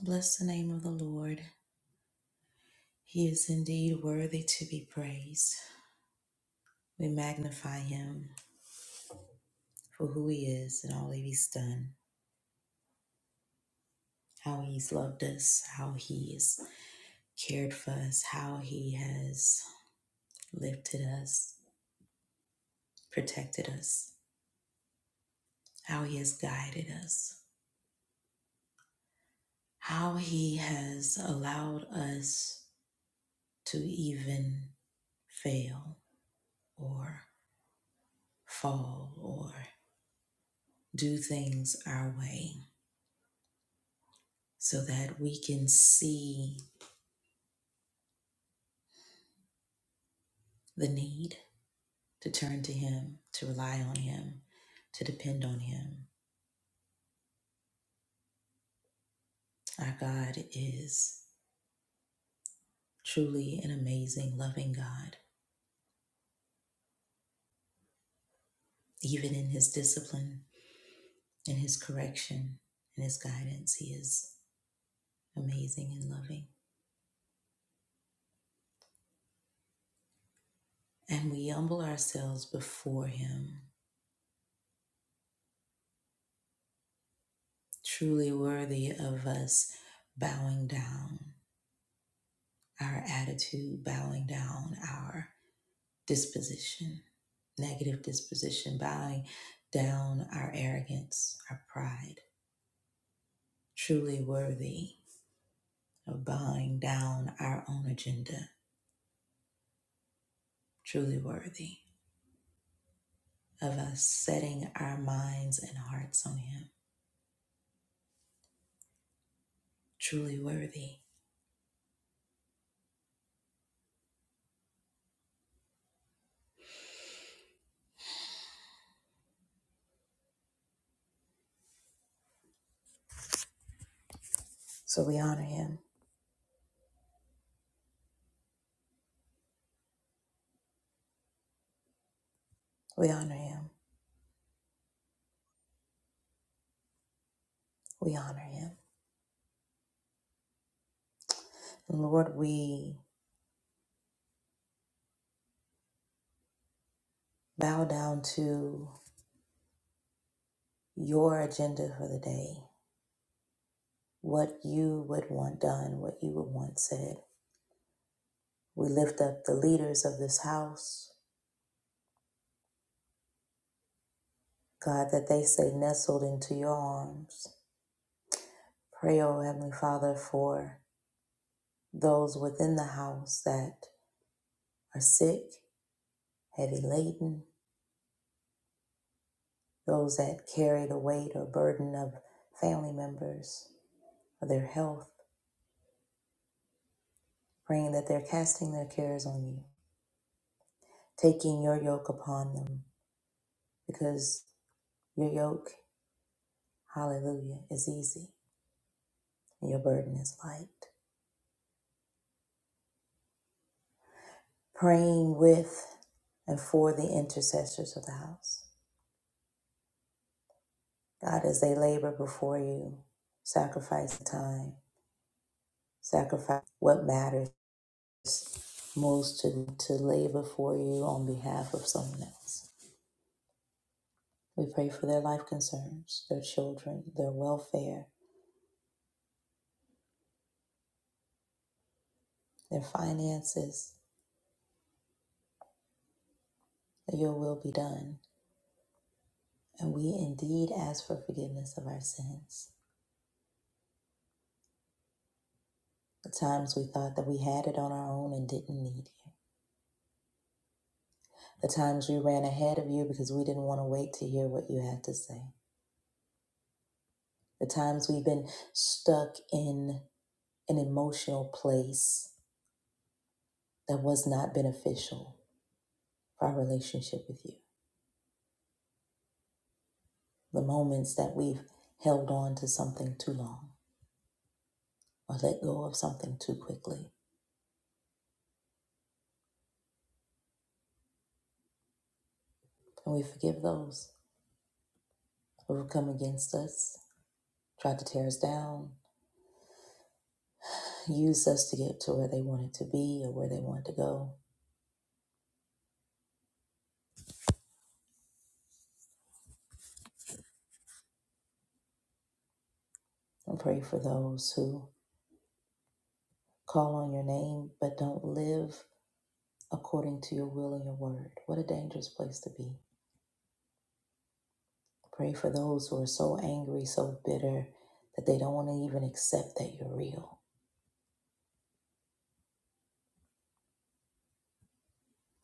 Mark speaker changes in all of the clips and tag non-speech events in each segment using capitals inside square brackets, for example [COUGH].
Speaker 1: Bless the name of the Lord. He is indeed worthy to be praised. We magnify him for who he is and all that he's done, how he's loved us, how he's cared for us, how he has lifted us, protected us, how he has guided us, how he has allowed us to even fail or fall or do things our way so that we can see the need to turn to Him, to rely on Him, to depend on Him. Our God is truly an amazing, loving God. Even in His discipline, in His correction, in His guidance, He is amazing and loving. And we humble ourselves before Him, truly worthy of us bowing down our attitude, bowing down our disposition negative disposition, bowing down our arrogance, our pride, truly worthy of bowing down our own agenda, truly worthy of us setting our minds and hearts on Him, truly worthy. So we honor Him, we honor Him, we honor Him. And Lord, we bow down to your agenda for the day, what you would want done, what you would want said. We lift up the leaders of this house, God, that they stay nestled into your arms. Pray, O Heavenly Father, for those within the house that are sick, heavy laden, those that carry the weight or burden of family members or their health, praying that they're casting their cares on you, taking your yoke upon them, because your yoke, hallelujah, is easy and your burden is light. Praying with and for the intercessors of the house God, as they labor before you, sacrifice the time, sacrifice what matters most to to labor for you on behalf of someone else. We pray for their life concerns, their children, their welfare, their finances, that your will be done. And we indeed ask for forgiveness of our sins. The times we thought that we had it on our own and didn't need you. The times we ran ahead of you because we didn't want to wait to hear what you had to say the times we've been stuck in an emotional place that was not beneficial for our relationship with you, the moments that we've held on to something too long or let go of something too quickly. And we forgive those who have come against us, tried to tear us down, used us to get to where they wanted to be or where they wanted to go. And pray for those who call on your name but don't live according to your will and your word. What a dangerous place to be Pray for those who are so angry, so bitter that they don't want to even accept that you're real.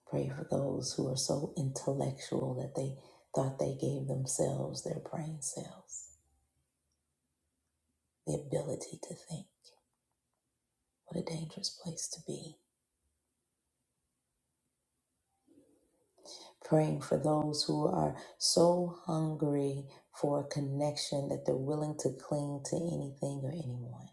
Speaker 1: Pray for those who are so intellectual that they thought they gave themselves, their brain cells, the ability to think. What a dangerous place to be. Praying for those who are so hungry for a connection that they're willing to cling to anything or anyone.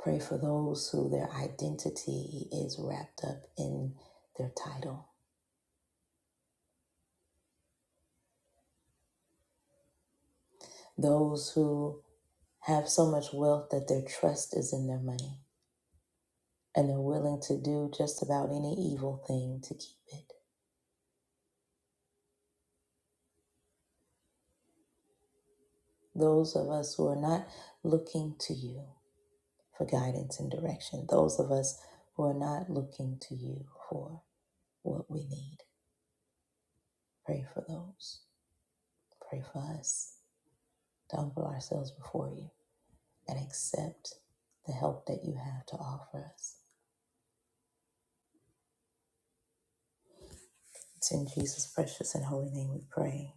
Speaker 1: Pray for those who their identity is wrapped up in their title. Those who have so much wealth that their trust is in their money and they're willing to do just about any evil thing to keep it. Those of us who are not looking to you for guidance and direction, those of us who are not looking to you for what we need, pray for those. Pray for us to humble ourselves before you and accept the help that you have to offer us. It's in Jesus' precious and holy name we pray.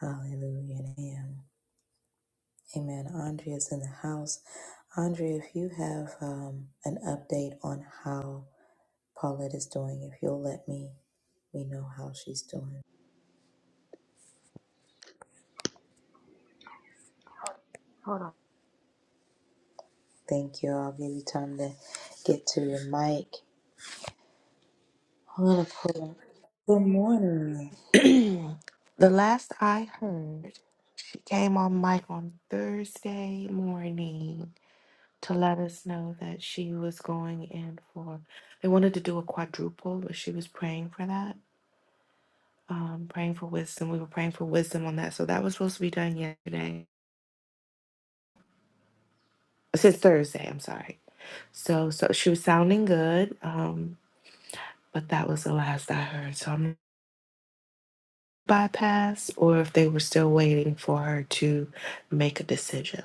Speaker 1: Hallelujah and amen. Amen. Andrea's in the house. Andrea, if you have um, an update on how Paulette is doing, if you'll let me, we know how she's doing.
Speaker 2: Hold
Speaker 1: Thank you. I'll give you time to get to your mic. I'm gonna pull up. Good morning.
Speaker 2: on. [CLEARS THROAT] the last I heard, she came on mic on Thursday morning to let us know that she was going in for. They wanted to do a quadruple, but she was praying for that, um, praying for wisdom. We were praying for wisdom on that, so that was supposed to be done yesterday. Since Thursday, I'm sorry. So, so she was sounding good, um, but that was the last I heard. So I'm bypass, or if they were still waiting for her to make a decision.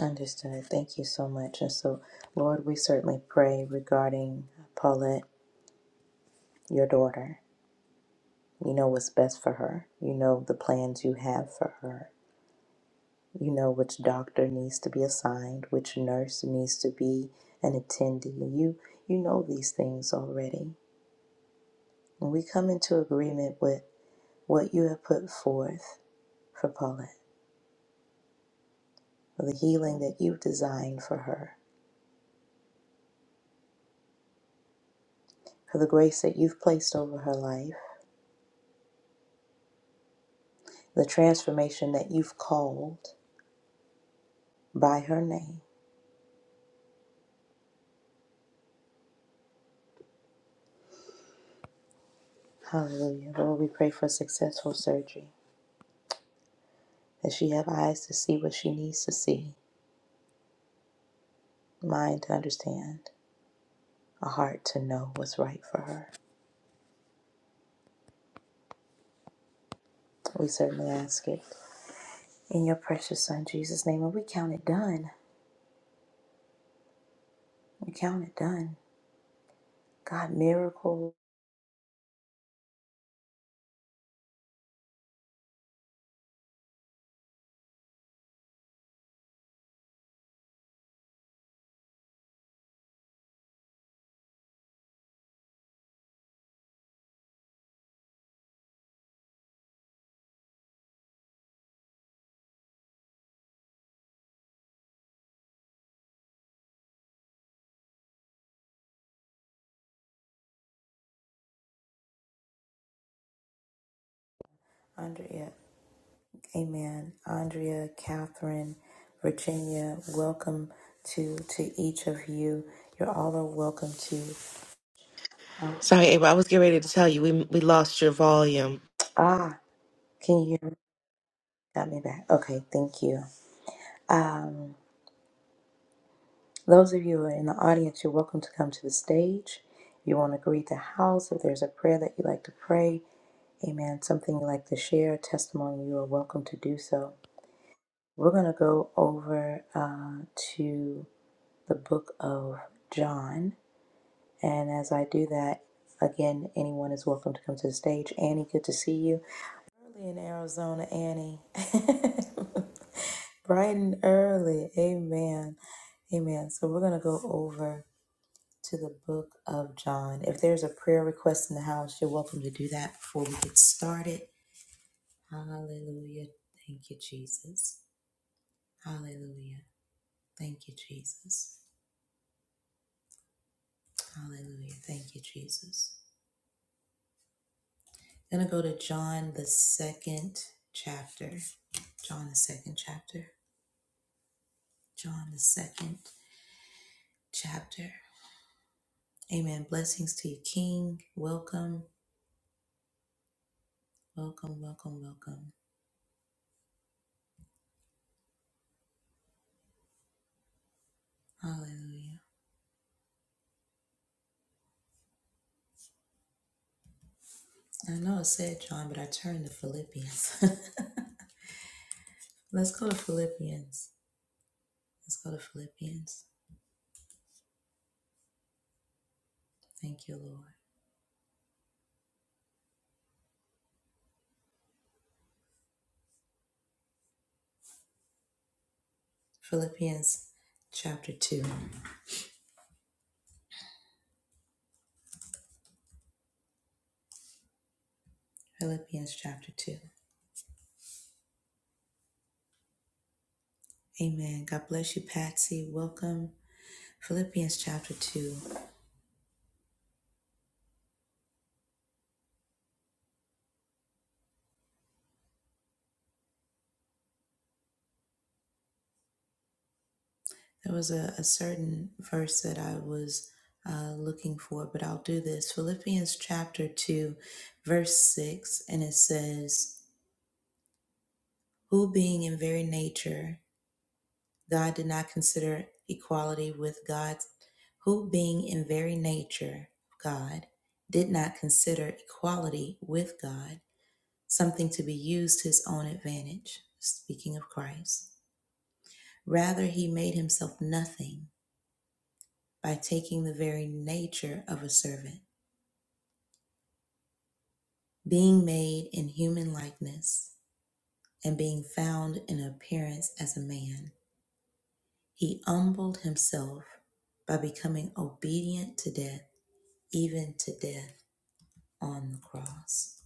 Speaker 1: Understood. Thank you so much. And so, Lord, we certainly pray regarding Paulette, your daughter. You know what's best for her. You know the plans you have for her. you know which doctor needs to be assigned which nurse needs to be an attendee you you know these things already and we come into agreement with what you have put forth for paulette for the healing that you've designed for her for the grace that you've placed over her life the transformation that you've called by her name hallelujah lord we pray for successful surgery that she have eyes to see what she needs to see mind to understand a heart to know what's right for her. We certainly ask it in your precious Son, Jesus' name. And we count it done. We count it done. God, miracle. Andrea, amen. Andrea, Catherine, Virginia, welcome to to each of you. You're all are welcome to. Uh,
Speaker 2: Sorry, Ava, I was getting ready to tell you we we lost your volume.
Speaker 1: ah, can you hear me? Got me back. Okay, thank you. Um. Those of you who are in the audience, you're welcome to come to the stage. You want to greet the house. If there's a prayer that you'd like to pray, amen, something you'd like to share, a testimony, you are welcome to do so. We're going to go over uh, to the book of John. And as I do that, again, anyone is welcome to come to the stage. Annie, good to see you. Early in Arizona, Annie. [LAUGHS] Bright and early. Amen. Amen. So we're going to go over to the book of John. If there's a prayer request in the house, you're welcome to do that before we get started. Hallelujah. Thank you, Jesus. Hallelujah. Thank you, Jesus. Hallelujah. Thank you, Jesus. I'm going to go to John, the second chapter. John, the second chapter. John, the second chapter. Amen. Blessings to you, King. Welcome, welcome, welcome, welcome. Hallelujah. I know it said John, but I turned to Philippians. [LAUGHS] Let's go to Philippians. Let's go to Philippians. Thank you, Lord. Philippians chapter 2. Philippians chapter 2. Amen. God bless you, Patsy. Welcome. Philippians chapter 2. There was a, a certain verse that I was uh, looking for, but I'll do this. Philippians chapter 2, verse 6, and it says, Who being in very nature, God did not consider equality with God, who being in very nature God, did not consider equality with God something to be used to his own advantage. Speaking of Christ. Rather, he made himself nothing by taking the very nature of a servant, being made in human likeness, and being found in appearance as a man. He humbled himself by becoming obedient to death, even to death on the cross.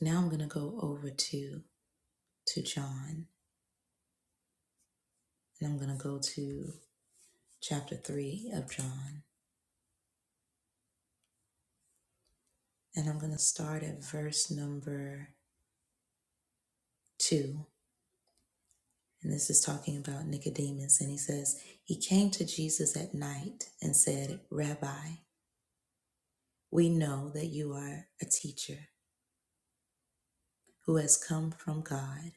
Speaker 1: Now I'm going to go over to to John and I'm going to go to chapter 3 of John and I'm going to start at verse number 2 and this is talking about Nicodemus and he says he came to Jesus at night and said, "Rabbi, we know that you are a teacher who has come from God,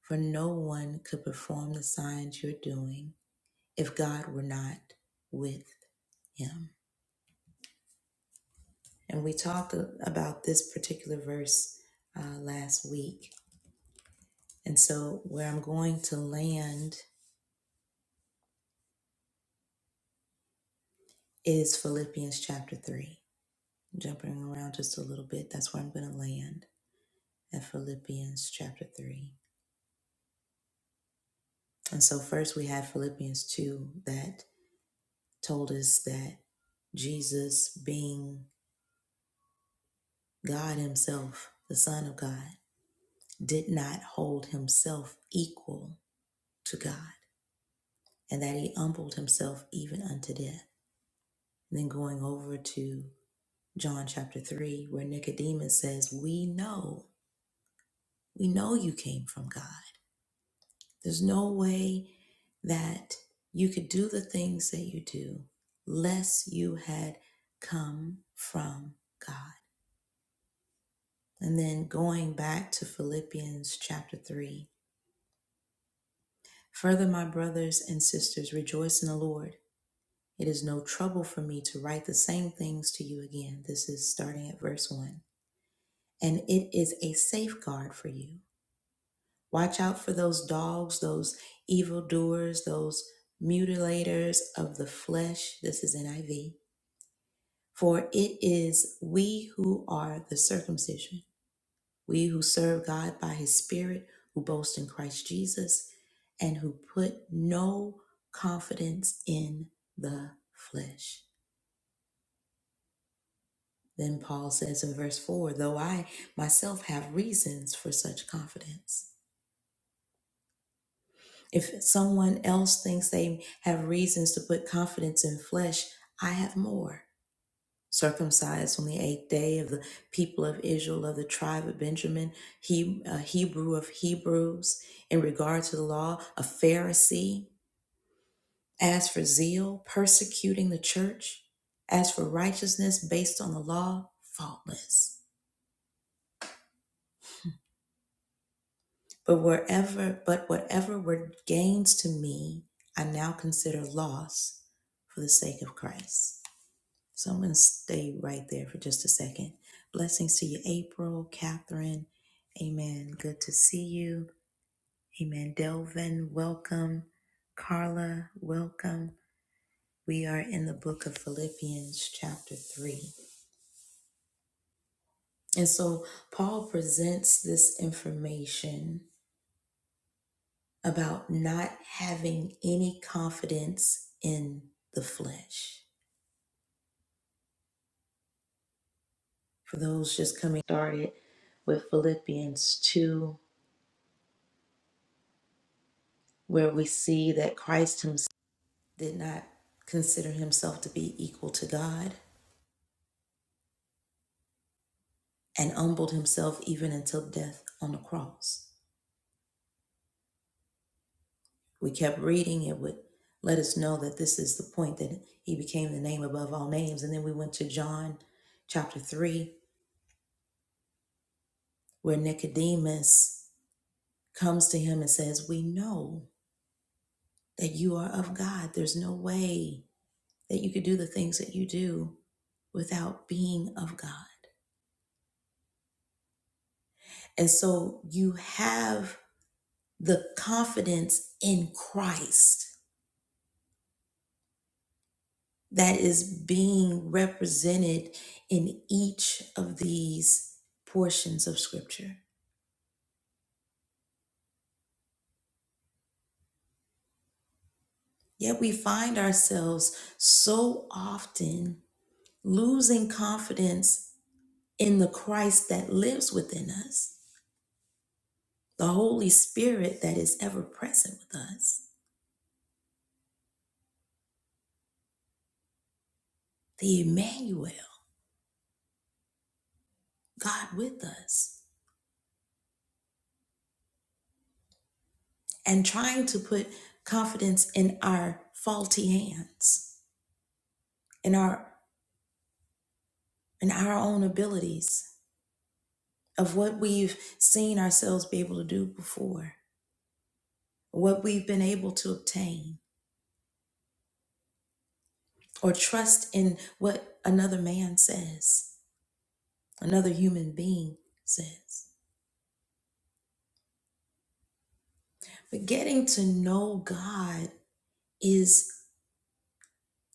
Speaker 1: for no one could perform the signs you're doing if God were not with him." And we talked a- about this particular verse uh, last week. And so, where I'm going to land is Philippians chapter 3. Jumping around just a little bit, that's where I'm going to land at Philippians chapter 3. And so, first we had Philippians 2 that told us that Jesus, being God Himself, the Son of God, did not hold Himself equal to God, and that He humbled Himself even unto death. And then going over to John chapter 3, where Nicodemus says, We know, we know you came from God. There's no way that you could do the things that you do less you had come from God. And then going back to Philippians chapter 3 Further, my brothers and sisters, rejoice in the Lord. It is no trouble for me to write the same things to you again. This is starting at verse 1 and it is a safeguard for you. Watch out for those dogs, those evildoers, those mutilators of the flesh. This is NIV. For it is we who are the circumcision, we who serve God by his Spirit, who boast in Christ Jesus, and who put no confidence in the flesh. Then Paul says in verse 4 though I myself have reasons for such confidence. If someone else thinks they have reasons to put confidence in flesh, I have more. Circumcised on the eighth day of the people of Israel, of the tribe of Benjamin, he, a Hebrew of Hebrews, in regard to the law, a Pharisee. As for zeal, persecuting the church. As for righteousness based on the law, faultless. But wherever, but whatever were gains to me, I now consider loss for the sake of Christ. So I'm going to stay right there for just a second. Blessings to you, April, Catherine. Amen. Good to see you. Amen. Delvin, welcome. Carla, welcome. We are in the book of Philippians, chapter 3. And so Paul presents this information about not having any confidence in the flesh. For those just coming started with Philippians 2 where we see that Christ himself did not consider himself to be equal to God and humbled himself even until death on the cross. We kept reading, it would let us know that this is the point that he became the name above all names. And then we went to John chapter 3, where Nicodemus comes to him and says, We know that you are of God. There's no way that you could do the things that you do without being of God. And so you have the confidence in Christ that is being represented in each of these portions of Scripture. Yet we find ourselves so often losing confidence in the Christ that lives within us, the Holy Spirit that is ever present with us, the Emmanuel, God with us, and trying to put confidence in our faulty hands, in our and our own abilities of what we've seen ourselves be able to do before, what we've been able to obtain, or trust in what another man says, another human being says. But getting to know God is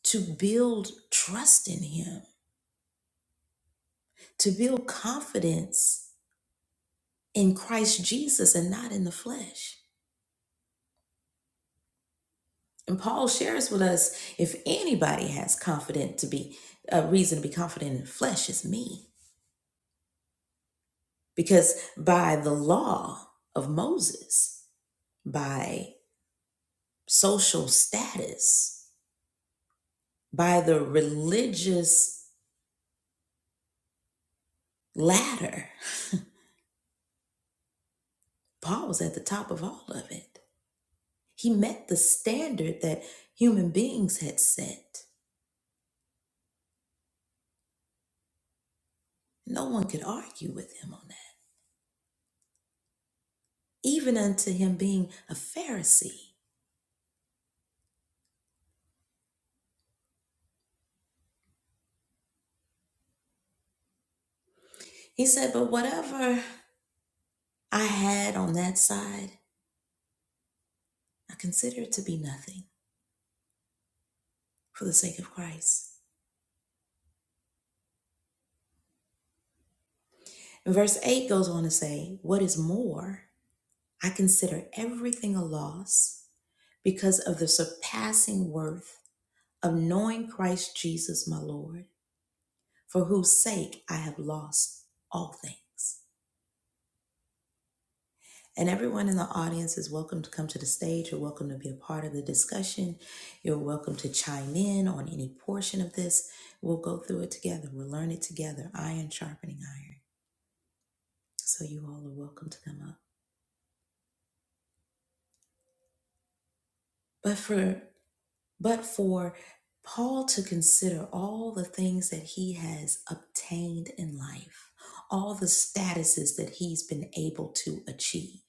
Speaker 1: to build trust in Him, to build confidence in Christ Jesus and not in the flesh. And Paul shares with us if anybody has confident to be a reason to be confident in the flesh, it's me. Because by the law of Moses, by social status, by the religious ladder, Paul was at the top of all of it. He met the standard that human beings had set. No one could argue with him on that, even unto him being a Pharisee. He said, But whatever I had on that side, I consider it to be nothing for the sake of Christ. And Verse 8 goes on to say, What is more, I consider everything a loss because of the surpassing worth of knowing Christ Jesus my Lord, for whose sake I have lost all things. And everyone in the audience is welcome to come to the stage. You're welcome to be a part of the discussion. You're welcome to chime in on any portion of this. We'll go through it together. We'll learn it together, iron sharpening iron. So you all are welcome to come up. But for But for Paul to consider all the things that he has obtained in life, all the statuses that he's been able to achieve,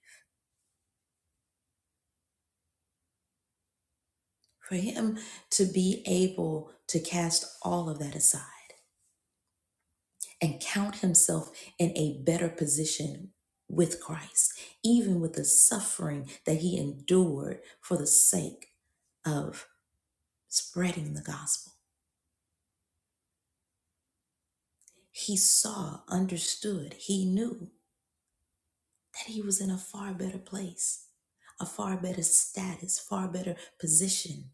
Speaker 1: for him to be able to cast all of that aside and count himself in a better position with Christ, even with the suffering that he endured for the sake of spreading the gospel. He saw, understood, he knew that he was in a far better place, a far better status, far better position.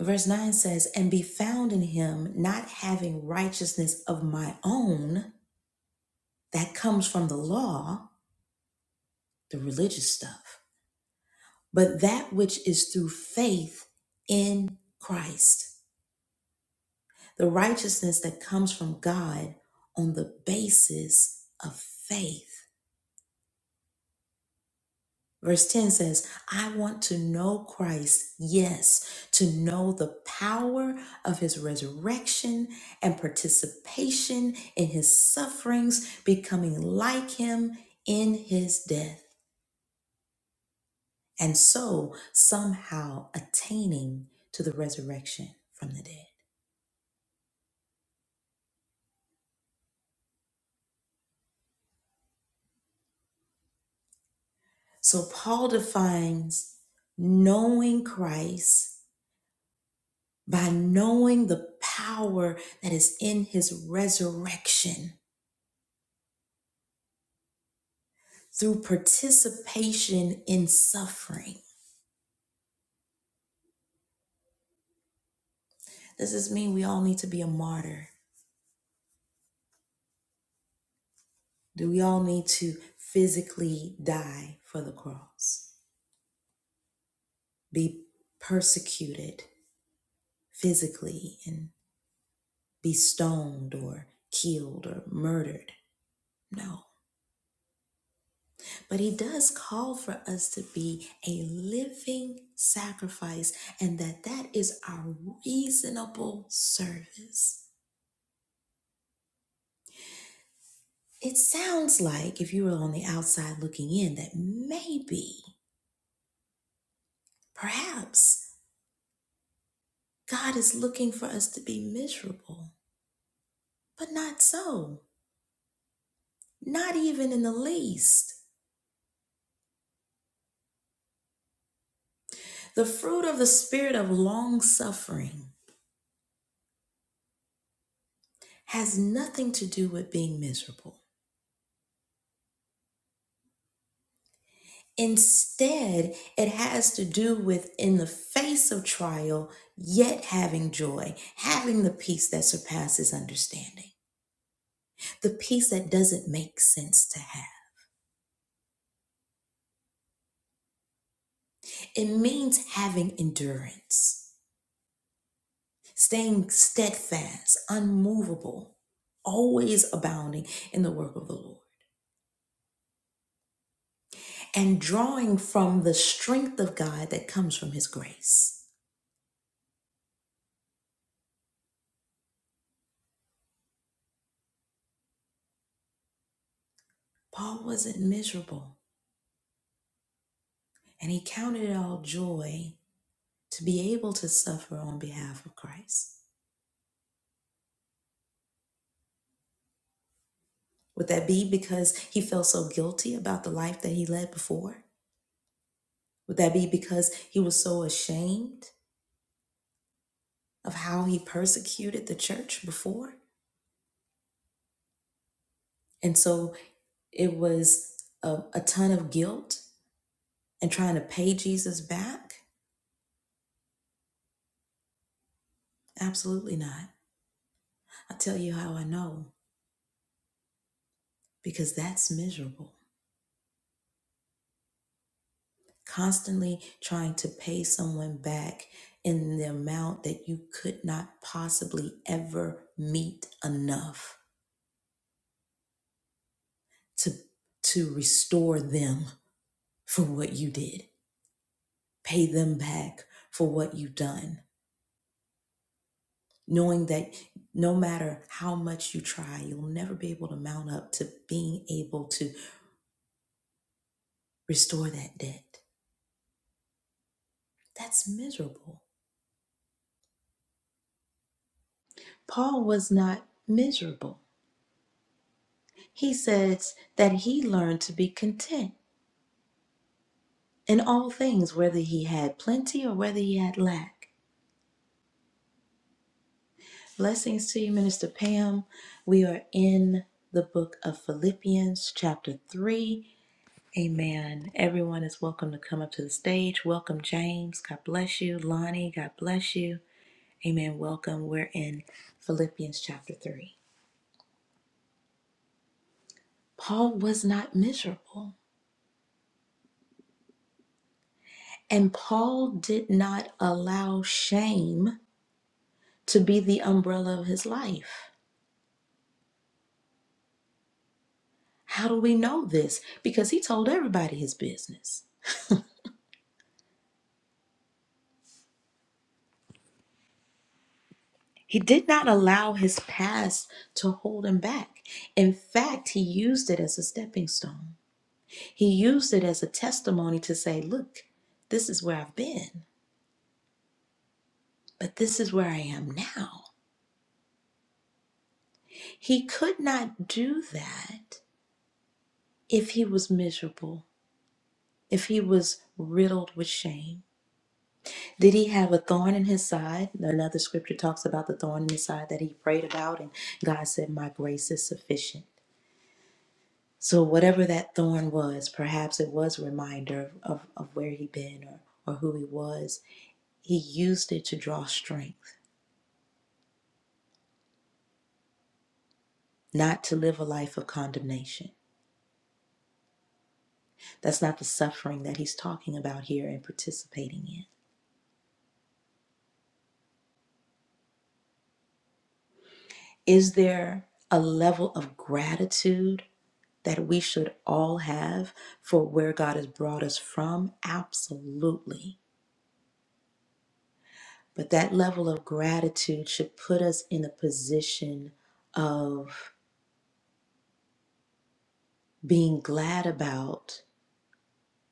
Speaker 1: Verse 9 says, And be found in him, not having righteousness of my own that comes from the law, the religious stuff, but that which is through faith in Christ, the righteousness that comes from God on the basis of faith. Verse 10 says, I want to know Christ, yes, to know the power of his resurrection and participation in his sufferings, becoming like him in his death, and so somehow attaining to the resurrection from the dead. So Paul defines knowing Christ by knowing the power that is in his resurrection through participation in suffering. Does this mean we all need to be a martyr? Do we all need to physically die for the cross? Be persecuted physically and be stoned or killed or murdered? No. But he does call for us to be a living sacrifice and that that is our reasonable service. It sounds like, if you were on the outside looking in, that maybe, perhaps, God is looking for us to be miserable. But not so, not even in the least. The fruit of the spirit of long suffering has nothing to do with being miserable. Instead, it has to do with, in the face of trial, yet having joy, having the peace that surpasses understanding, the peace that doesn't make sense to have It means having endurance, staying steadfast, unmovable, always abounding in the work of the Lord, and drawing from the strength of God that comes from his grace. Paul wasn't miserable, and he counted it all joy to be able to suffer on behalf of Christ. Would that be because he felt so guilty about the life that he led before? Would that be because he was so ashamed of how he persecuted the church before? And so it was a, a ton of guilt and trying to pay Jesus back. Absolutely not. I'll tell you how I know because that's miserable. Constantly trying to pay someone back in the amount that you could not possibly ever meet enough to to restore them for what you did. Pay them back for what you've done knowing that no matter how much you try, you'll never be able to mount up to being able to restore that debt. That's miserable. Paul was not miserable. He says that he learned to be content in all things, whether he had plenty or whether he had lack. Blessings to you, Minister Pam. We are in the book of Philippians, chapter 3. Amen. Everyone is welcome to come up to the stage. Welcome, James. God bless you. Lonnie, God bless you. Amen. Welcome. We're in Philippians chapter 3. Paul was not miserable, and Paul did not allow shame to be the umbrella of his life. How do we know this? Because he told everybody his business. He did not allow his past to hold him back. In fact, he used it as a stepping stone. He used it as a testimony to say, Look, this is where I've been, but this is where I am now. He could not do that if he was miserable, if he was riddled with shame. Did he have a thorn in his side? Another scripture talks about the thorn in his side that he prayed about, and God said, My grace is sufficient. So, whatever that thorn was, perhaps it was a reminder of, of, of where he'd been or, or who he was, he used it to draw strength. not to live a life of condemnation. That's not the suffering that he's talking about here and participating in. Is there a level of gratitude that we should all have for where God has brought us from? Absolutely. But that level of gratitude should put us in a position of being glad about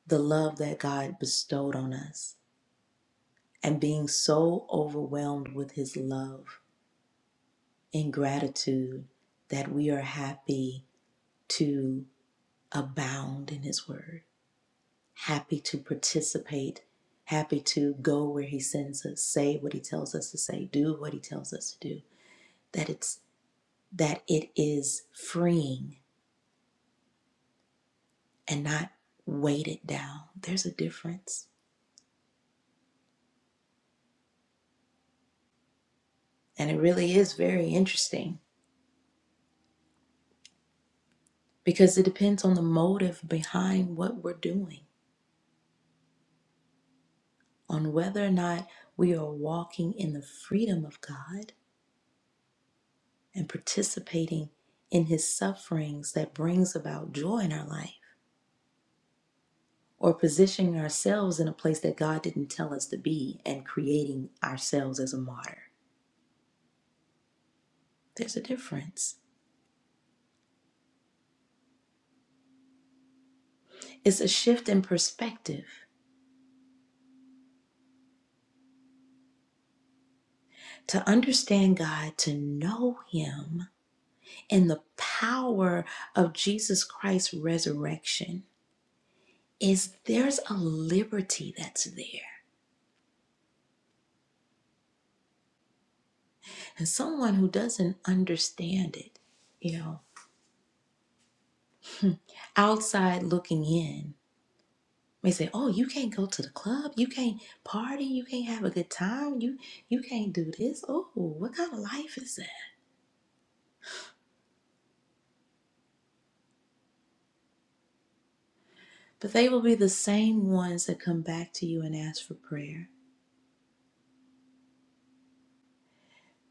Speaker 1: the love that God bestowed on us and being so overwhelmed with his love in gratitude that we are happy to abound in His Word, happy to participate, happy to go where He sends us, say what He tells us to say, do what He tells us to do. That it's that it is freeing and not weighted down. There's a difference, and it really is very interesting because it depends on the motive behind what we're doing, on whether or not we are walking in the freedom of God and participating in his sufferings that brings about joy in our life or positioning ourselves in a place that God didn't tell us to be and creating ourselves as a martyr. There's a difference. It's a shift in perspective to understand God, to know Him, and the power of Jesus Christ's resurrection is there's a liberty that's there. And someone who doesn't understand it, you know. outside looking in may say, "Oh, you can't go to the club. You can't party. You can't have a good time. You you can't do this. Oh, what kind of life is that?" But they will be the same ones that come back to you and ask for prayer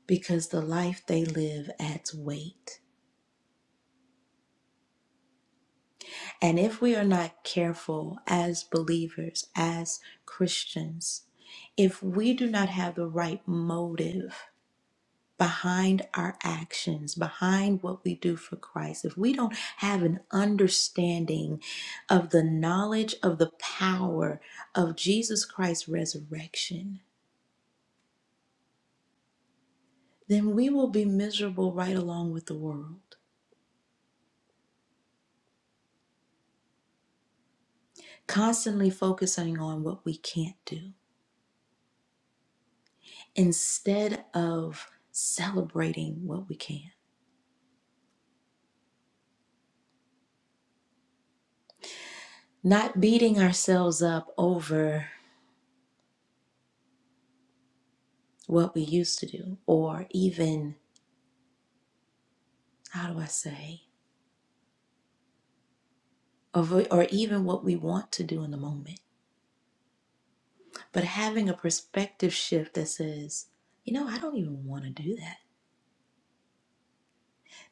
Speaker 1: because the life they live adds weight. And if we are not careful as believers, as Christians, if we do not have the right motive behind our actions, behind what we do for Christ, if we don't have an understanding of the knowledge of the power of Jesus Christ's resurrection, then we will be miserable right along with the world, constantly focusing on what we can't do instead of celebrating what we can, not beating ourselves up over what we used to do, or even, how do I say, of or even what we want to do in the moment, but having a perspective shift that says, you know, I don't even want to do that.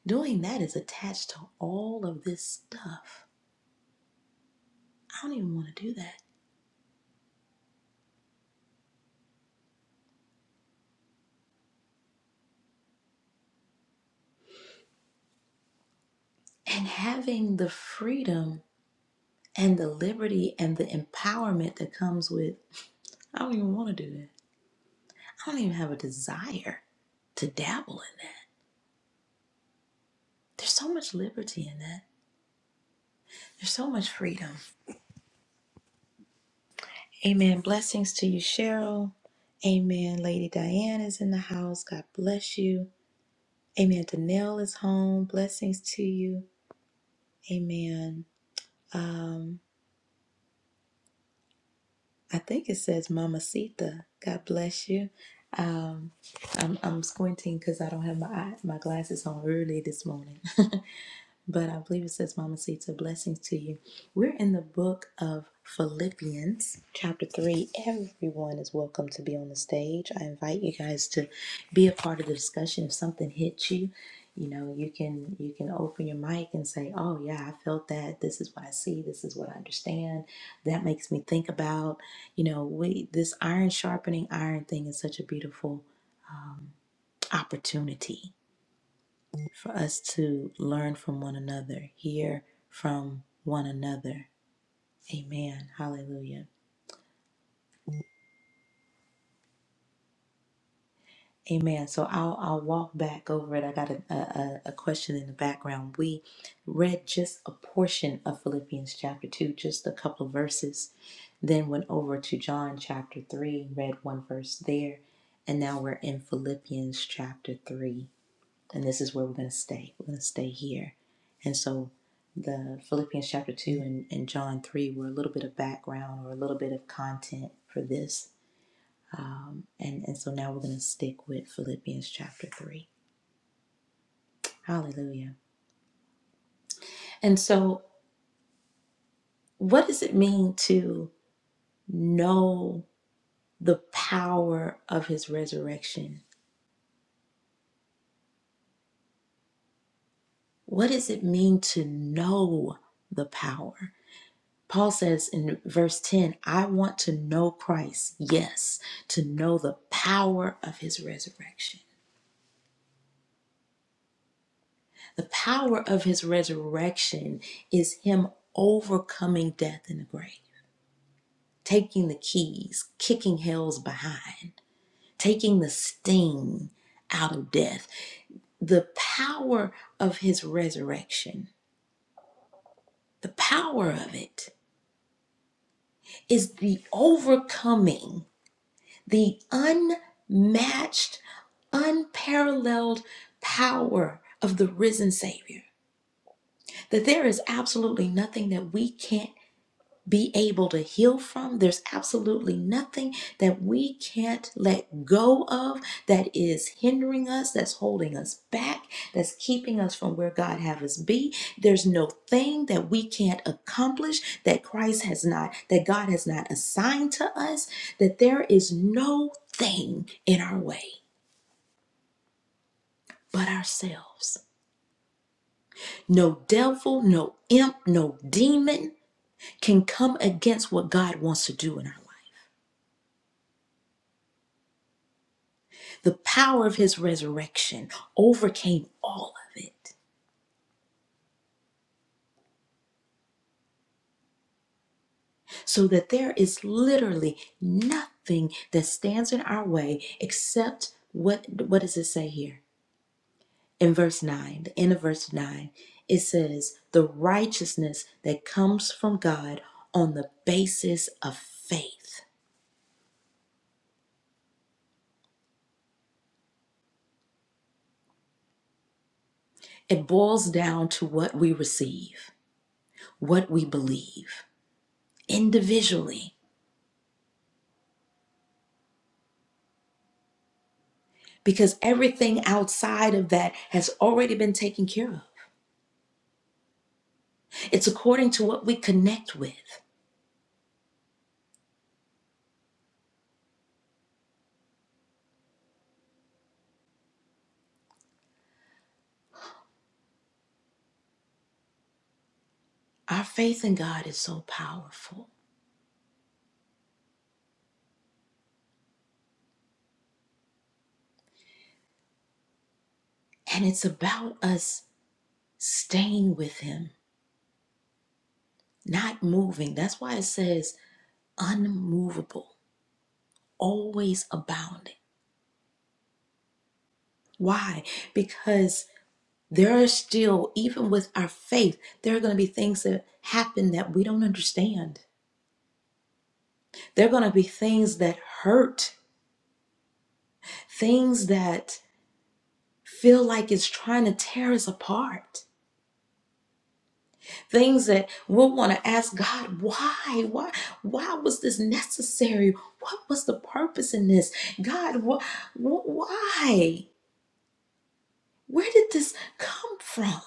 Speaker 1: Doing that is attached to all of this stuff. I don't even want to do that. And having the freedom and the liberty and the empowerment that comes with, I don't even want to do that. I don't even have a desire to dabble in that. There's so much liberty in that. There's so much freedom. Amen. Blessings to you, Cheryl. Amen. Lady Diane is in the house. God bless you. Amen. Danelle is home. Blessings to you. Amen. Um, I think it says Mamacita. God bless you. Um, I'm, I'm squinting because I don't have my eye, my glasses on early this morning. [LAUGHS] but I believe it says, Mama Sita, blessings to you. We're in the book of Philippians, chapter 3. Everyone is welcome to be on the stage. I invite you guys to be a part of the discussion. If something hits you, you know, you can you can open your mic and say, "Oh yeah, I felt that. This is what I see. This is what I understand. That makes me think about, you know, we this iron sharpening iron thing is such a beautiful opportunity for us to learn from one another, hear from one another. Amen. Hallelujah. Amen. So I'll I'll walk back over it. I got a, a a question in the background. We read just a portion of Philippians chapter two, just a couple of verses. Then went over to John chapter three, read one verse there, and now we're in Philippians chapter three. and this is where we're going to stay. We're going to stay here. And so the Philippians chapter 2 and, and John 3 were a little bit of background or a little bit of content for this. Um, And, and so now we're going to stick with Philippians chapter 3. Hallelujah. And so, what does it mean to know the power of his resurrection? What does it mean to know the power? Paul says in verse 10, I want to know Christ, yes, to know the power of his resurrection. The power of his resurrection is him overcoming death in the grave, taking the keys, kicking hell's behind, taking the sting out of death. The power of his resurrection, the power of it is the overcoming, the unmatched unparalleled power of the risen Savior. That there is absolutely nothing that we can't be able to heal from. There's absolutely nothing that we can't let go of that is hindering us, that's holding us back, that's keeping us from where God have us be. There's no thing that we can't accomplish that Christ has not, that God has not assigned to us, that there is no thing in our way but ourselves. No devil, no imp, no demon can come against what God wants to do in our life. The power of his resurrection overcame all of it so that there is literally nothing that stands in our way except what what does it say here? In verse 9, the end of verse 9, it says the righteousness that comes from God on the basis of faith. It boils down to what we receive. what we believe individually because everything outside of that has already been taken care of. It's according to what we connect with. Our faith in God is so powerful, and it's about us staying with Him, not moving. That's why it says unmovable, always abounding. Why? Because there are still, even with our faith, there are going to be things that happen that we don't understand There are going to be things that hurt, things that feel like it's trying to tear us apart. Things that we'll want to ask God, why? Why why was this necessary? What was the purpose in this? God, wh- wh- why? Where did this come from?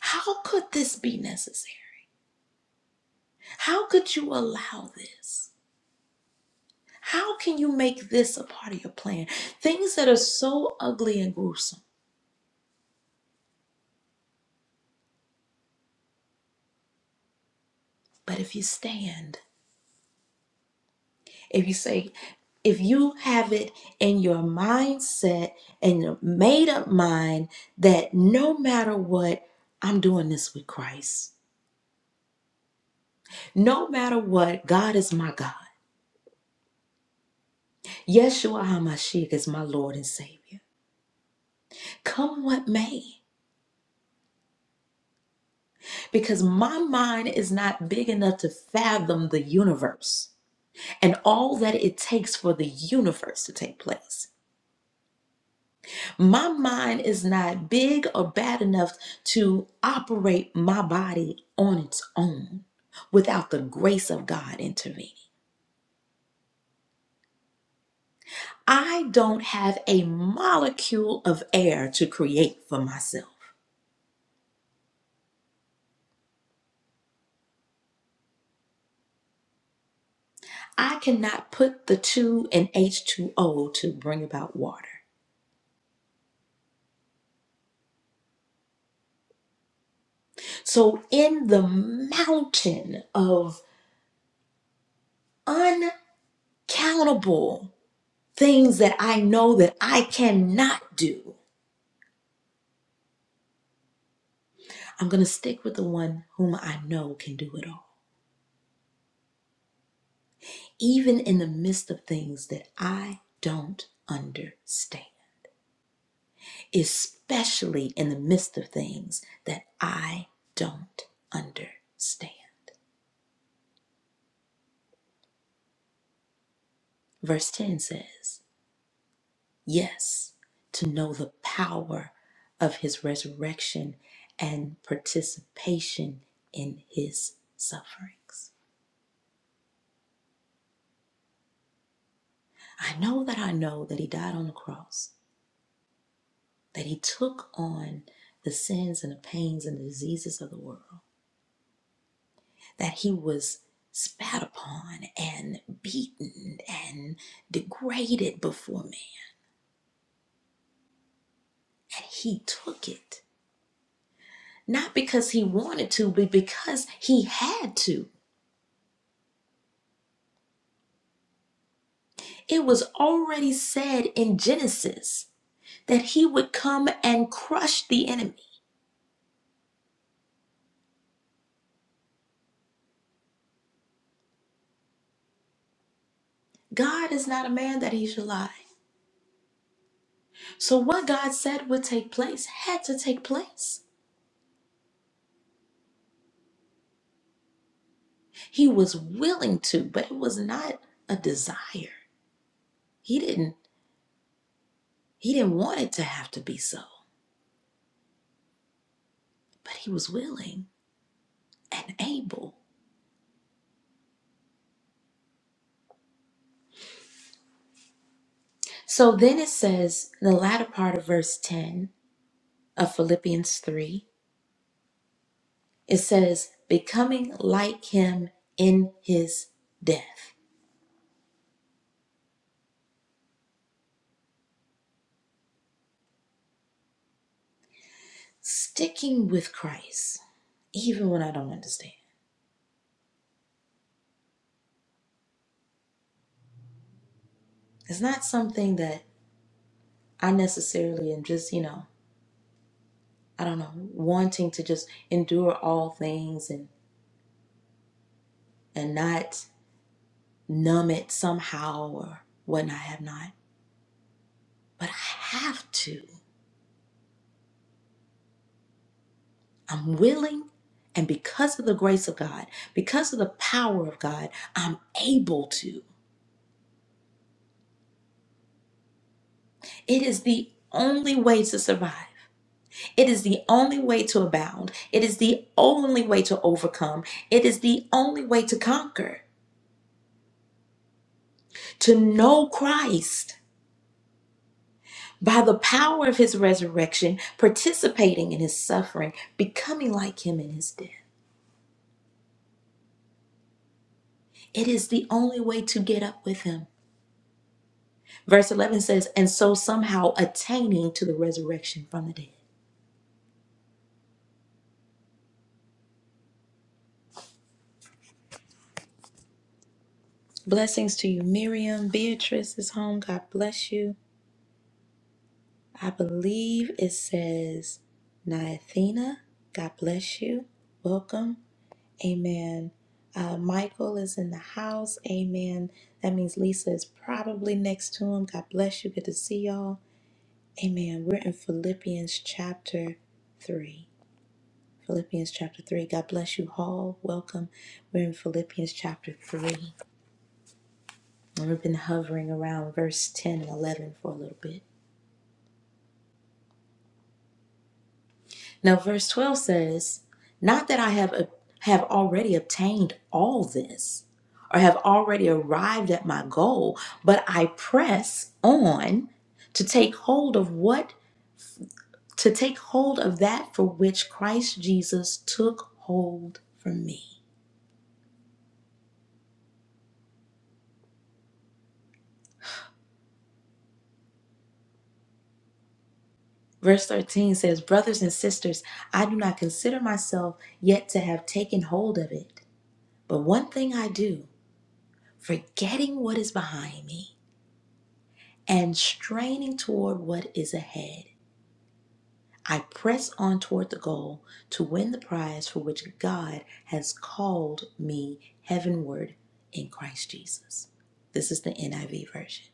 Speaker 1: How could this be necessary? How could you allow this? How can you make this a part of your plan? Things that are so ugly and gruesome. But if you stand, If you say, if you have it in your mindset and your made up mind that no matter what, I'm doing this with Christ. No matter what, God is my God. Yeshua HaMashiach is my Lord and Savior. Come what may, because my mind is not big enough to fathom the universe and all that it takes for the universe to take place. My mind is not big or bad enough to operate my body on its own without the grace of God intervening. I don't have a molecule of air to create for myself. I cannot put the 2 and H2O to bring about water. So, in the mountain of uncountable things that I know that I cannot do, I'm going to stick with the one whom I know can do it all, even in the midst of things that I don't understand, especially in the midst of things that I don't understand. Verse 10 says, Yes, to know the power of his resurrection and participation in his sufferings. I know that I know that he died on the cross that he took on the sins and the pains and the diseases of the world, that he was spat upon and beaten and degraded before man. And he took it, not because he wanted to, but because he had to. It was already said in Genesis that he would come and crush the enemy. God is not a man that he should lie. So, what God said would take place had to take place. He was willing to, but it was not a desire. He didn't he didn't want it to have to be so, but he was willing and able. So then it says in the latter part of verse 10 of Philippians 3, it says, becoming like him in his death, sticking with Christ, even when I don't understand. It's not something that I necessarily am just, you know, I don't know, wanting to just endure all things and and not numb it somehow or whatnot. I have not, but I have to. I'm willing, and because of the grace of God, because of the power of God, I'm able to. It is the only way to survive. It is the only way to abound. It is the only way to overcome. It is the only way to conquer. To know Christ by the power of his resurrection, participating in his suffering, becoming like him in his death. It is the only way to get up with him. Verse 11 says, and so somehow attaining to the resurrection from the dead. Blessings to you, Miriam. Beatrice is home. God bless you. I believe it says, Niathena, God bless you. Welcome. Amen. Uh, Michael is in the house. Amen. That means Lisa is probably next to him. God bless you. Good to see y'all. Amen. We're in Philippians chapter 3. Philippians chapter 3. God bless you all. Welcome. We're in Philippians chapter 3. And we've been hovering around verse 10 and 11 for a little bit. Now, verse 12 says, Not that I have, uh, have already obtained all this or have already arrived at my goal, but I press on to take hold of what? To take hold of that for which Christ Jesus took hold for me. Verse 13 says, Brothers and sisters, I do not consider myself yet to have taken hold of it. But one thing I do, forgetting what is behind me and straining toward what is ahead, I press on toward the goal to win the prize for which God has called me heavenward in Christ Jesus. This is the NIV version.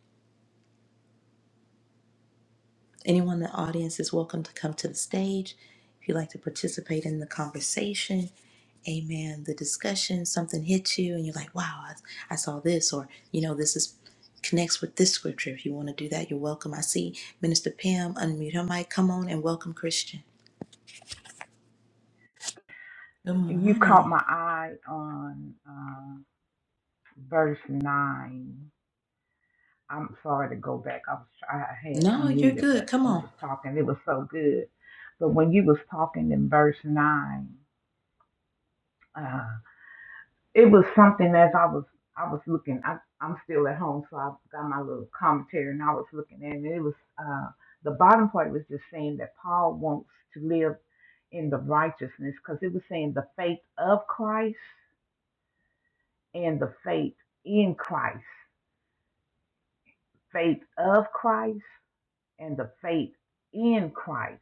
Speaker 1: Anyone in the audience is welcome to come to the stage if you'd like to participate in the conversation. Amen. The discussion, something hits you, and you're like, wow, I, I saw this, or, you know, this is connects with this scripture. If you want to do that, you're welcome. I see Minister Pam unmute her mic. Come on and welcome Christian. Good
Speaker 3: You caught
Speaker 1: morning.
Speaker 3: my eye on uh, verse nine. I'm sorry to go back. I was I had
Speaker 1: No, you're
Speaker 3: unmuted,
Speaker 1: good.
Speaker 3: but
Speaker 1: Come
Speaker 3: you
Speaker 1: on.
Speaker 3: was talking. It was so good. But when you was talking in verse nine, uh, it was something as I was I was looking. I, I'm still at home, so I got my little commentary, and I was looking at it. And It was uh, the bottom part was just saying that Paul wants to live in the righteousness because it was saying the faith of Christ and the faith in Christ, faith of Christ, and the faith in Christ.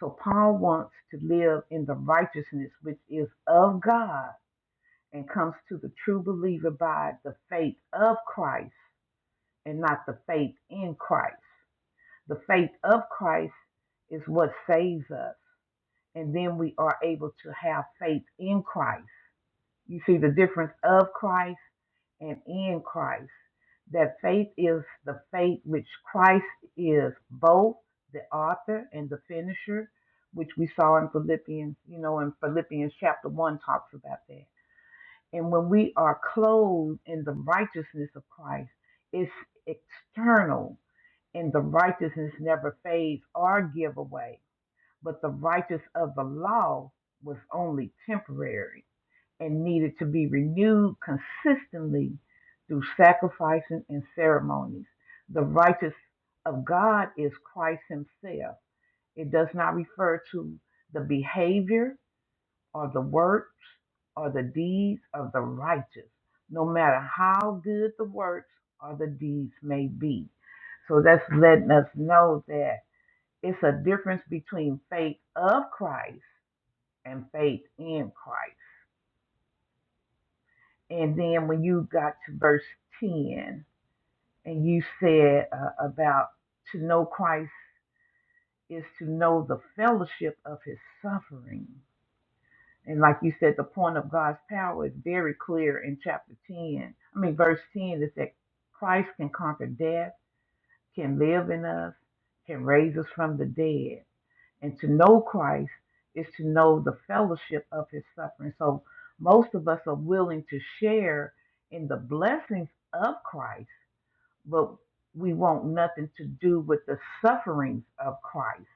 Speaker 3: So Paul wants to live in the righteousness which is of God and comes to the true believer by the faith of Christ and not the faith in Christ. The faith of Christ is what saves us, and then we are able to have faith in Christ. You see the difference of Christ and in Christ. That faith is the faith which Christ is both the author and the finisher, which we saw in Philippians, you know, in Philippians chapter 1 talks about that. And when we are clothed in the righteousness of Christ, it's external, and the righteousness never fades or give away. But the righteousness of the law was only temporary and needed to be renewed consistently through sacrificing and ceremonies. The righteous of God is Christ Himself. It does not refer to the behavior or the works or the deeds of the righteous, no matter how good the works or the deeds may be. So that's letting us know that it's a difference between faith of Christ and faith in Christ. And then when you got to verse 10, and you said uh, about to know Christ is to know the fellowship of his suffering. And like you said, the point of God's power is very clear in chapter 10. I mean, verse 10 is that Christ can conquer death, can live in us, can raise us from the dead. And to know Christ is to know the fellowship of his suffering. So most of us are willing to share in the blessings of Christ, but we want nothing to do with the sufferings of Christ.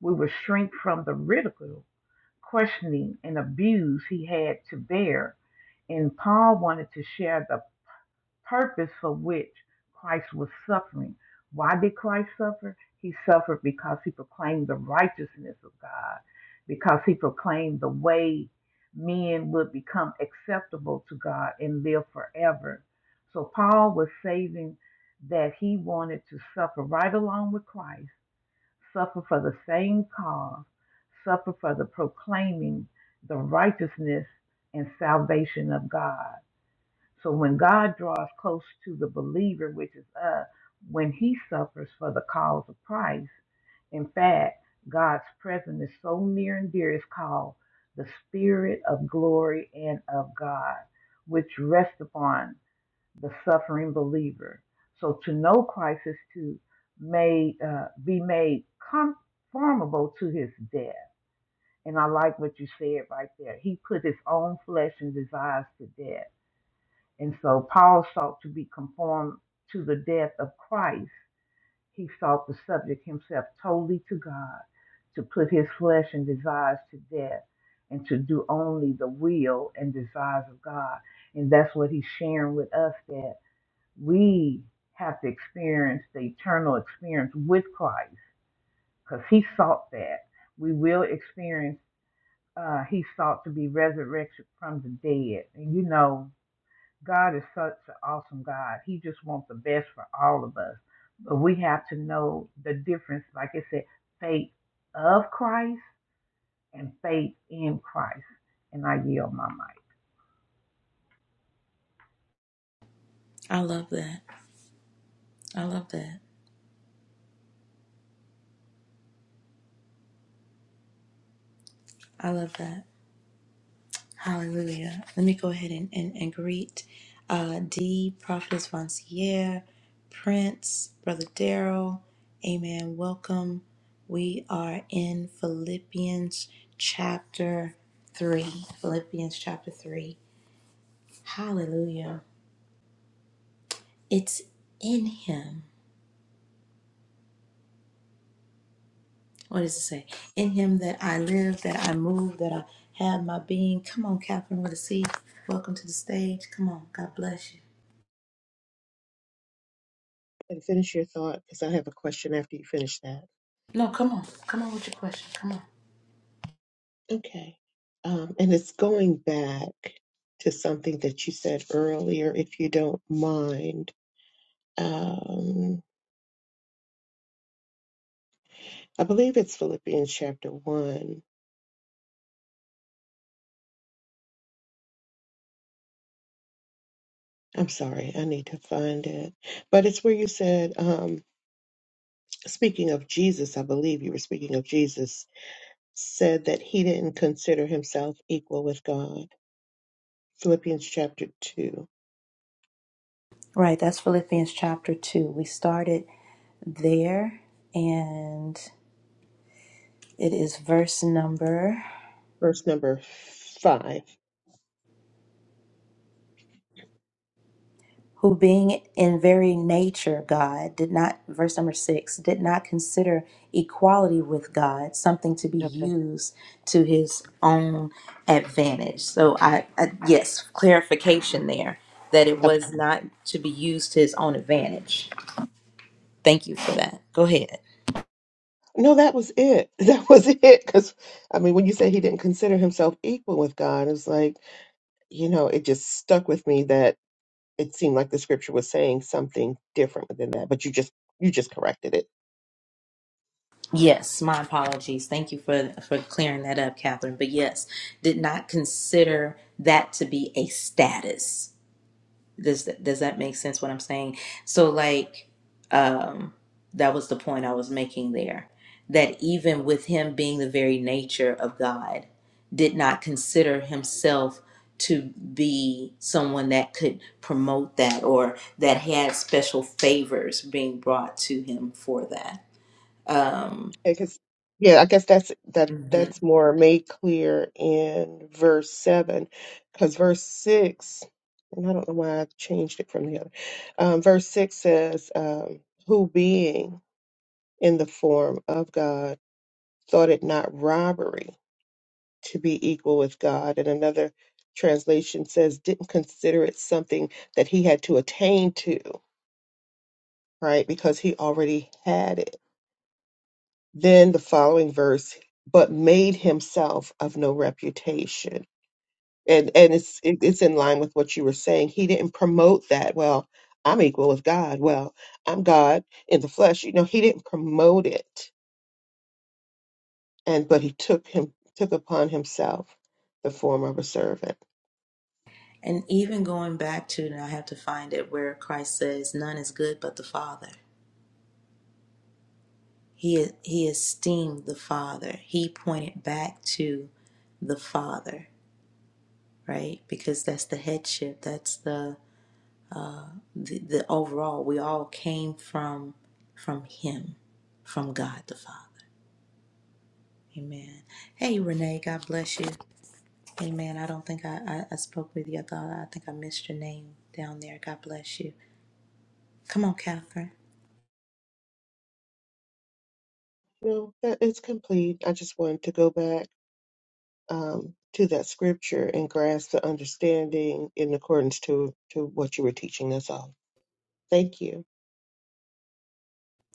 Speaker 3: We will shrink from the ridicule, questioning, and abuse he had to bear. And Paul wanted to share the purpose for which Christ was suffering. Why did Christ suffer? He suffered because he proclaimed the righteousness of God, because he proclaimed the way men would become acceptable to God and live forever. So Paul was saving that he wanted to suffer right along with Christ, suffer for the same cause, suffer for the proclaiming the righteousness and salvation of God. So when God draws close to the believer, which is us, when he suffers for the cause of Christ, in fact, God's presence is so near and dear, it's called the Spirit of glory and of God, which rests upon the suffering believer. So to know Christ is to made, uh, be made conformable to his death. And I like what you said right there. He put his own flesh and desires to death and so Paul sought to be conformed to the death of Christ. He sought to subject himself totally to God, to put his flesh and desires to death, and to do only the will and desires of God. And that's what he's sharing with us that we have to experience the eternal experience with Christ, because he sought that. We will experience, uh, he sought to be resurrected from the dead. And you know, God is such an awesome God. He just wants the best for all of us. But we have to know the difference, like I said, faith of Christ and faith in Christ. And I yield my mic.
Speaker 1: I love that. I love that. I love that. Hallelujah. Let me go ahead and, and, and greet uh, D, Prophetess Vancier, Prince, Brother Daryl. Amen. Welcome. We are in Philippians chapter 3. Philippians chapter 3. Hallelujah. It's in Him. What does it say? In Him that I live, that I move, that I have my being. Come on, Catherine with a C. Welcome to the stage. Come on. God bless you.
Speaker 4: and finish your thought because I have a question after you finish that.
Speaker 1: No, come on. Come on with your question. Come on.
Speaker 4: Okay. Um, and it's going back to something that you said earlier, if you don't mind. Um, I believe it's Philippians chapter 1. I'm sorry, I need to find it. But it's where you said, um, speaking of Jesus, I believe you were speaking of Jesus, said that he didn't consider himself equal with God. Philippians chapter 2,
Speaker 1: Right, that's Philippians chapter 2. We started there, and it is verse number
Speaker 4: verse number 5.
Speaker 1: who being in very nature God did not, verse number 6, did not consider equality with God something to be
Speaker 4: Okay.
Speaker 1: used to his own advantage. So, I, I yes, clarification there that it
Speaker 4: Okay.
Speaker 1: was not to be used to his own advantage. Thank you for that. Go ahead.
Speaker 4: No, that was it. [LAUGHS] That was it. Because, I mean, when you say he didn't consider himself equal with God, it was like, you know, it just stuck with me that it seemed like the scripture was saying something different than that. But you just, you just corrected it.
Speaker 1: Yes, my apologies. Thank you for for clearing that up, Catherine. But yes, did not consider that to be a status. Does that, does that make sense? What I'm saying. So like, um, that was the point I was making there. That even with him being the very nature of God, did not consider himself to be someone that could promote that or that had special favors being brought to him for that. Um,
Speaker 4: Yeah, 'cause- yeah, I guess that's that that's more made clear in verse seven, because verse six, and I don't know why I changed it from the other. Um, verse six says, um, "Who being in the form of God thought it not robbery to be equal with God," and another translation says, "Didn't consider it something that he had to attain to." Right, because he already had it Then the following verse, but made himself of no reputation. And and it's it- it's in line with what you were saying. He didn't promote that. Well, I'm equal with God. Well, I'm God in the flesh. You know, he didn't promote it. And but he took him took upon himself the form of a servant.
Speaker 1: And even going back to, and I have to find it, where Christ says, None is good but the Father. He, he esteemed the Father. He pointed back to the Father, right? Because that's the headship. That's the, the, the overall. We all came from from Him, from God the Father. Amen. Hey, Renee, God bless you. Amen. I don't think I, I, I spoke with you. I thought I think I missed your name down there. God bless you. Come on, Catherine.
Speaker 4: No, that is complete. I just wanted to go back. um, to that scripture and grasp the understanding in accordance to, to what you were teaching us all. Thank you.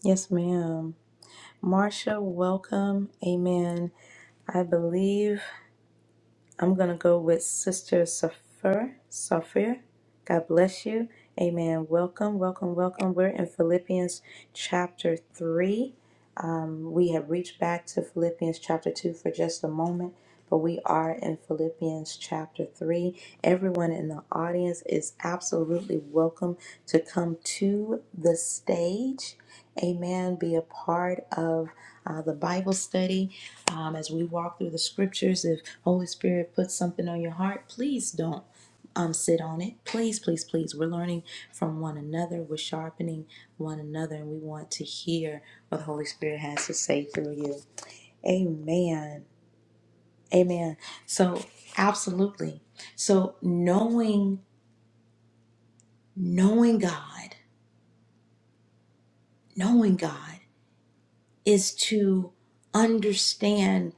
Speaker 1: Yes, ma'am. Marsha, welcome. Amen. I believe I'm going to go with Sister Safir. Safir, God bless you. Amen. Welcome, welcome, welcome. We're in Philippians chapter 3. Um, we have reached back to Philippians chapter 2 for just a moment, but we are in Philippians chapter 3. Everyone in the audience is absolutely welcome to come to the stage. Amen. Be a part of uh, the Bible study um, as we walk through the scriptures. If Holy Spirit puts something on your heart, please don't um, sit on it. Please, please, please. We're learning from one another. We're sharpening one another, and we want to hear what the Holy Spirit has to say through you. Amen. Amen. So, absolutely. So, knowing, knowing God, knowing God. is to understand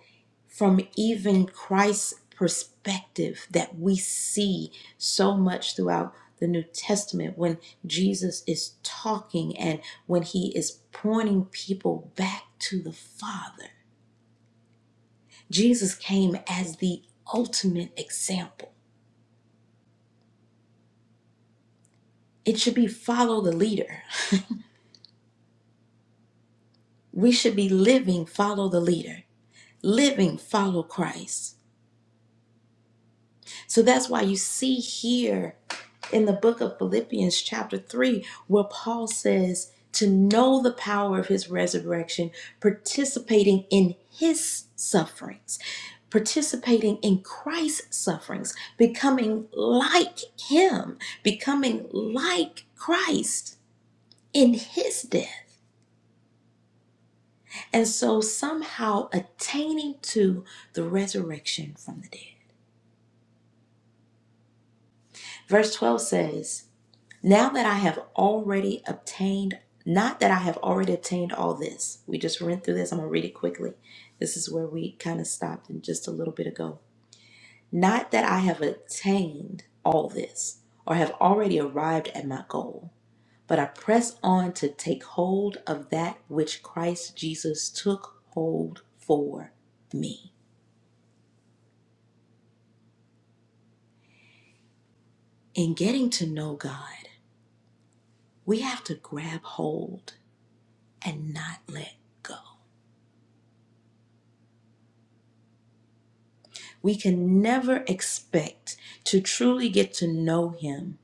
Speaker 1: from even Christ's perspective that we see so much throughout the New Testament when Jesus is talking and when he is pointing people back to the Father. Jesus came as the ultimate example. It should be follow the leader. [LAUGHS] We should be living, follow the leader, living, follow Christ. So that's why you see here in the book of Philippians, chapter 3, where Paul says to know the power of his resurrection, participating in his sufferings, participating in Christ's sufferings, becoming like him, becoming like Christ in his death. And so somehow attaining to the resurrection from the dead. Verse 12 says, Now that I have already obtained, not that I have already obtained all this, we just went through this. I'm going to read it quickly. This is where we kind of stopped in just a little bit ago. Not that I have attained all this or have already arrived at my goal, but I press on to take hold of that which Christ Jesus took hold for me. In getting to know God, we have to grab hold and not let go. We can never expect to truly get to know Him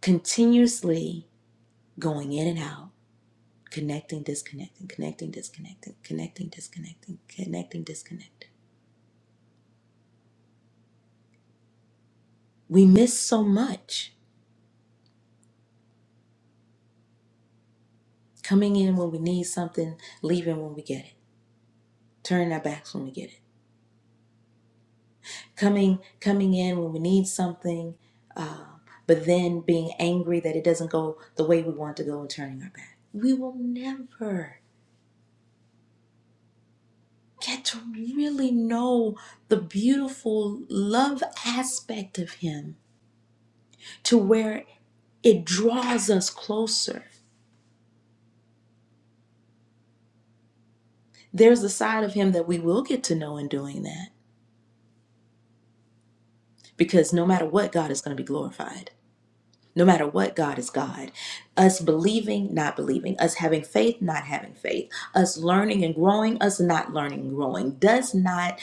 Speaker 1: continuously going in and out, connecting, disconnecting, connecting, disconnecting, connecting, disconnecting, connecting, disconnecting. We miss so much coming in when we need something, leaving when we get it, turning our backs when we get it, coming, coming in when we need something, uh, but then being angry that it doesn't go the way we want to go and turning our back. We will never get to really know the beautiful love aspect of him to where it draws us closer. There's a side of him that we will get to know in doing that because no matter what, God is going to be glorified. No matter what, God is God. Us believing, not believing, us having faith, not having faith, us learning and growing, us not learning and growing does not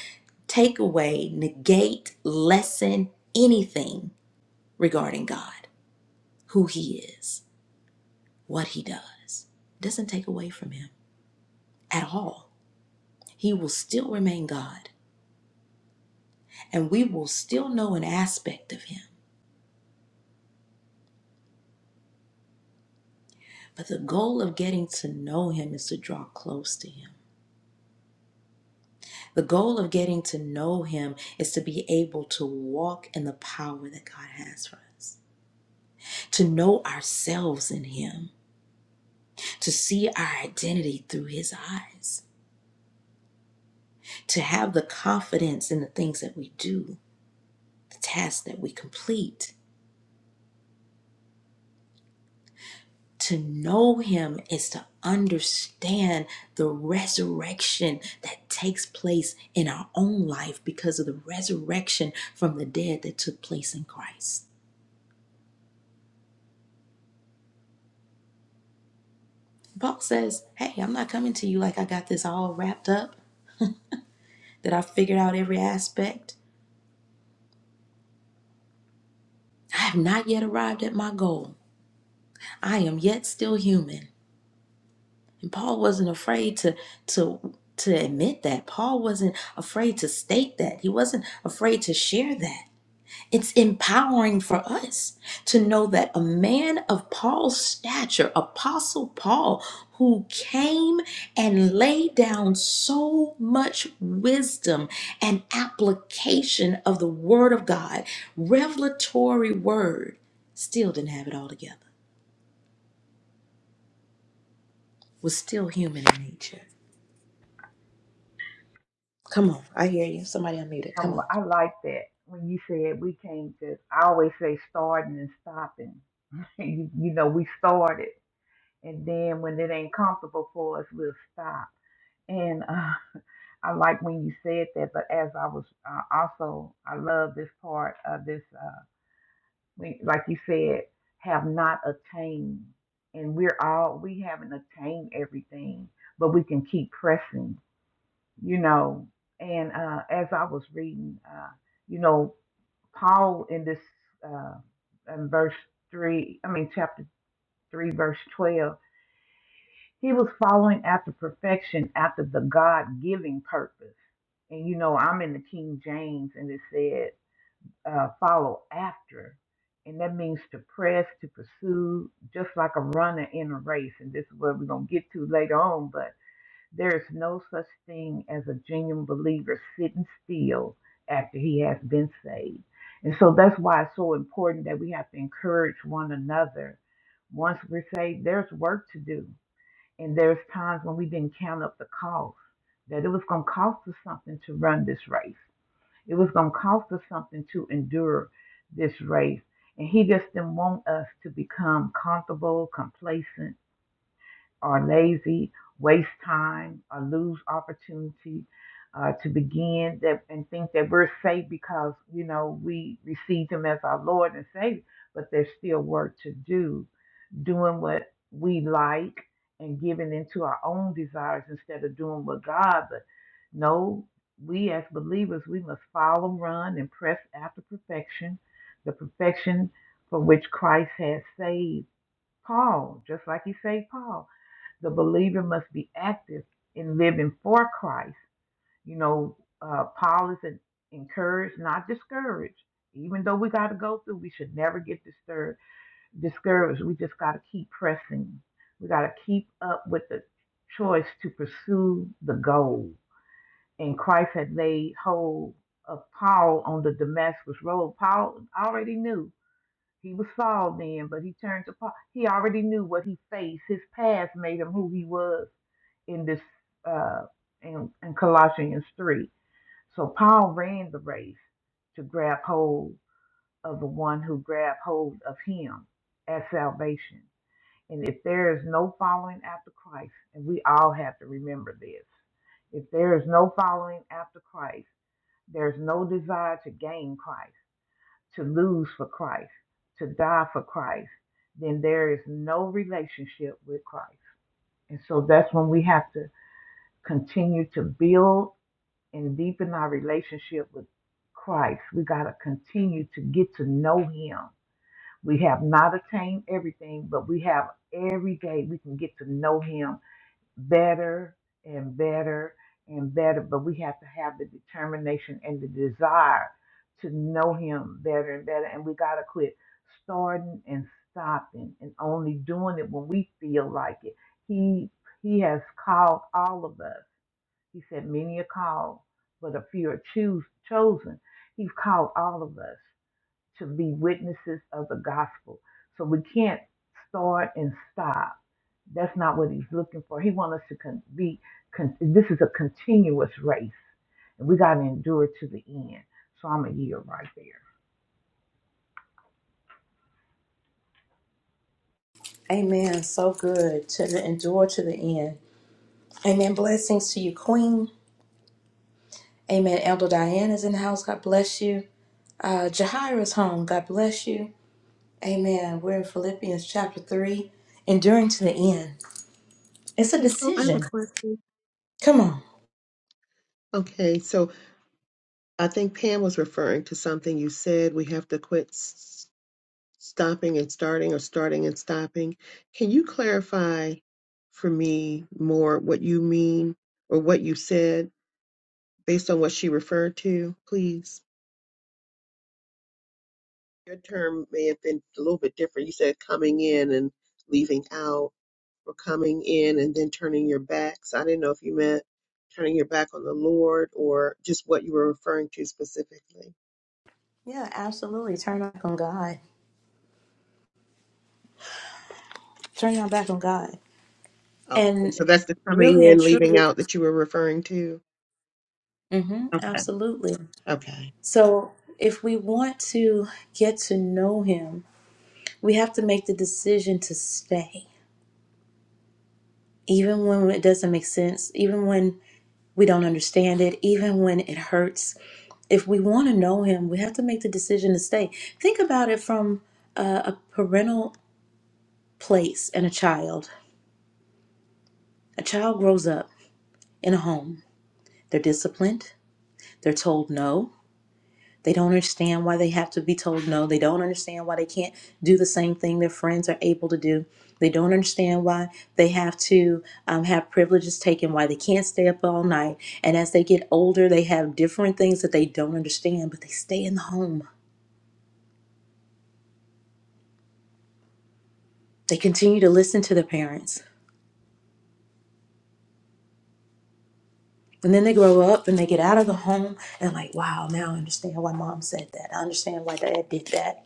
Speaker 1: take away, negate, lessen anything regarding God, who He is. what he does It doesn't take away from him at all. He will still remain God, and we will still know an aspect of him. But the goal of getting to know him is to draw close to him. The goal of getting to know him is to be able to walk in the power that God has for us, to know ourselves in him, to see our identity through his eyes, to have the confidence in the things that we do, the tasks that we complete To know him is to understand the resurrection that takes place in our own life because of the resurrection from the dead that took place in Christ. Paul says, Hey, I'm not coming to you like I got this all wrapped up, that I figured out every aspect. I have not yet arrived at my goal. I am yet still human. And Paul wasn't afraid to to to admit that. Paul wasn't afraid to state that. He wasn't afraid to share that. It's empowering for us to know that a man of Paul's stature, Apostle Paul, who came and laid down so much wisdom and application of the Word of God, revelatory Word, still didn't have it all together, was still human in nature. Come on, I hear you. Somebody unmute it.
Speaker 3: i
Speaker 1: Come on.
Speaker 3: like that when you said we came to, I always say starting and stopping. [LAUGHS] you, you know, we started. And then when it ain't comfortable for us, we'll stop. And uh, I like when you said that. But as I was uh, also, I love this part of this. uh, we, like you said, have not attained. And we're all, we haven't attained everything, but we can keep pressing, you know. And uh, as I was reading, uh, you know, Paul in this, uh, in verse 3, I mean, chapter 3, verse 12, he was following after perfection, after the God giving purpose. And, you know, I'm in the King James, and it said, uh, follow after. And that means to press, to pursue, just like a runner in a race. And this is what we're going to get to later on. But there is no such thing as a genuine believer sitting still after he has been saved. And so that's why it's so important that we have to encourage one another. Once we're saved, there's work to do. And there's times when we didn't count up the cost, that it was going to cost us something to run this race it was going to cost us something to endure this race. And he just didn't want us to become comfortable, complacent, or lazy, waste time, or lose opportunity uh, to begin that and think that we're safe because, you know, we received him as our Lord and Savior, but there's still work to do doing what we like and giving into our own desires instead of doing what God. But no, we as believers, we must follow, run, and press after perfection, the perfection for which Christ has saved Paul, just like he saved Paul. The believer must be active in living for Christ. You know, uh, Paul is an encouraged, not discouraged. Even though we got to go through, we should never get discouraged discouraged. We just got to keep pressing. We got to keep up with the choice to pursue the goal. And Christ had laid hold of Paul on the Damascus Road. Paul already knew. He was Saul then, but he turned to Paul. He already knew what he faced. His past made him who he was in this uh, in, in Colossians 3. So Paul ran the race to grab hold of the one who grabbed hold of him as salvation. And if there is no following after Christ, and we all have to remember this, if there is no following after Christ, there's no desire to gain Christ, to lose for Christ, to die for Christ, then there is no relationship with Christ. And so that's when we have to continue to build and deepen our relationship with Christ. We got to continue to get to know Him. We have not attained everything, but we have every day we can get to know Him better and better and better, but we have to have the determination and the desire to know Him better and better. And we got to quit starting and stopping and only doing it when we feel like it. He He has called all of us. He said, "Many are called, but a few are choose, chosen." He's called all of us to be witnesses of the gospel. So we can't start and stop that's not what he's looking for. He wants us to con- be, con- this is a continuous race, and we got to endure to the end. So I'm a year right there.
Speaker 1: Amen. So good to the endure to the end. Amen. Blessings to you, Queen. Amen. Elder Diane is in the house. God bless you. Uh, Jahira's home. God bless you. Amen. We're in Philippians chapter 3, enduring to the end. It's a
Speaker 4: Hey, Paul, I have
Speaker 1: decision.
Speaker 4: a question.
Speaker 1: Come on.
Speaker 4: Okay, so I think Pam was referring to something you said. We have to quit s- stopping and starting or starting and stopping. Can you clarify for me more what you mean or what you said based on what she referred to, please? Your term may have been a little bit different. You said coming in and leaving out for coming in and then turning your backs. I didn't know if you meant turning your back on the Lord or just what you were referring to specifically.
Speaker 1: Yeah, absolutely. Turn our back on God. Turn your back on God.
Speaker 4: Oh,
Speaker 1: And
Speaker 4: so that's the coming
Speaker 1: really and
Speaker 4: in, leaving
Speaker 1: truly.
Speaker 4: out that you were referring to.
Speaker 1: hmm
Speaker 4: Okay.
Speaker 1: absolutely.
Speaker 4: Okay.
Speaker 1: So if we want to get to know Him, we have to make the decision to stay. Even when it doesn't make sense, even when We don't understand it, even when it hurts. If we want to know Him, we have to make the decision to stay. Think about it from a, a parental place and a child. A child grows up in a home, they're disciplined, they're told no, They don't understand why they have to be told no. They don't understand why they can't do the same thing their friends are able to do. They don't understand why they have to um, have privileges taken, why they can't stay up all night. And as they get older, they have different things that they don't understand, but they stay in the home. They continue to listen to their parents. And then they grow up and they get out of the home and, like, wow, now I understand why mom said that. I understand why dad did that.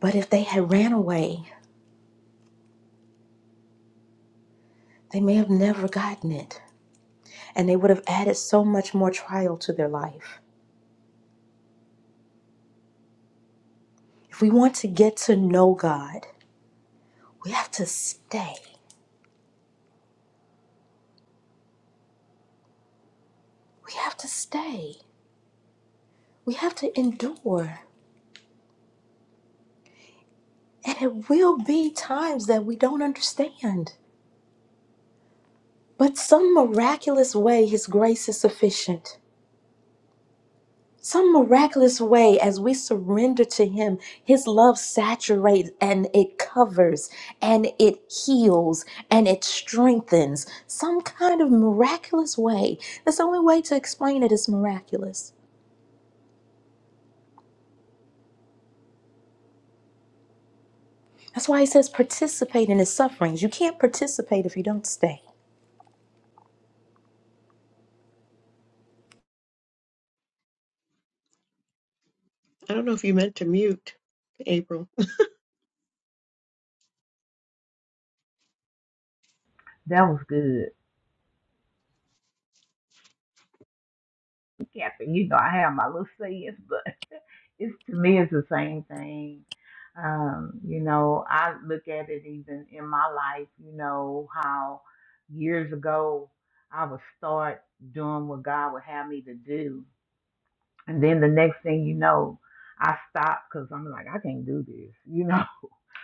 Speaker 1: But if they had ran away, they may have never gotten it. and they would have added so much more trial to their life. If we want to get to know God, we have to stay. We have to stay. We have to endure. And it will be times that we don't understand. But some miraculous way, His grace is sufficient. some miraculous way as we surrender to him his love saturates and it covers and it heals and it strengthens some kind of miraculous way that's the only way to explain it is miraculous that's why he says participate in his sufferings you can't participate if you don't stay
Speaker 4: I don't know if you meant to mute, April.
Speaker 3: That was good. Captain, you know, I have my little sayings, [LAUGHS] but it's to me, it's the same thing. Um, you know, I look at it even in my life, you know, how years ago I would start doing what God would have me to do. And then the next thing you know, I stopped because I'm like, I can't do this, you know. [LAUGHS]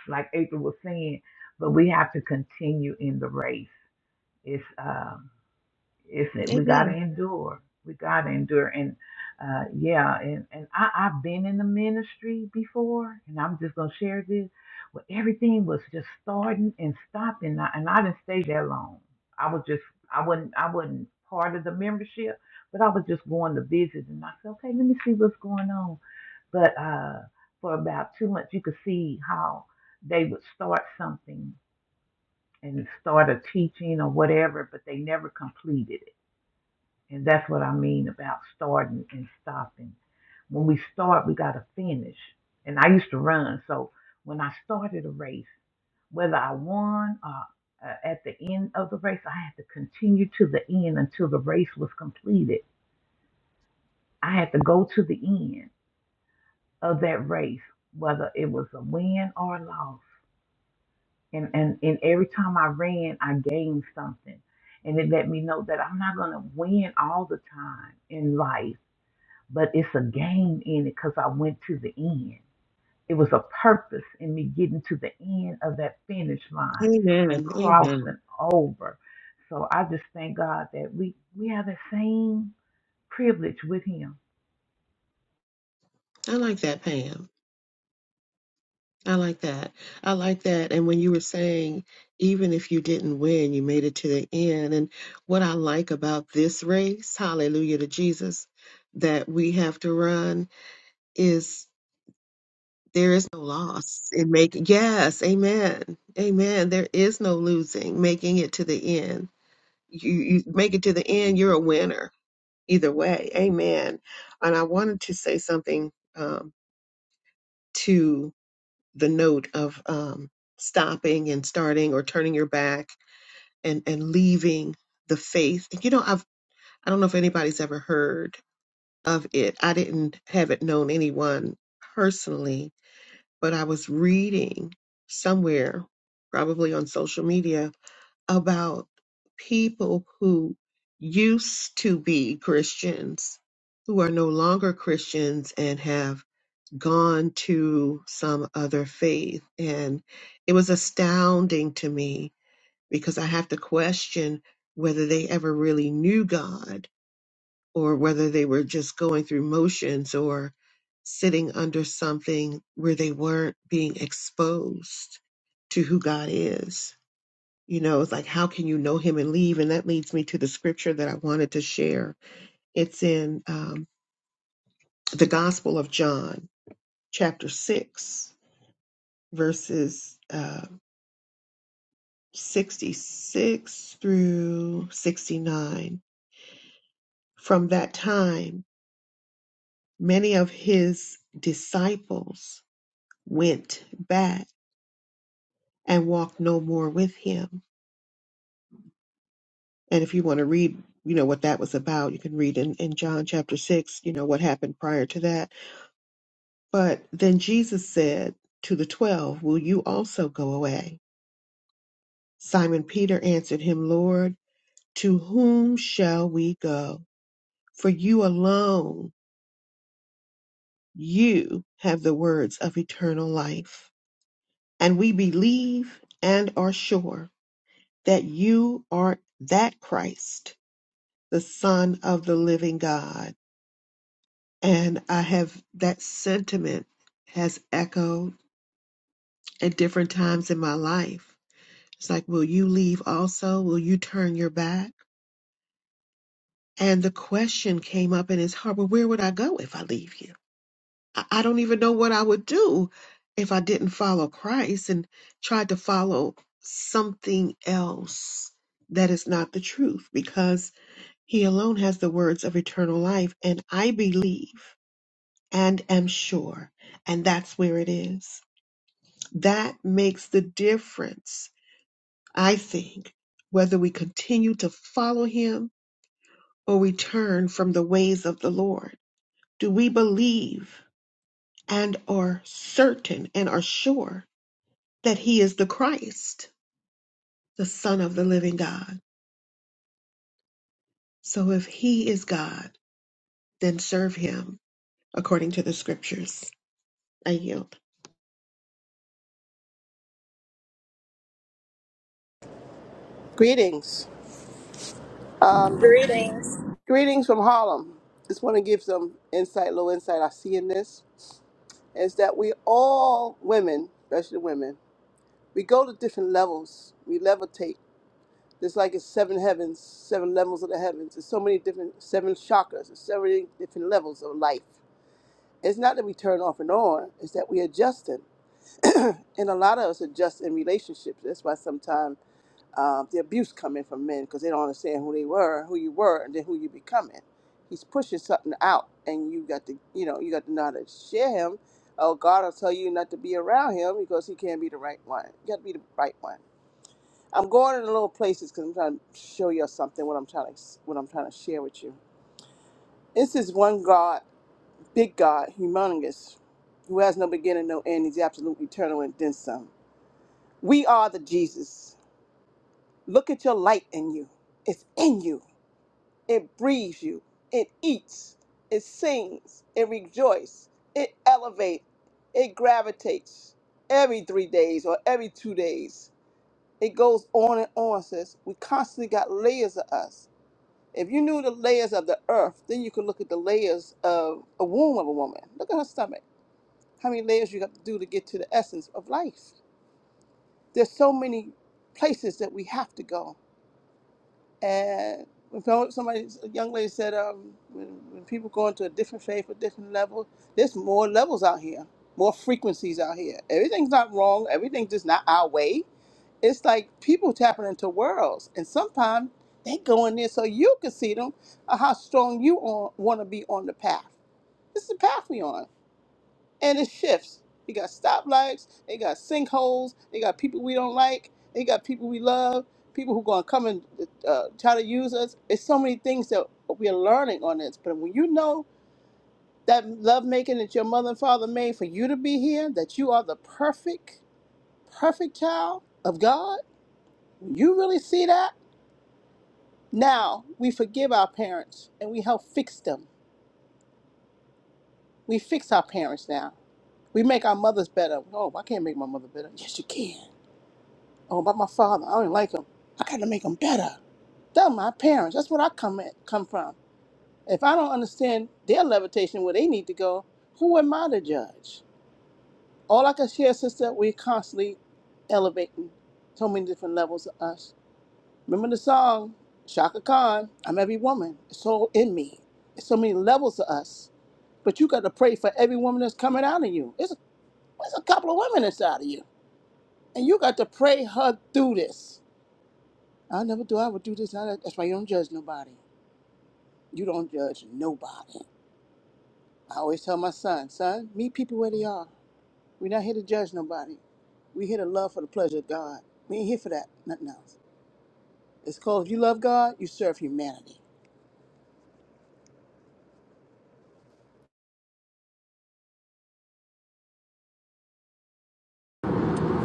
Speaker 3: like April was saying, but we have to continue in the race. It's um, it's
Speaker 4: [LAUGHS]
Speaker 3: we gotta
Speaker 4: Amen.
Speaker 3: endure. We gotta endure, and uh, yeah, and and I, I've been in the ministry before, and I'm just gonna share this. Where everything was just starting and stopping, and I, and I didn't stay that long. I was just I wasn't I wasn't part of the membership, but I was just going to visit, and I said, okay, let me see what's going on but uh, for about two months, you could see how they would start something and start a teaching or whatever, but they never completed it. And that's what I mean about starting and stopping. When we start, we got to finish. And I used to run, so when I started a race, whether I won or uh, at the end of the race, I had to continue to the end until the race was completed. I had to go to the end of that race, whether it was a win or a loss And, and and every time I ran, I gained something. And it let me know that I'm not gonna win all the time in life, but it's a gain in it because I went to the end. It was a purpose in me getting to the end of that finish line and
Speaker 4: Amen. Amen.
Speaker 3: crossing over. So I just thank God that we we have the same privilege with him
Speaker 4: I like that, Pam. I like that. I like that. And when you were saying, even if you didn't win, you made it to the end. And what I like about this race, hallelujah to Jesus, that we have to run is there is no loss in making, yes, amen, amen. There is no losing, making it to the end. You, you make it to the end, you're a winner either way, amen. And I wanted to say something um, to the note of um, stopping and starting or turning your back and and leaving the faith. You know, I've I don't know if anybody's ever heard of it. I didn't haven't known anyone personally, but I was reading somewhere, probably on social media, about people who used to be Christians who are no longer Christians and have gone to some other faith. And it was astounding to me because I have to question whether they ever really knew God or whether they were just going through motions or sitting under something where they weren't being exposed to who God is. You know, it's like, how can you know him and leave? And that leads me to the scripture that I wanted to share. It's in um, the Gospel of John, chapter 6 verses uh, 66 through 69. From that time, many of his disciples went back and walked no more with him. And if you want to read, you know, what that was about, you can read in, in John chapter 6, you know, what happened prior to that. But then Jesus said to the twelve, Will you also go away? Simon Peter answered him, Lord, to whom shall we go? for you alone, you have the words of eternal life. And we believe and are sure that you are that Christ, the Son of the living God. And I have that sentiment has echoed at different times in my life. It's like, will you leave also? Will you turn your back? And the question came up in his heart, well, where would I go if I leave you? I I don't even know what I would do if I didn't follow Christ and tried to follow something else that is not the truth because He alone has the words of eternal life. And I believe and am sure. And that's where it is. That makes the difference, I think, whether we continue to follow Him or we turn from the ways of the Lord. Do we believe and are certain and are sure? that he is the Christ, the Son of the living God. So if he is God, then serve him according to the scriptures. I yield.
Speaker 5: Greetings.
Speaker 1: Greetings.
Speaker 5: Greetings from Harlem. Just want to give some insight, little insight I see in this is that we all women, especially women, we go to different levels. We levitate. There's like it's seven heavens, seven levels of the heavens. There's so many different seven chakras, there's so many different levels of life. It's not that we turn off and on, it's that we adjusting. And a lot of us adjust in relationships. That's why sometimes uh, the abuse coming from men because they don't understand who they were, who you were, and then who you becoming. He's pushing something out, and you got to, you know, you got to know how to share him. Oh, God will tell you not to be around him because he can't be the right one. You got to be the right one. I'm going in little places because I'm trying to show you something. What I'm trying to, what I'm trying to share with you. This is one God, big God, humongous, who has no beginning, no end. He's absolute, eternal, and then some. We are the Jesus. Look at your light in you. It's in you. It breathes you. It eats. It sings. It rejoices. It elevates. It gravitates every three days or every two days. It goes on and on, sis. We constantly got layers of us. If you knew the layers of the earth, then you could look at the layers of a womb of a woman. Look at her stomach. How many layers you got to do to get to the essence of life? There's so many places that we have to go And so- somebody, a young lady said, um, when, when people go into a different faith, a different level, there's more levels out here, more frequencies out here. Everything's not wrong. Everything's just not our way. It's like people tapping into worlds, and sometimes they go in there so you can see them, uh, how strong you on, want to be on the path. This is the path we on and it shifts. You got stoplights, they got sinkholes, they got people we don't like, they got people we love, people who gonna come and uh, try to use us. It's so many things that we are learning on this. But when you know that love making that your mother and father made for you to be here, that you are the perfect, perfect child of God, you really see that. Now we forgive our parents and we help fix them. We fix our parents now. We make our mothers better. Oh, I can't make my mother better. Yes, you can. or about my father. I don't like him. I got to make them better. They're my parents. That's what I come at, come from. If I don't understand their levitation where they need to go, who am I to judge? All I can share, sister, we're constantly elevating so many different levels of us. Remember the song, Shaka Khan, I'm every woman. It's all in me. It's so many levels of us. But you got to pray for every woman that's coming out of you. It's a, it's a couple of women inside of you. And you got to pray her through this. I never thought I would do this. Now that- That's why you don't judge nobody. You don't judge nobody. I always tell my son, son, meet people where they are. We're not here to judge nobody. We're here to love for the pleasure of God. We ain't here for that, nothing else. It's called if you love God, you serve humanity.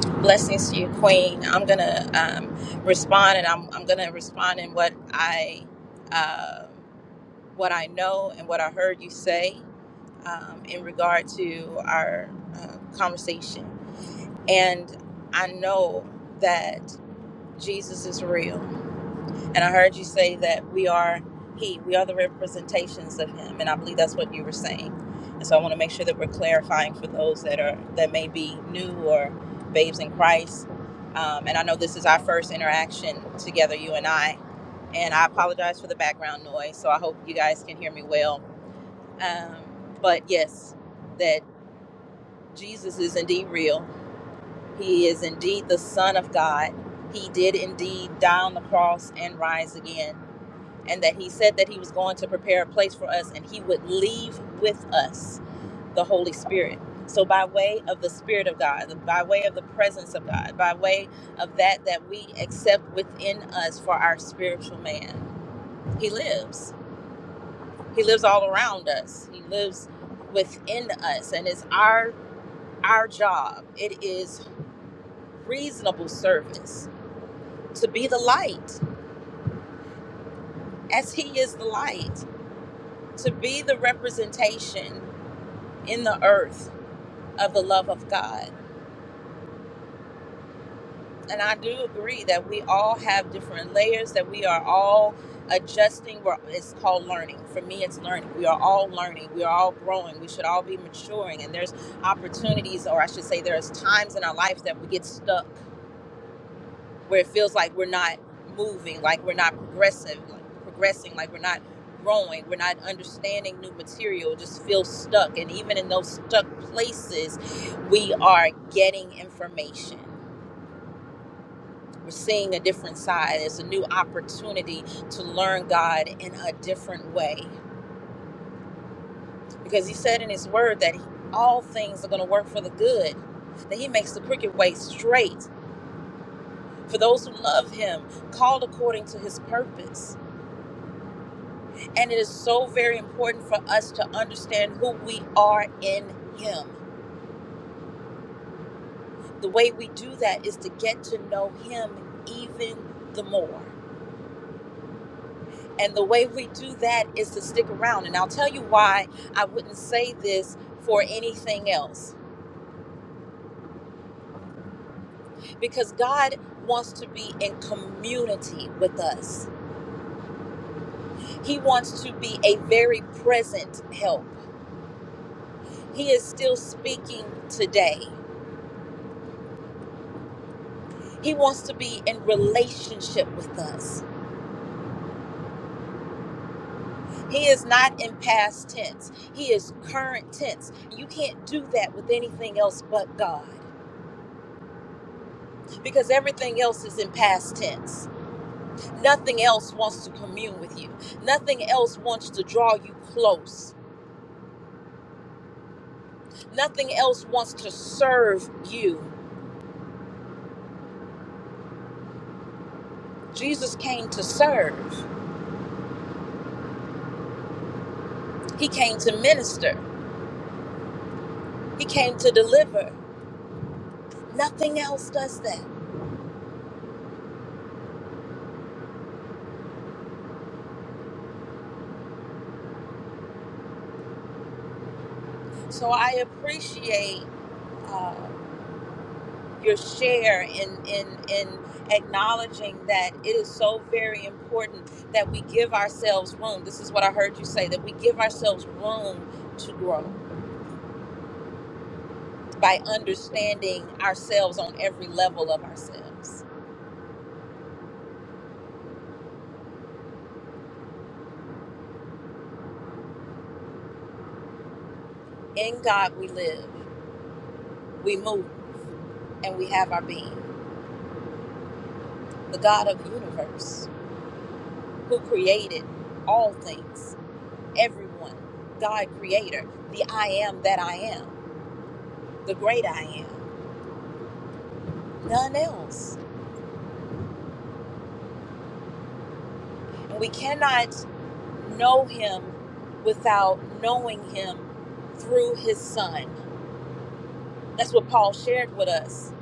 Speaker 1: Blessings to you, Queen. I'm going to um, respond, and I'm, I'm going to respond in what I, um what I know and what I heard you say. um, in regard to our uh, conversation. And I know that Jesus is real. And I heard you say that we are He, we are the representations of Him. And I believe that's what you were saying. And so I want to make sure that we're clarifying for those that are that may be new or babes in Christ. Um, and I know this is our first interaction together, you and I. And I apologize for the background noise. So I hope you guys can hear me well. Um, but yes, that. Jesus is indeed real. He is indeed the Son of God. He did indeed die on the cross and rise again. And that He said that He was going to prepare a place for us and He would leave with us the Holy Spirit. So, by way of the Spirit of God, by way of the presence of God, by way of that that we accept within us for our spiritual man, He lives. He lives all around us. He lives within us, and it's our our job. It is reasonable service, to be the light as He is the light, to be the representation in the earth of the love of God. And I do agree that we all have different layers, that we are all adjusting. We're, it's called learning. For me, it's learning. We are all learning. We are all growing. We should all be maturing. And there's opportunities, or I should say, there's times in our life that we get stuck where it feels like we're not moving, like we're not progressive, like progressing, like we're not growing, we're not understanding new material, just feel stuck. And even in those stuck places, we are getting information. We're seeing a different side. It's a new opportunity to learn God in a different way. Because he said in his word that all things are going to work for the good, that he makes the crooked way straight for those who love him, called according to his purpose. And it is so very important for us to understand who we are in Him. The way we do that is to get to know Him even the more. And the way we do that is to stick around. And I'll tell you why I wouldn't say this for anything else. Because God wants to be in community with us, He wants to be a very present help. He is still speaking today. He wants to be in relationship with us. He is not in past tense. He is current tense. You can't do that with anything else but God because everything else is in past tense. Nothing else wants to commune with you. Nothing else wants to draw you close. Nothing else wants to serve you. Jesus came to serve. He came to minister. He came to deliver. Nothing else does that. So I appreciate uh, your share in in in acknowledging that it is so very important that we give ourselves room. This is what I heard you say that we give ourselves room to grow by understanding ourselves on every level of ourselves. In God we live, we move, and we have our being. The God of the universe who created all things, everyone, God creator, the I am that I am, the great I am, none else We cannot know him without knowing him through his son. That's what Paul shared with us,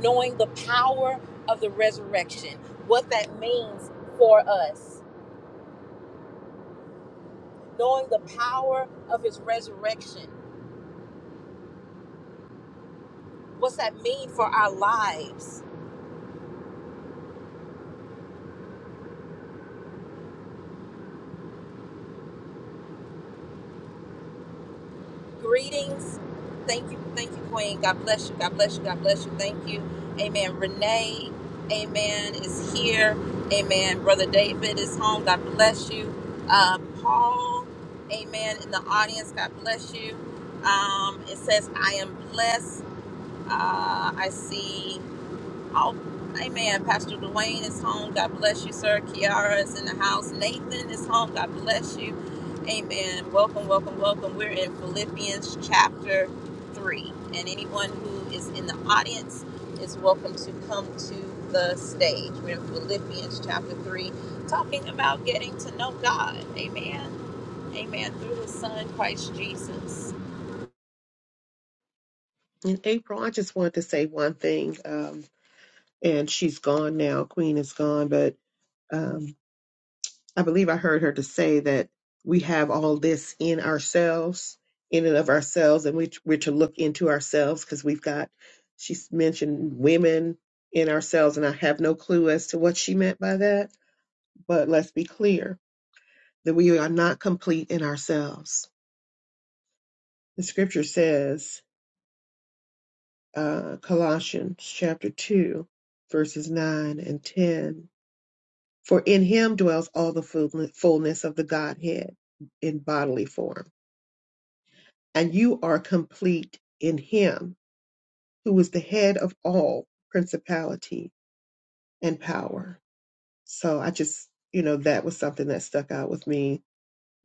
Speaker 1: knowing the power of the resurrection, what that means for us, knowing the power of his resurrection, what's that mean for our lives Greetings. Thank you. Thank you, Queen. God bless you. God bless you. God bless you. Thank you. Amen. Renee, amen, is here. Amen. Brother David is home. God bless you. Uh, Paul, amen, in the audience. God bless you. Um, it says, I am blessed. Uh, I see off. Amen. Pastor Dwayne is home. God bless you, sir. Kiara is in the house. Nathan is home. God bless you. Amen. Welcome, welcome, welcome. We're in Philippians chapter 3. And anyone who is in the audience is welcome to come to the stage. We're in Philippians chapter 3, talking about getting to know God. Amen. Amen. Through his son, Christ Jesus.
Speaker 4: And April, I just wanted to say one thing, um, and she's gone now. Queen is gone, but um, I believe I heard her to say that we have all this in ourselves, in and of ourselves, and we, we're to look into ourselves because we've got, she's mentioned women in ourselves, and I have no clue as to what she meant by that But let's be clear that we are not complete in ourselves. The scripture says, uh, Colossians chapter 2, verses 9 and 10 For in him dwells all the fullness of the Godhead in bodily form, and you are complete in him who is the head of all principality and power. So I just, you know, that was something that stuck out with me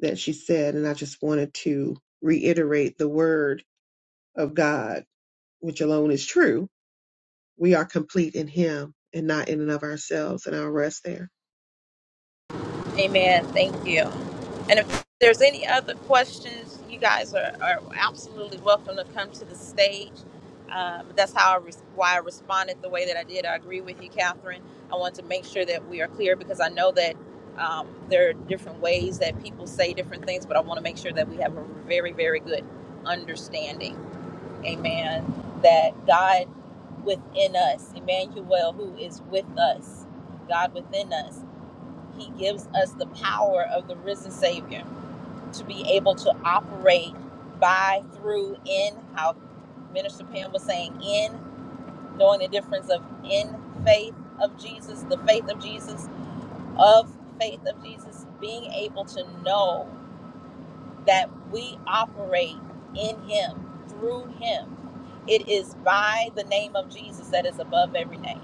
Speaker 4: that she said, and I just wanted to reiterate the word of God, which alone is true, we are complete in Him and not in and of ourselves. And I'll rest there.
Speaker 1: Amen. Thank you. And if there's any other questions, you guys are, are absolutely welcome to come to the stage. Um, that's how I res- why I responded the way that I did. I agree with you, Catherine. I want to make sure that we are clear because I know that um, there are different ways that people say different things, but I want to make sure that we have a very, very good understanding. Amen. That God within us, Emmanuel, who is with us, God within us. He gives us the power of the risen Savior to be able to operate by, through, in, how Minister Pam was saying, in, knowing the difference of in faith of Jesus, the faith of Jesus, of faith of Jesus, being able to know that we operate in Him, through Him. It is by the name of Jesus that is above every name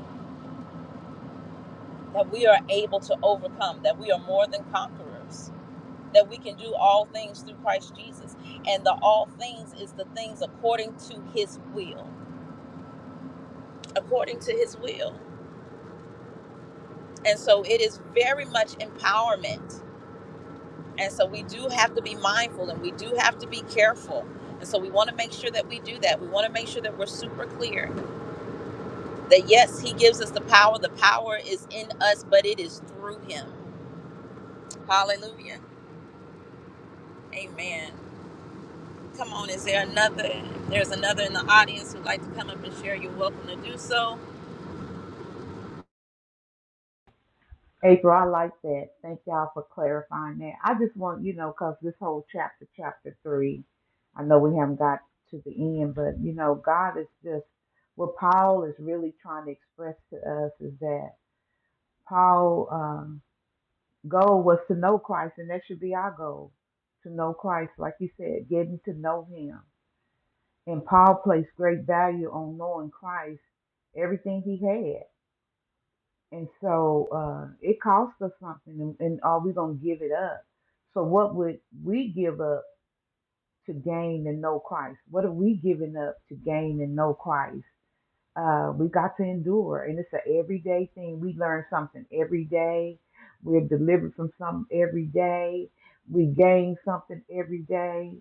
Speaker 1: that we are able to overcome, that we are more than conquerors that we can do all things through Christ Jesus. And the all things is the things according to his will, according to his will. And so it is very much empowerment. And so we do have to be mindful and we do have to be careful. And so we want to make sure that we do that. We want to make sure that we're super clear that yes, he gives us the power. The power is in us, but it is through him. Hallelujah. Amen. Come on, is there another? There's another in the audience who'd like to come up and share. You're welcome to do so.
Speaker 3: April, I like that. Thank y'all for clarifying that. I just want, you know, because this whole chapter, chapter three, I know we haven't got to the end, but, you know, God is just, what Paul is really trying to express to us is that Paul's um, goal was to know Christ, and that should be our goal to know Christ, like you said, getting to know Him. And Paul placed great value on knowing Christ, everything he had. And so uh, it costs us something, and, and are we going to give it up? So, what would we give up to gain and know Christ? What are we giving up to gain and know Christ? Uh, we got to endure, and it's an everyday thing. We learn something every day. We're delivered from something every day. We gain something every day.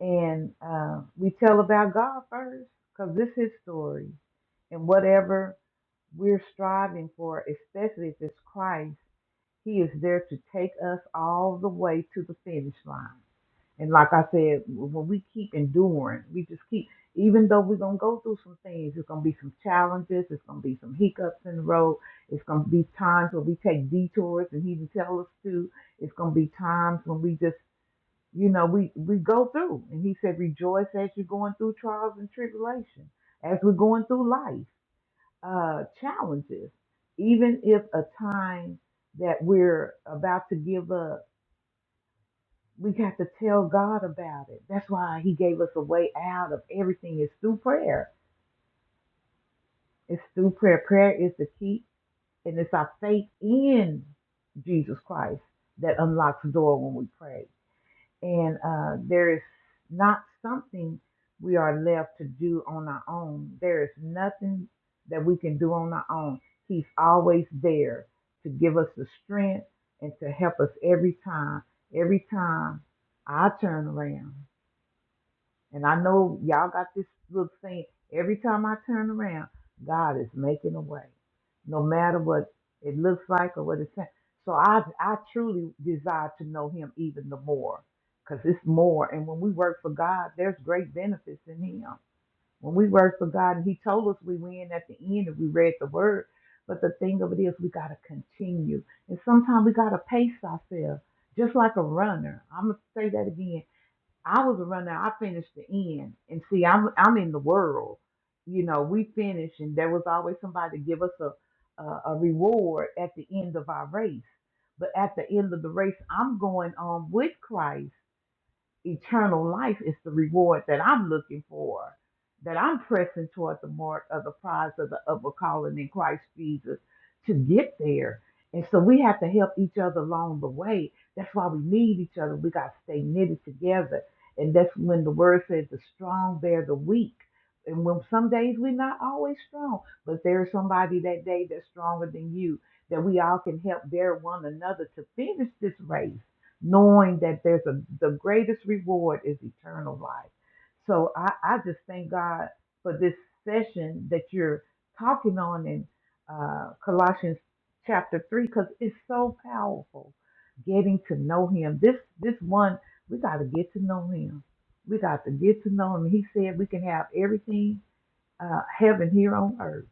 Speaker 3: And uh, we tell about God first because this is His story. And whatever we're striving for, especially if it's Christ he is there to take us all the way to the finish line. And like I said, when we keep enduring, we just keep, even though we're going to go through some things, it's going to be some challenges, it's going to be some hiccups in the road, it's going to be times when we take detours and He didn't tell us to, it's going to be times when we just, you know, we, we go through. And He said, rejoice as you're going through trials and tribulation, as we're going through life uh, challenges, even if a time that we're about to give up, we got to tell God about it. That's why He gave us a way out of everything. It's through prayer. It's through prayer. Prayer is the key, and it's our faith in Jesus Christ that unlocks the door when we pray. and uh, there is not something we are left to do on our own. There is nothing that we can do on our own. He's always there to give us the strength and to help us every time. Every time I turn around, and I know y'all got this little saying every time I turn around, God is making a way, no matter what it looks like or what it's saying. So I, I truly desire to know Him even the more because it's more. And when we work for God, there's great benefits in Him. When we work for God, and He told us we win at the end if we read the Word. But the thing of it is, we got to continue. And sometimes we got to pace ourselves, just like a runner. I'm going to say that again I was a runner. I finished the end, and see, I'm I'm in the world. You know, we finished, and there was always somebody to give us a, a a reward at the end of our race. But at the end of the race, I'm going on with Christ eternal life is the reward that I'm looking for, that I'm pressing toward the mark of the prize of the upward calling in Christ Jesus to get there. And so we have to help each other along the way. That's why we need each other. We got to stay knitted together. And that's when the word says the strong bear the weak. And when some days we're not always strong, but there's somebody that day that's stronger than you, that we all can help bear one another to finish this race knowing that there's a the greatest reward is eternal life. So I, I just thank God for this session that you're talking on in uh, Colossians chapter three because it's so powerful. Getting to know Him. This this one we got to get to know Him. We got to get to know Him. He said we can have everything uh, heaven here on earth,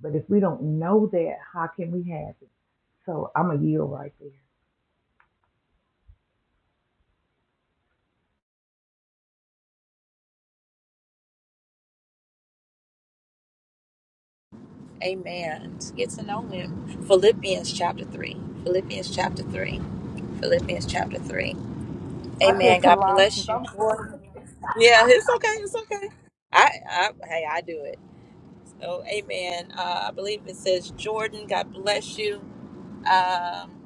Speaker 3: but if we don't know that, how can we have it? So I'm a yield right there.
Speaker 1: Amen. To get to know him. Philippians chapter 3. Philippians chapter 3. Philippians chapter 3.
Speaker 3: I said
Speaker 1: Amen. God bless
Speaker 3: Colossians.
Speaker 1: you.
Speaker 3: I'm sorry.
Speaker 1: Glory. Yeah, it's okay. It's okay. I, I hey, I do it. So amen. Uh, I believe it says Jordan, God bless you. Um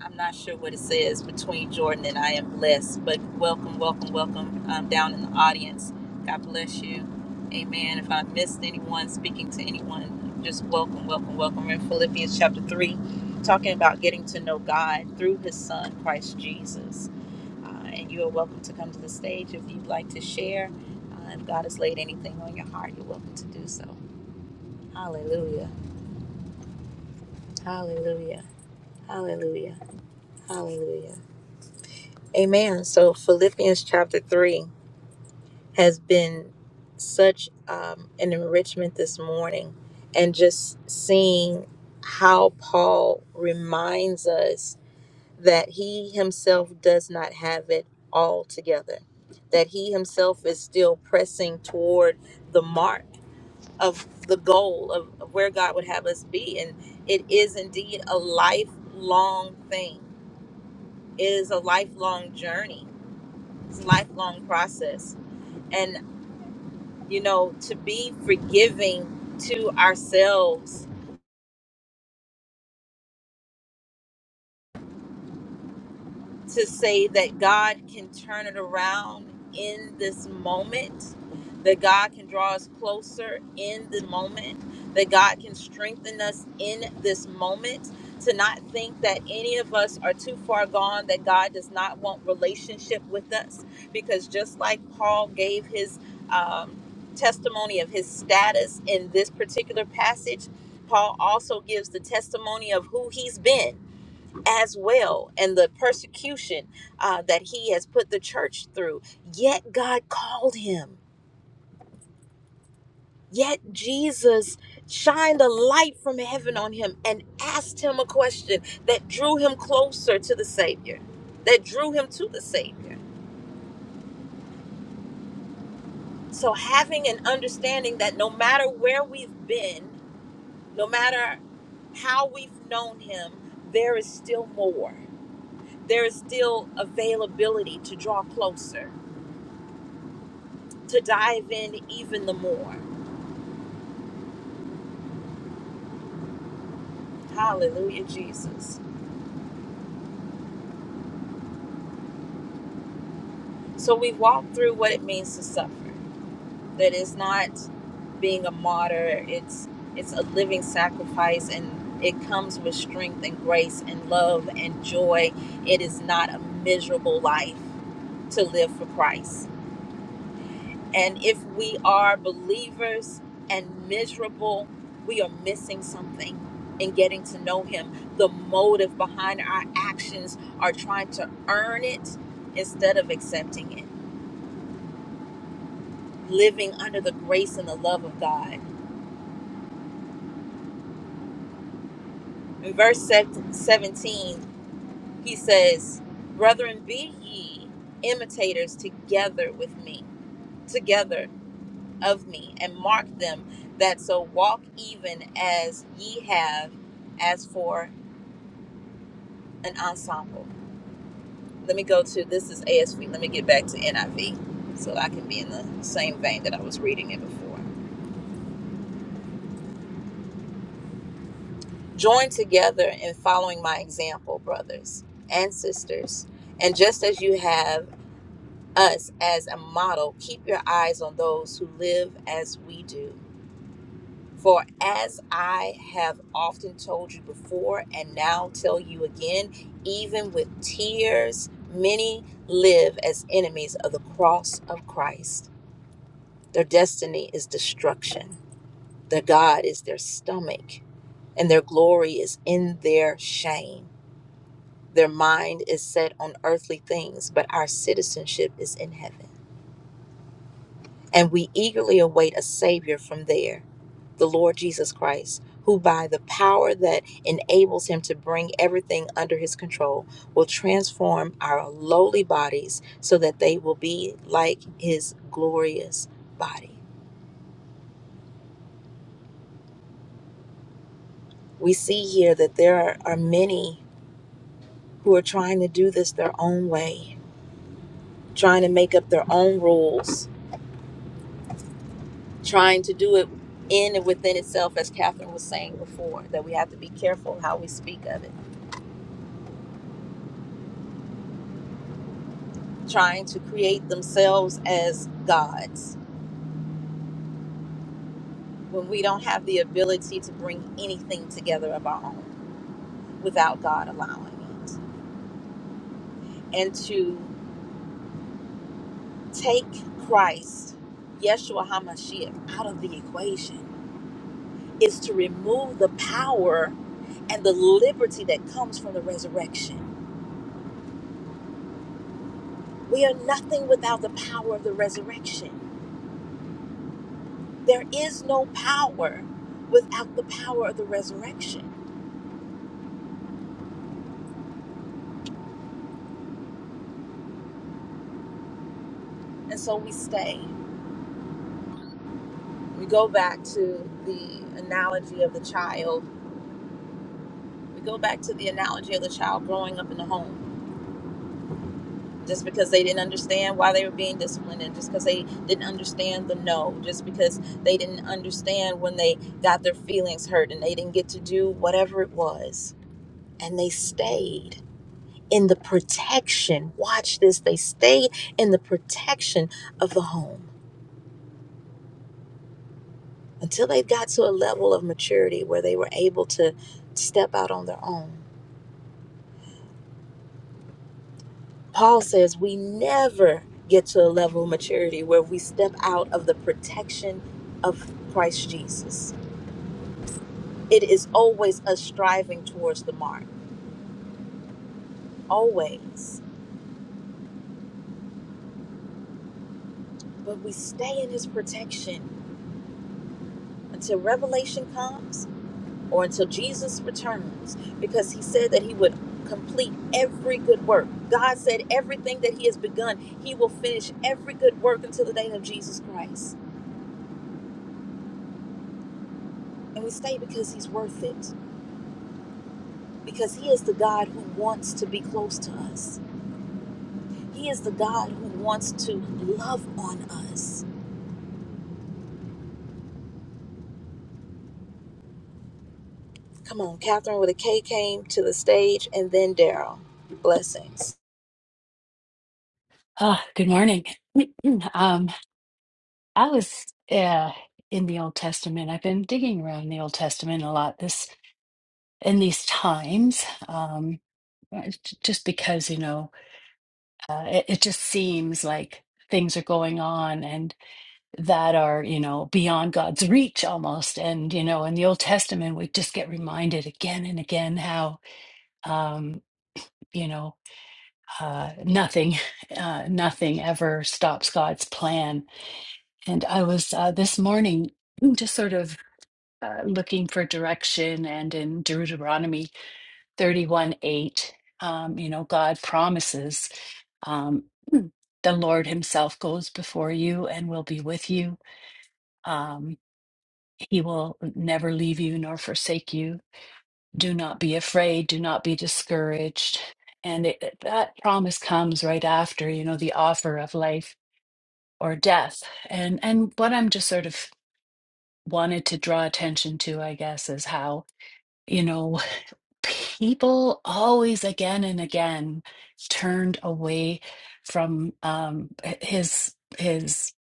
Speaker 1: I'm not sure what it says between Jordan and I am blessed, but welcome, welcome, welcome um, down in the audience. God bless you. Amen. If I missed anyone speaking to anyone, just welcome, welcome, welcome. We're in Philippians chapter 3, talking about getting to know God through his son, Christ Jesus. Uh, and you are welcome to come to the stage if you'd like to share. Uh, if God has laid anything on your heart, you're welcome to do so. Hallelujah. Hallelujah. Hallelujah. Hallelujah. Amen. So Philippians chapter 3 has been such um, an enrichment this morning, and just seeing how Paul reminds us that he himself does not have it all together, that he himself is still pressing toward the mark of the goal of, of where God would have us be. And it is indeed a lifelong thing, it is a lifelong journey It's a lifelong process. And, you know, to be forgiving to ourselves to say that God can turn it around in this moment, that God can draw us closer in the moment, that God can strengthen us in this moment, to not think that any of us are too far gone, that God does not want relationship with us, because just like Paul gave his um, testimony of his status in this particular passage, Paul also gives the testimony of who he's been as well and the persecution uh, that he has put the church through. Yet God called him. Yet Jesus shined a light from heaven on him and asked him a question that drew him closer to the Savior, that drew him to the Savior. So, having an understanding that no matter where we've been, no matter how we've known him, there is still more. There is still availability to draw closer to dive in even the more. Hallelujah, Jesus. So we've walked through what it means to suffer. That is not being a martyr, it's it's a living sacrifice and it comes with strength and grace and love and joy. It is not a miserable life to live for Christ. And if we are believers and miserable, we are missing something in getting to know Him. The motive behind our actions are trying to earn it instead of accepting it, living under the grace and the love of God. In verse 17, he says, Brethren, be ye imitators together with me, together. of me and mark them that so walk even as ye have as for an ensemble. Let me go to this is ASV. Let me get back to NIV so I can be in the same vein that I was reading it before. Join together in following my example, brothers and sisters. And just as you have us as a model, keep your eyes on those who live as we do For as I have often told you before, and now tell you again, even with tears, many live as enemies of the cross of Christ. Their destiny is destruction, their God is their stomach, and their glory is in their shame. Their mind is set on earthly things, but our citizenship is in heaven. and we eagerly await a Savior from there, the Lord Jesus Christ, who by the power that enables him to bring everything under his control will transform our lowly bodies so that they will be like his glorious body. We see here that there are, are many who are trying to do this their own way, trying to make up their own rules, trying to do it in and within itself, as Catherine was saying before, that we have to be careful how we speak of it trying to create themselves as gods when we don't have the ability to bring anything together of our own without God allowing it. And to take Christ, Yeshua HaMashiach, out of the equation is to remove the power and the liberty that comes from the resurrection. We are nothing without the power of the resurrection. There is no power without the power of the resurrection. And so we stay. we go back to the analogy of the child. We go back to the analogy of the child growing up in the home. Just because they didn't understand why they were being disciplined, and just because they didn't understand the no, just because they didn't understand when they got their feelings hurt and they didn't get to do whatever it was, and they stayed in the protection. Watch this, they stayed in the protection of the home until they got to a level of maturity where they were able to step out on their own Paul says we never get to a level of maturity where we step out of the protection of Christ Jesus. It is always us striving towards the mark, always. But we stay in his protection until revelation comes or until Jesus returns because he said that he would complete every good work. God said everything that he has begun, he will finish every good work until the day of Jesus Christ. And we stay because he's worth it. because He is the God who wants to be close to us. He is the God who wants to love on us. Come on, Catherine with a K came to the stage, and then Daryl. Blessings.
Speaker 6: Oh, good morning. [CLEARS THROAT] Um, I was uh, in the Old Testament. I've been digging around the Old Testament a lot this in these times, um, uh, j- just because you know uh, it, it just seems like things are going on and that are you know beyond God's reach almost. And you know, in the Old Testament, we just get reminded again and again how um, you know uh, nothing, [LAUGHS] uh, nothing ever stops God's plan And I was uh, this morning mm, just sort of uh, looking for direction, and in Deuteronomy 31 8, um, you know, God promises um, mm, the Lord Himself goes before you and will be with you. Um, he will never leave you nor forsake you. Do not be afraid, do not be discouraged. And it, that promise comes right after, you know, the offer of life or death. And and what I'm just sort of wanted to draw attention to, I guess, is how, you know, [LAUGHS] people always again and again turned away from um, h- his his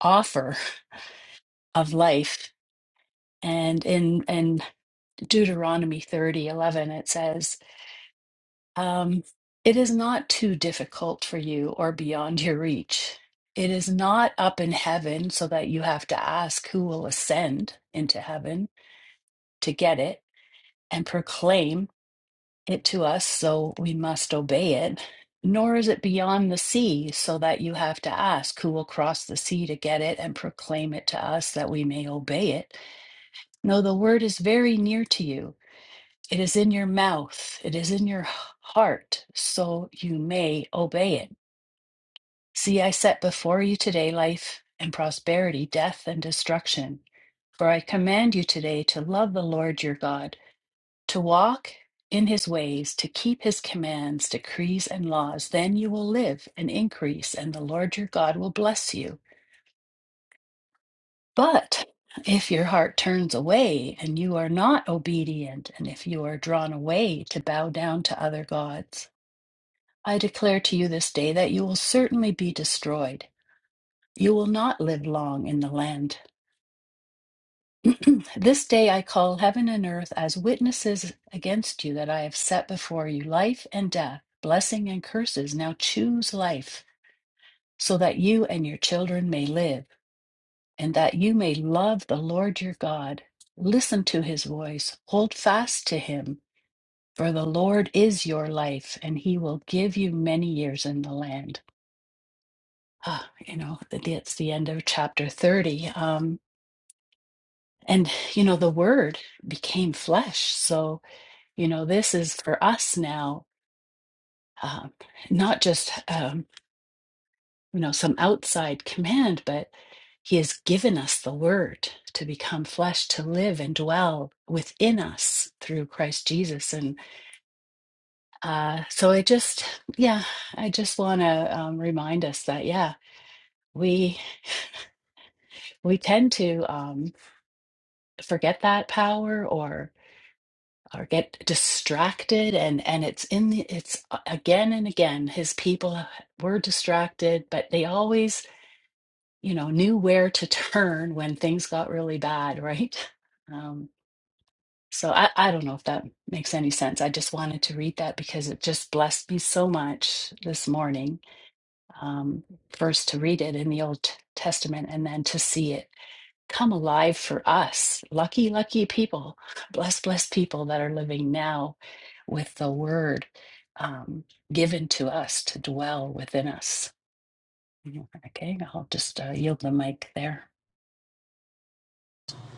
Speaker 6: offer of life. And in in Deuteronomy thirty eleven, it says, um, "It is not too difficult for you or beyond your reach." It is not up in heaven so that you have to ask who will ascend into heaven to get it and proclaim it to us, so we must obey it. Nor is it beyond the sea, so that you have to ask who will cross the sea to get it and proclaim it to us that we may obey it. No, the word is very near to you. It is in your mouth, it is in your heart, so you may obey it. See, I set before you today life and prosperity, death and destruction. For I command you today to love the Lord your God to walk in his ways, to keep his commands, decrees, and laws, then you will live and increase, and the Lord your God will bless you. But if your heart turns away and you are not obedient, and if you are drawn away to bow down to other gods, I declare to you this day that you will certainly be destroyed. You will not live long in the land [CLEARS THROAT] This day I call heaven and earth as witnesses against you that I have set before you life and death, blessing and curses. Now choose life, so that you and your children may live, and that you may love the Lord your God. Listen to his voice, hold fast to him, for the Lord is your life, and he will give you many years in the land. Ah, you know, that- that's the end of chapter 30. Um, and, you know, the word became flesh. So, You know, this is for us now, um, not just, um, you know, some outside command, but He has given us the Word to become flesh, to live and dwell within us through Christ Jesus. And uh, so I just, yeah, I just want to um, remind us that, yeah, we we tend to um, forget that power or. or get distracted and and it's in the it's a- again and again his people were distracted but they always you know knew where to [LAUGHS] turn when things got really bad right um so i i don't know if that makes any sense i just wanted to read that because it just blessed me so much this morning um first to read it in the old T- testament and then to see it come alive for us. Lucky, lucky people, blessed, blessed people that are living now with the word um, given to us to dwell within us. Okay, I'll just uh, yield the mic there.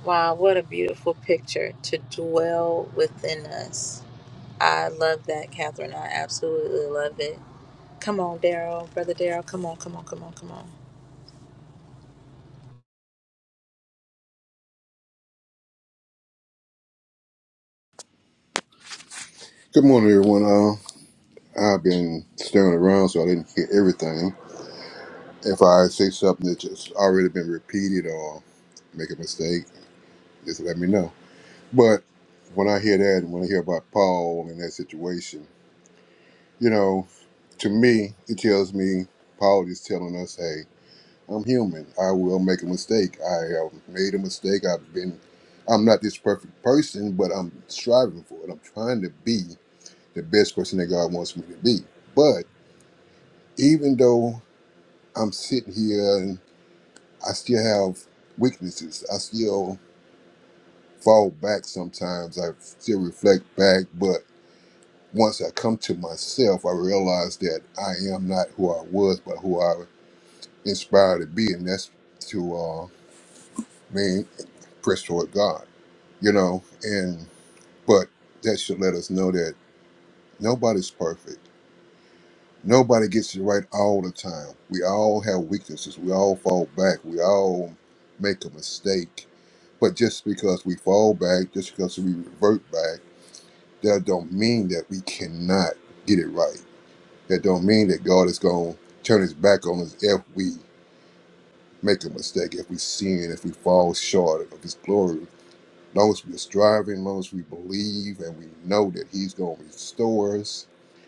Speaker 1: Wow, what a beautiful picture to dwell within us. I love that, Catherine. I absolutely love it. Come on, Daryl, brother Daryl. Come on, come on, come on, come on.
Speaker 7: Good morning, everyone. Uh, I've been staring around, so I didn't hear everything. If I say something that's just already been repeated or make a mistake, just let me know. But when I hear that, and when I hear about Paul and that situation, you know, to me, it tells me Paul is telling us, "Hey, I'm human. I will make a mistake. I have made a mistake. I've been, I'm not this perfect person, but I'm striving for it. I'm trying to be the best person that God wants me to be." But even though I'm sitting here and I still have weaknesses, I still fall back sometimes. I still reflect back, but once I come to myself, I realize that I am not who I was, but who I was inspired to be, and that's to uh, me press toward God, you know. And but that should let us know that nobody's perfect. Nobody gets it right all the time. We all have weaknesses. We all fall back. We all make a mistake But just because we fall back, just because we revert back, that don't mean that we cannot get it right. That don't mean that God is going to turn his back on us if we make a mistake, if we sin, if we fall short of his glory. As long as we're striving, as long as we believe and we know that he's going to restore us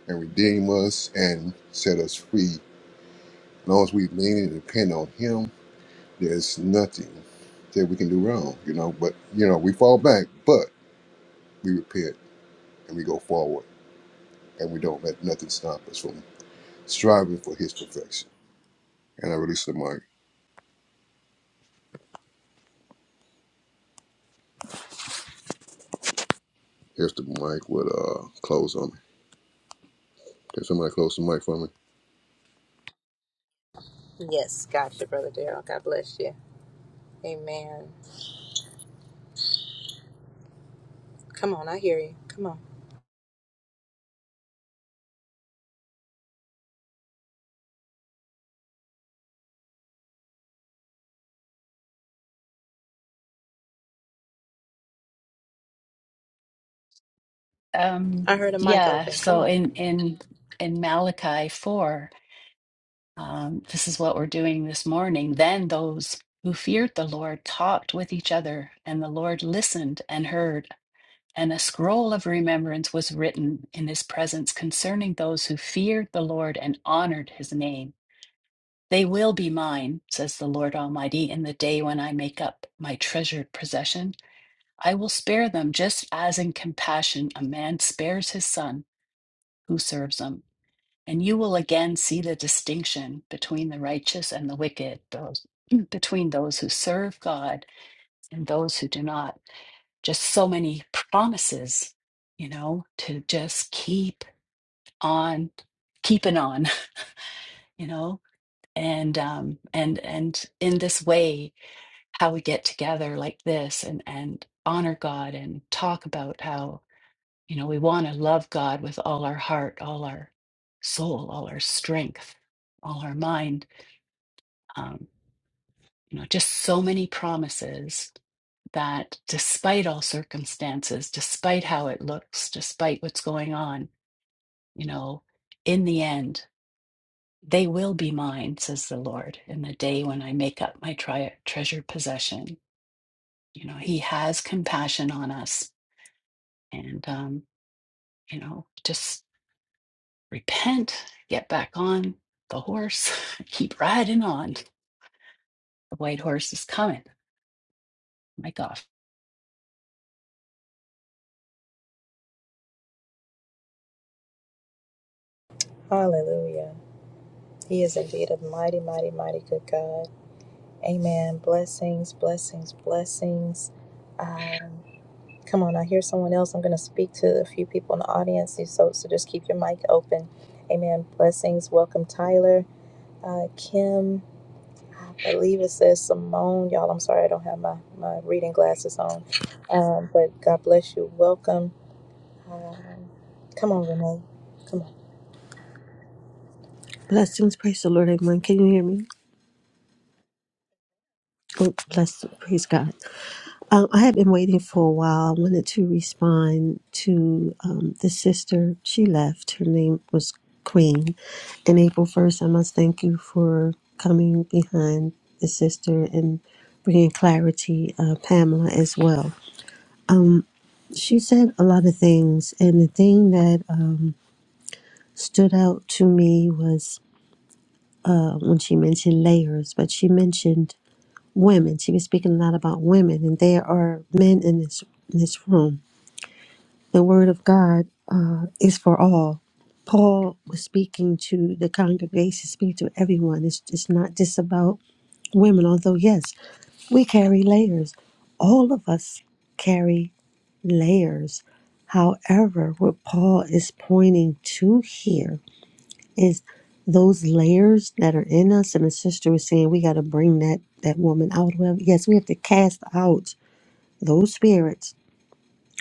Speaker 7: and redeem us and set us free, as long as we lean and depend on him, there's nothing that we can do wrong, you know. But, you know, we fall back, but we repent and we go forward and we don't let nothing stop us from striving for his perfection. And I release the mic. Here's the mic with uh close on me. Can somebody close the mic for me?
Speaker 1: Yes, gotcha, brother Daryl. God bless you. Amen. Come on, I hear you. Come on.
Speaker 6: Um,
Speaker 1: I heard a mic
Speaker 6: yeah,
Speaker 1: open. Come
Speaker 6: so
Speaker 1: on.
Speaker 6: in in in Malachi four, um, this is what we're doing this morning. Then those who feared the Lord talked with each other, and the Lord listened and heard. And a scroll of remembrance was written in his presence concerning those who feared the Lord and honored his name. They will be mine, says the Lord Almighty, in the day when I make up my treasured possession. I will spare them just as in compassion a man spares his son who serves him. And you will again see the distinction between the righteous and the wicked, those, [CLEARS THROAT] between those who serve God and those who do not just so many promises, you know, to just keep on keeping on, [LAUGHS] you know, and um and and in this way, how we get together like this and and honor God and talk about how, you know, we want to love God with all our heart, all our soul, all our strength, all our mind. Um, you know, just so many promises that despite all circumstances, despite how it looks, despite what's going on, You know, in the end, they will be mine, says the Lord, in the day when I make up my tri- treasured possession. You know, He has compassion on us. And, um, you know, just repent, get back on the horse, [LAUGHS] keep riding on. The white horse is coming. My gosh.
Speaker 1: Hallelujah. He is indeed a mighty, mighty, mighty good God. Amen. Blessings, blessings, blessings. Uh, come on, I hear someone else. I'm going to speak to a few people in the audience, so, so just keep your mic open. Amen. Blessings. Welcome, Tyler. Uh, Kim, I believe it says Simone. Y'all, I'm sorry I don't have my, my reading glasses on. Um, but God bless you. Welcome. Um, come on, Renee.
Speaker 8: Blessings, praise the Lord, everyone. Can you hear me? Oh, bless, praise God. Um, I have been waiting for a while. I wanted to respond to um, the sister. She left. Her name was Queen. And April 1st, I must thank you for coming behind the sister and bringing clarity, uh, Pamela, as well. She said a lot of things, and the thing that uh, stood out to me was uh, when she mentioned layers, but she mentioned women. She was speaking a lot about women, and there are men in this in this room. The word of God uh, is for all. Paul was speaking to the congregation, speaking to everyone. It's it's not just about women, although yes, we carry layers. All of us carry layers. However, what Paul is pointing to here is those layers that are in us and the sister was saying we got to bring that that woman out well yes we have to cast out those spirits,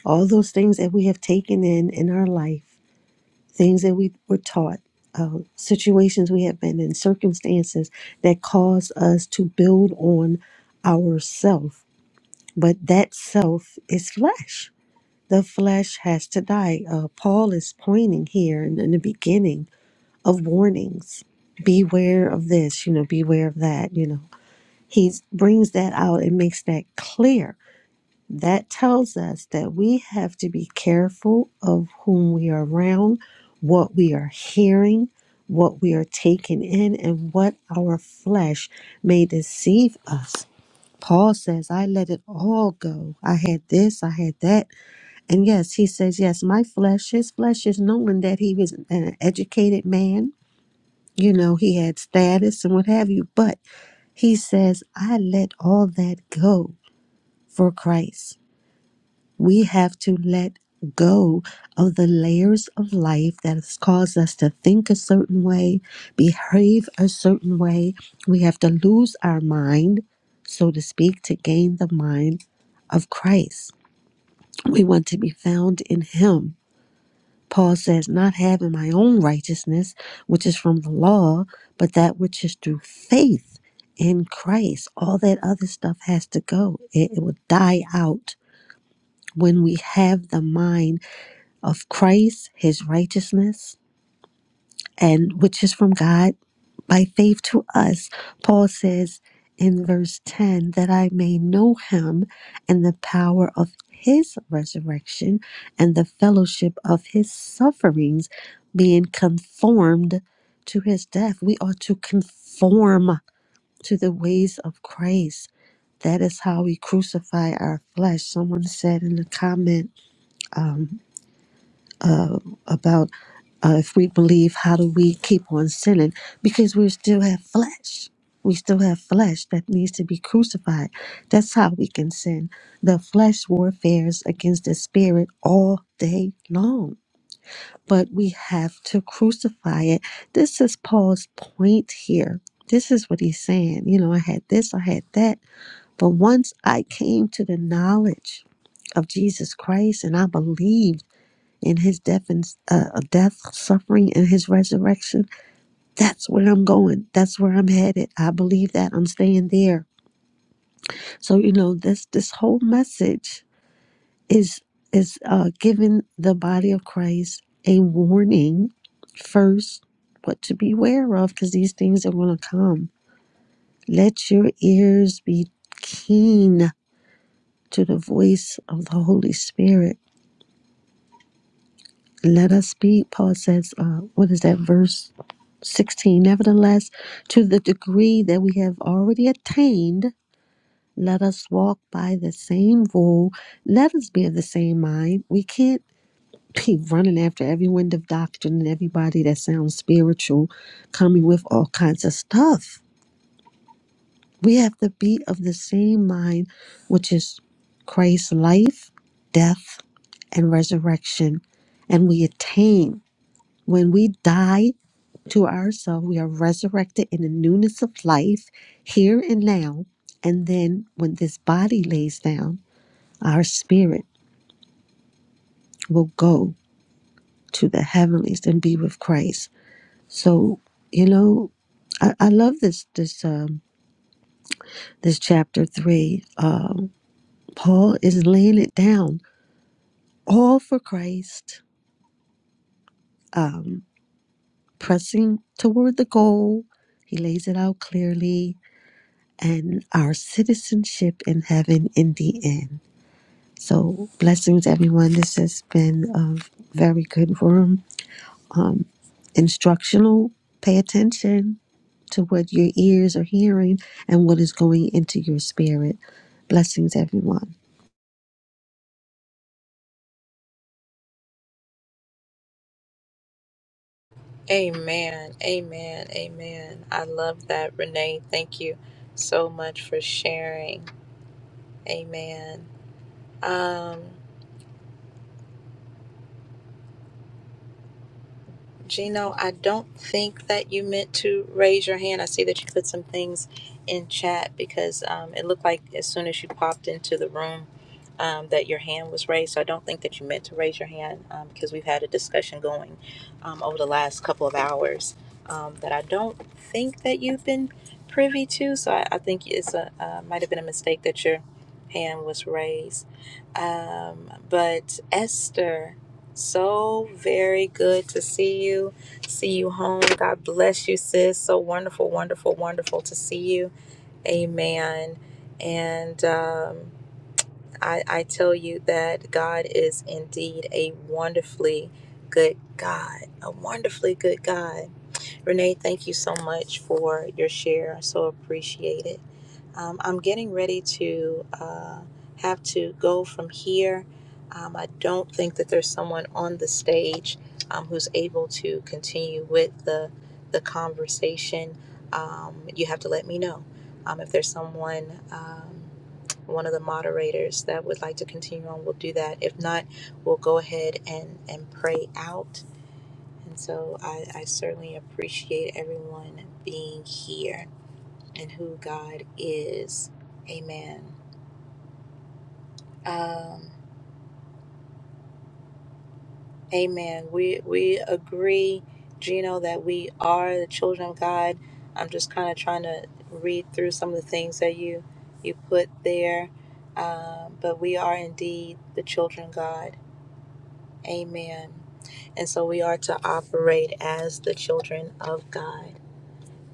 Speaker 8: all those things that we have taken in in our life, things that we were taught, uh, situations we have been in, circumstances that cause us to build on our self. But that self is flesh. The flesh has to die. Uh, Paul is pointing here in, in the beginning of warnings. Beware of this, you know, beware of that, you know. He brings that out and makes that clear That tells us that we have to be careful of whom we are around, what we are hearing, what we are taking in, and what our flesh may deceive us. Paul says, I let it all go. I had this, I had that. And yes, he says, Yes, my flesh, his flesh is knowing that he was an educated man. You know, he had status and what have you. But he says, I let all that go for Christ. We have to let go of the layers of life that has caused us to think a certain way, behave a certain way. We have to lose our mind, so to speak, to gain the mind of Christ. We want to be found in Him. Paul says, Not having my own righteousness, which is from the law, but that which is through faith in Christ. All that other stuff has to go, it, it will die out when we have the mind of Christ, his righteousness, and which is from God by faith to us. Paul says in verse 10 that I may know him and the power of his resurrection and the fellowship of his sufferings, being conformed to his death. We are to conform to the ways of Christ. That is how we crucify our flesh. Someone said in the comment, um, about uh, if we believe, how do we keep on sinning? Because we still have flesh. We still have flesh that needs to be crucified. That's how we can sin. The flesh warfares against the spirit all day long, but we have to crucify it. This is Paul's point here. This is what he's saying. You know, I had this, I had that. But once I came to the knowledge of Jesus Christ and I believed in his death and uh, uh, death, suffering, and his resurrection. That's where I'm going. That's where I'm headed. I believe that I'm staying there. So you know, this this whole message is is uh, giving the body of Christ a warning first, what to beware of, because these things are going to come. Let your ears be keen to the voice of the Holy Spirit. Let us be, Paul says, uh, what is that verse? 16. Nevertheless, to the degree that we have already attained, let us walk by the same rule. Let us be of the same mind. We can't be running after every wind of doctrine and everybody that sounds spiritual coming with all kinds of stuff. We have to be of the same mind, which is Christ's life, death, and resurrection. And we attain. When we die, to ourselves. We are resurrected in the newness of life here and now. And then when this body lays down, our spirit will go to the heavenlies and be with Christ. So, you know, I, I love this this um this chapter three. Um Paul is laying it down all for Christ, um, pressing toward the goal. He lays it out clearly and our citizenship in heaven in the end. So blessings, everyone. This has been a very good room. Um, instructional. Pay attention to what your ears are hearing and what is going into your spirit. Blessings, everyone.
Speaker 1: Amen. Amen. Amen. I love that, Renee. Thank you so much for sharing. Amen. Um, Gino, I don't think that you meant to raise your hand. I see that you put some things in chat because um, it looked like as soon as you popped into the room um, that your hand was raised. So I don't think that you meant to raise your hand um, because we've had a discussion going um, over the last couple of hours um, that I don't think that you've been privy to. So I, I think it's a uh, might have been a mistake that your hand was raised. Um, but Esther. So very good to see you. See you home. God bless you, sis. So wonderful, wonderful, wonderful to see you. Amen. And um, I, I tell you that God is indeed a wonderfully good God, a wonderfully good God. Renee, thank you so much for your share. I so appreciate it. Um, I'm getting ready to uh, have to go from here. Um, I don't think that there's someone on the stage um, who's able to continue with the the conversation. Um, you have to let me know um, if there's someone. Um, one of the moderators that would like to continue on, we'll do that. If not, we'll go ahead and, and pray out. And so I, I certainly appreciate everyone being here and who God is. Amen. Um, amen. We we agree, Gino, that we are the children of God. I'm just kind of trying to read through some of the things that you you put there. Um, but we are indeed the children of God. Amen. And so we are to operate as the children of God.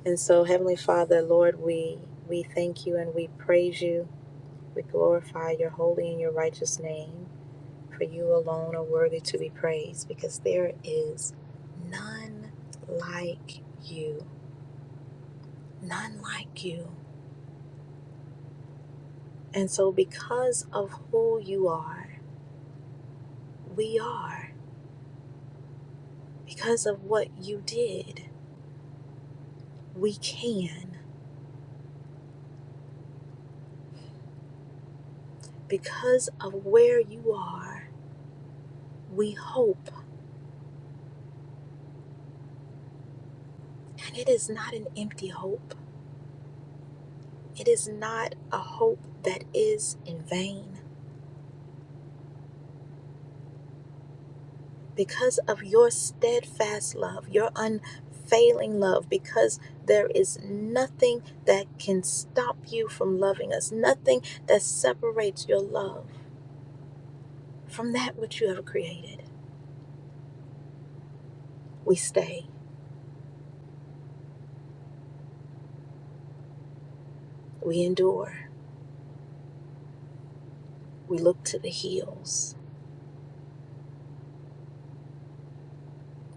Speaker 1: And so, Heavenly Father, Lord, we we thank you and we praise you. We glorify your holy and your righteous name. For you alone are worthy to be praised, because there is none like you, none like you. And so, because of who you are, we are. Because of what you did, we can. Because of where you are, we hope. And it is not an empty hope It is not a hope that is in vain. Because of your steadfast love, your unfailing love, because there is nothing that can stop you from loving us, nothing that separates your love from that which you have created. We stay, we endure, we look to the hills,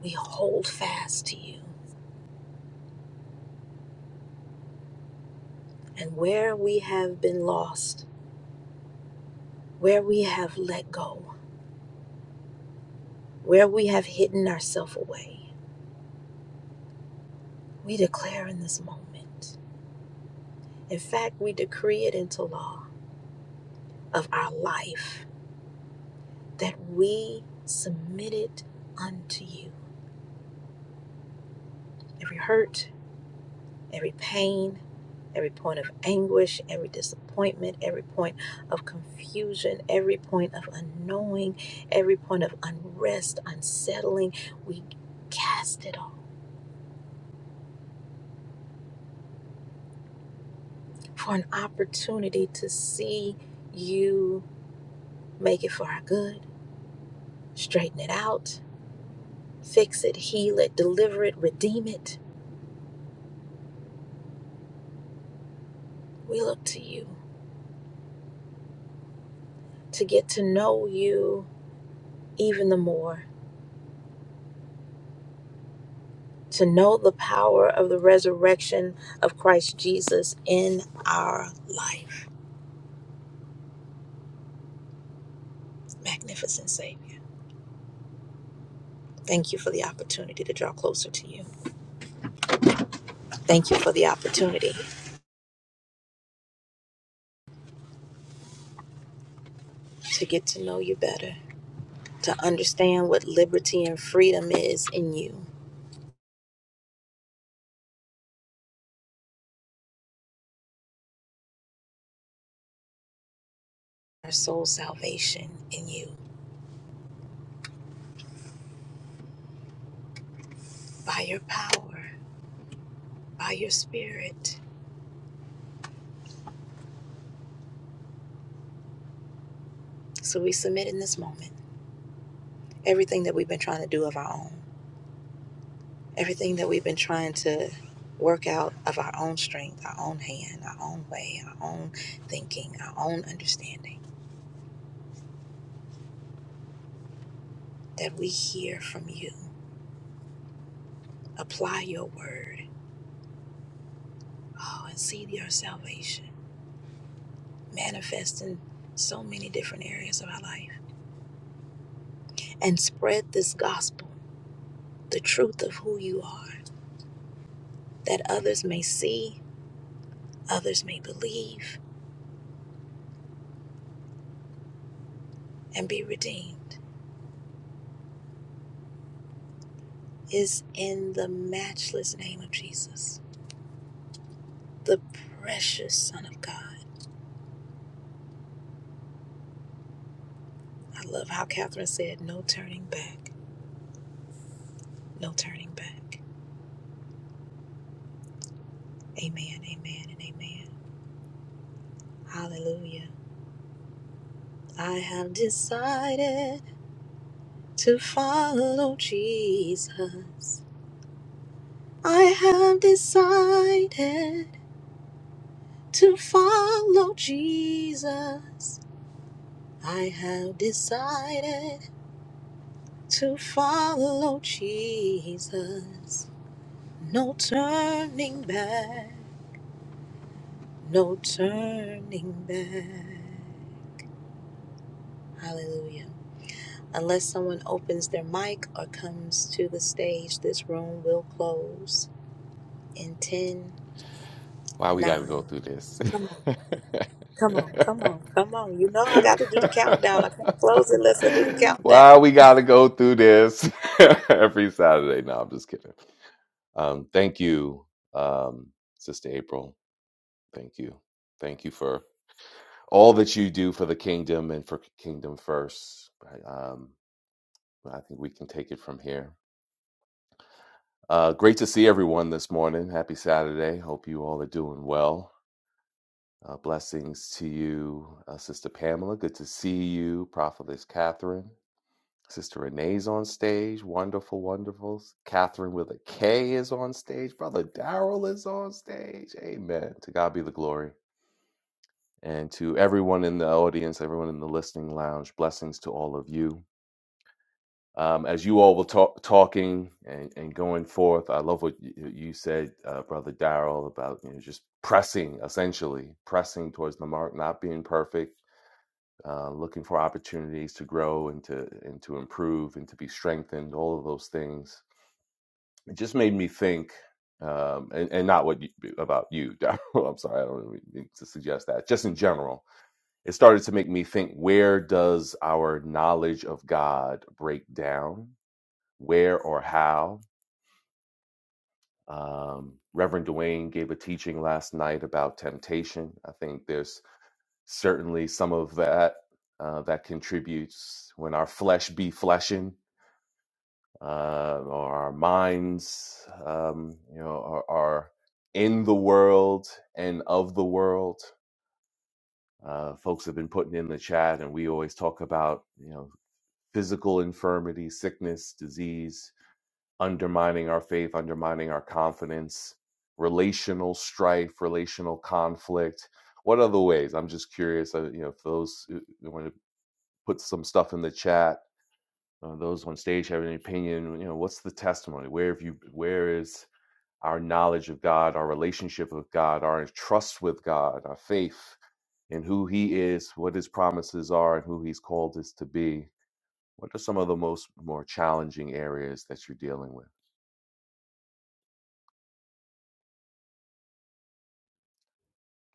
Speaker 1: we hold fast to you. And where we have been lost, where we have let go, where we have hidden ourselves away, We declare in this moment, in fact, we decree it into law of our life that we submit it unto you. Every hurt, every pain, every point of anguish, every disappointment, every point of confusion, every point of unknowing, every point of unrest, unsettling, we cast it all for an opportunity to see you make it for our good, straighten it out Fix it, heal it, deliver it, redeem it. We look to you to get to know you even the more, to know the power of the resurrection of Christ Jesus in our life. Magnificent Savior. Thank you for the opportunity to draw closer to you. Thank you for the opportunity to get to know you better, to understand what liberty and freedom is in you, our soul salvation in you, by your power, by your spirit. So we submit in this moment. everything that we've been trying to do of our own, everything that we've been trying to work out of our own strength, our own hand, our own way, our own thinking, our own understanding, that we hear from you. Apply your word oh, and see your salvation manifest in so many different areas of our life. And spread this gospel, the truth of who you are, that others may see, others may believe, and be redeemed, is in the matchless name of Jesus. the precious Son of God. I love how Catherine said, No turning back, no turning back. Amen, amen, and amen. Hallelujah. I have decided to follow Jesus. I have decided to follow Jesus. I have decided to follow Jesus. No turning back No turning back. Hallelujah. Unless someone opens their mic or comes to the stage, this room will close in 10,
Speaker 9: Why we gotta go
Speaker 1: 9.
Speaker 9: through this?
Speaker 1: Come on, come on, come on, come on. You know I got to do the countdown. I can't close it unless I do the
Speaker 9: [LAUGHS] Why
Speaker 1: countdown.
Speaker 9: we gotta go through this [LAUGHS] every Saturday? No, I'm just kidding. Um, thank you, um, Sister April. Thank you, thank you for all that you do for the kingdom and for Kingdom First. I- Um, I think we can take it from here. Uh, great to see everyone this morning. Happy Saturday. Hope you all are doing well. Uh, blessings to you, uh, Sister Pamela. Good to see you, Prophetess Catherine. Sister Renee's on stage. Wonderful, wonderful. Catherine with a K is on stage. Brother Daryl is on stage. Amen. To God be the glory. And to everyone in the audience, everyone in the listening lounge, blessings to all of you. Um, as you all were talk, talking and, and going forth, I love what you, you said, uh, Brother Daryl, about you know, just pressing, essentially, pressing towards the mark, not being perfect uh, looking for opportunities to grow and to and to improve and to be strengthened, all of those things. It just made me think, um, and, and not what you, about you. [LAUGHS] Daryl, I'm sorry, I don't really mean to suggest that. Just in general, it started to make me think: Where does our knowledge of God break down? Where or how? Um, Reverend Dwayne gave a teaching last night about temptation. I think there's certainly some of that uh, that contributes when our flesh be fleshing uh, or our minds um, you know are, are in the world and of the world uh, folks have been putting in the chat and we always talk about you know physical infirmity sickness disease undermining our faith undermining our confidence relational strife relational conflict what other ways i'm just curious uh, you know for those who put some stuff in the chat. Uh, those on stage have an opinion. You know, what's the testimony? Where have you? Where is our knowledge of God, our relationship with God, our trust with God, our faith in who He is, what His promises are, and who He's called us to be? What are some of the most more challenging areas that you're dealing with?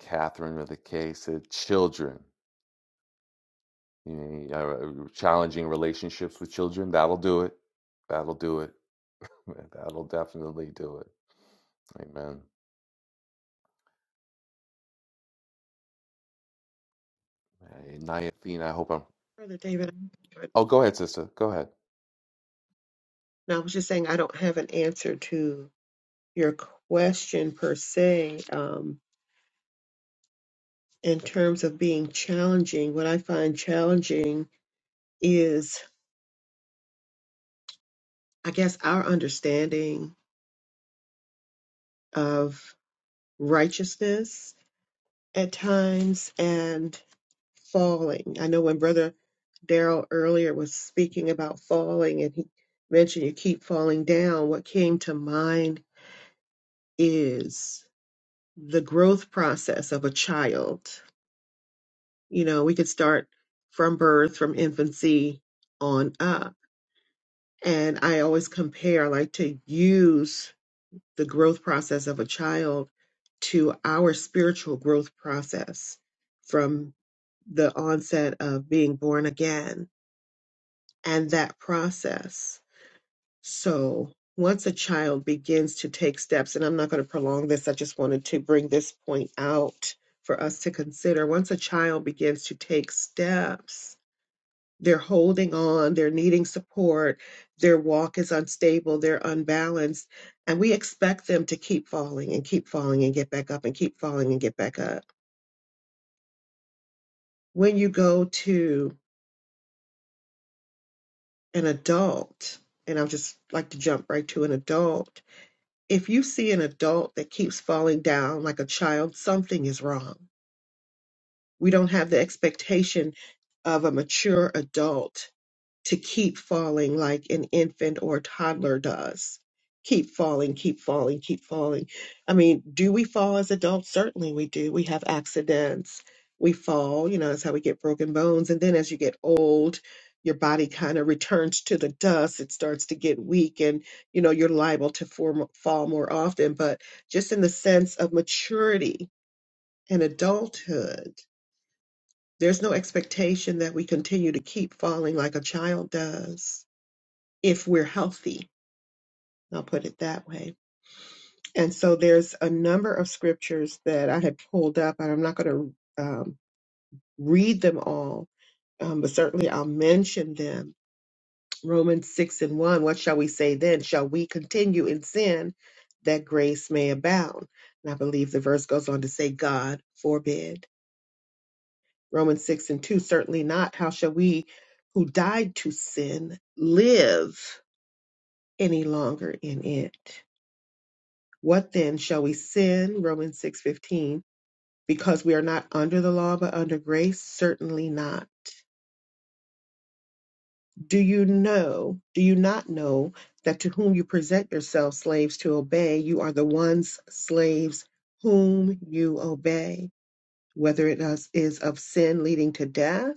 Speaker 9: Catherine with the K said, children. You know, uh, challenging relationships with children. That'll do it. That'll do it. [LAUGHS] That'll definitely do it. Amen. Hey, Niathine, I hope I'm.
Speaker 4: Brother David,
Speaker 9: Oh, go ahead, sister. Go ahead.
Speaker 4: no, I was just saying I don't have an answer to your question per se. Um, in terms of being challenging, what I find challenging is, I guess, our understanding of righteousness at times and. falling. I know when Brother Daryl earlier was speaking about falling and he mentioned you keep falling down, what came to mind is the growth process of a child. You know, we could start from birth, from infancy on up. And I always compare, I like to use the growth process of a child to our spiritual growth process from the onset of being born again and that process. So once a child begins to take steps, and I'm not going to prolong this, I just wanted to bring this point out for us to consider. Once a child begins to take steps, they're holding on, they're needing support, their walk is unstable, they're unbalanced, and we expect them to keep falling and keep falling and get back up and keep falling and get back up. When you go to an adult, and I'll just like to jump right to an adult, if you see an adult that keeps falling down like a child, something is wrong. We don't have the expectation of a mature adult to keep falling like an infant or a toddler does. Keep falling, keep falling, keep falling. I mean, do we fall as adults? Certainly we do. We have accidents. We fall, you know, that's how we get broken bones. And then as you get old, your body kind of returns to the dust. It starts to get weak and, you know, you're liable to form, fall more often. But just in the sense of maturity and adulthood, there's no expectation that we continue to keep falling like a child does if we're healthy. I'll put it that way. And so there's a number of scriptures that I had pulled up, and I'm not going to um, read them all, um, but certainly I'll mention them. Romans 6 and 1, what shall we say then? Shall we continue in sin that grace may abound? And I believe the verse goes on to say, God forbid. Romans 6 and 2, certainly not. How shall we who died to sin live any longer in it? What then shall we sin? Romans 6:15. Because we are not under the law but under grace? Certainly not. Do you know, do you not know that to whom you present yourselves slaves to obey, you are the ones slaves whom you obey, whether it is is of sin leading to death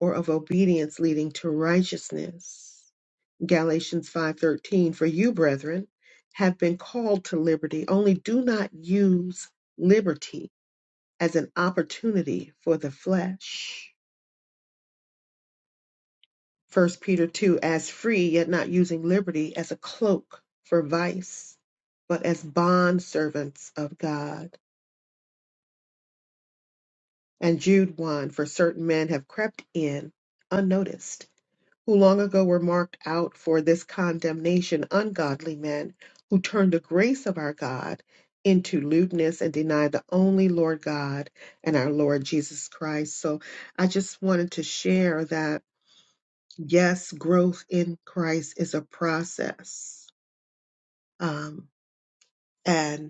Speaker 4: or of obedience leading to righteousness? Galatians 5:13 For you, brethren, have been called to liberty, only do not use liberty as an opportunity for the flesh. First Peter 2 as free, yet not using liberty as a cloak for vice, but as bond servants of God. And Jude 1 for certain men have crept in unnoticed, who long ago were marked out for this condemnation, ungodly men who turn the grace of our God into lewdness and deny the only Lord God and our Lord Jesus Christ. So I just wanted to share that yes, growth in Christ is a process. Um, and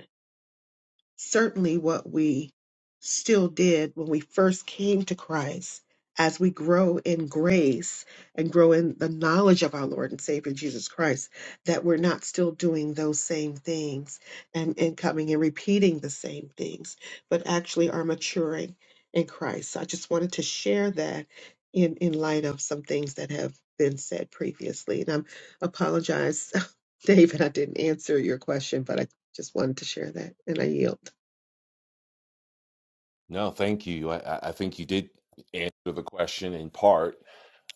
Speaker 4: certainly what we still did when we first came to Christ as we grow in grace and grow in the knowledge of our Lord and Savior Jesus Christ, that we're not still doing those same things and, and coming and repeating the same things, but actually are maturing in Christ. So I just wanted to share that in, in light of some things that have been said previously. And I'm apologize, [LAUGHS] David, I didn't answer your question, but I just wanted to share that and I yield.
Speaker 9: No, thank you. I, I I think you did answer the question in part,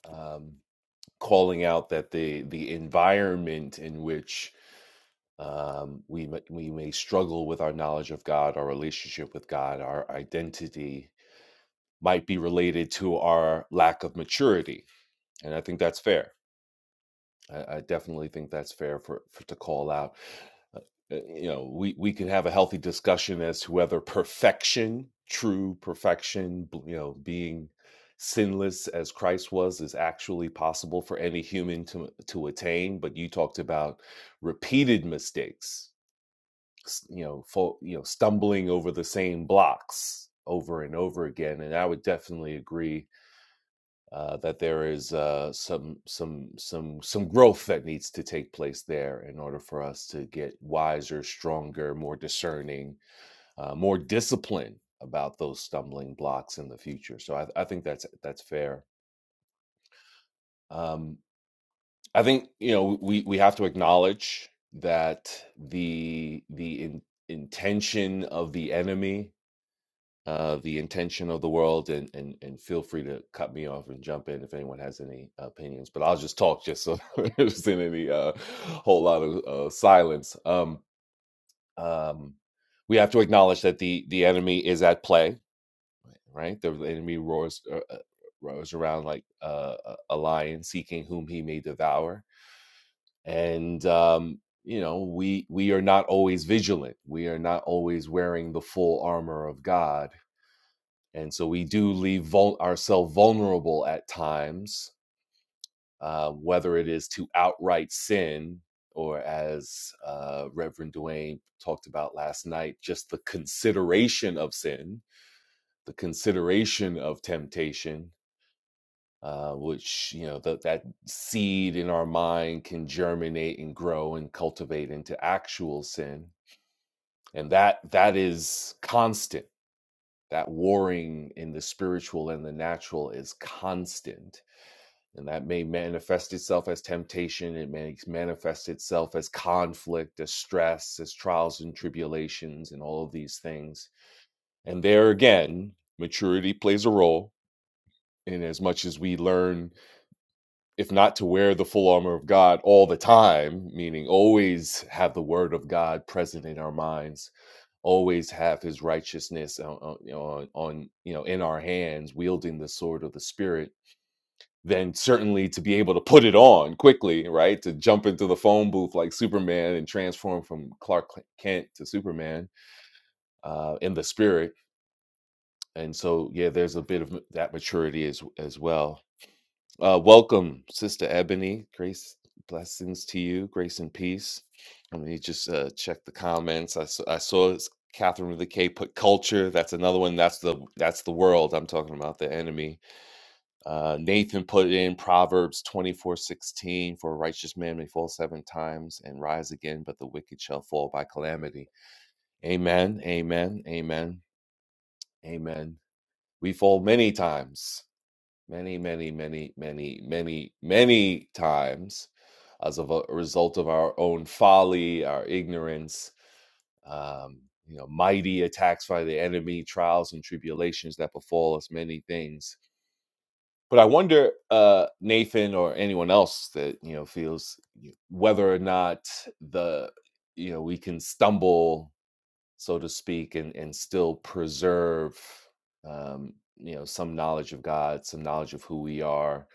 Speaker 9: um, calling out that the the environment in which um, we ma- we may struggle with our knowledge of God, our relationship with God, our identity might be related to our lack of maturity, and I think that's fair. I, I definitely think that's fair for, for to call out. Uh, uh, you know, we we could have a healthy discussion as to whether perfection, true perfection, you know, being sinless as Christ was, is actually possible for any human to to attain. But you talked about repeated mistakes, you know, fo- you know, stumbling over the same blocks over and over again, and I would definitely agree uh, that there is uh, some some some some growth that needs to take place there in order for us to get wiser, stronger, more discerning, uh, more disciplined about those stumbling blocks in the future. So I, I think that's that's fair. Um, I think you know we we have to acknowledge that the the in, intention of the enemy uh, the intention of the world and, and and feel free to cut me off and jump in if anyone has any opinions but i'll just talk just so [LAUGHS] there's not any uh, whole lot of uh, silence um, um, we have to acknowledge that the the enemy is at play right the enemy roars uh, uh, roars around like uh, a a lion seeking whom he may devour and um, you know we we are not always vigilant we are not always wearing the full armor of god and so we do leave vul- ourselves vulnerable at times uh, whether it is to outright sin or as uh, reverend duane talked about last night just the consideration of sin the consideration of temptation uh, which you know that that seed in our mind can germinate and grow and cultivate into actual sin and that that is constant that warring in the spiritual and the natural is constant And that may manifest itself as temptation. It may manifest itself as conflict, as stress, as trials and tribulations, and all of these things. And there again, maturity plays a role. In as much as we learn, if not to wear the full armor of God all the time, meaning always have the word of God present in our minds, always have his righteousness on, on, on you know in our hands, wielding the sword of the spirit then certainly to be able to put it on quickly, right? To jump into the phone booth like Superman and transform from Clark Kent to Superman uh, in the spirit. And so, yeah, there's a bit of that maturity as as well. Uh, welcome, Sister Ebony. Grace, blessings to you. Grace and peace. Let me just uh, check the comments. I, s- I saw Catherine with the K put culture. That's another one. That's the that's the world I'm talking about. The enemy uh, Nathan put in Proverbs twenty four sixteen for a righteous man may fall seven times and rise again, but the wicked shall fall by calamity. Amen, amen, amen, amen. We fall many times, many, many, many, many, many, many times as of a result of our own folly, our ignorance, um, you know, mighty attacks by the enemy, trials and tribulations that befall us, many things but I wonder, uh, Nathan or anyone else that you know feels whether or not the you know we can stumble, so to speak, and and still preserve um, you know some knowledge of God, some knowledge of who we are,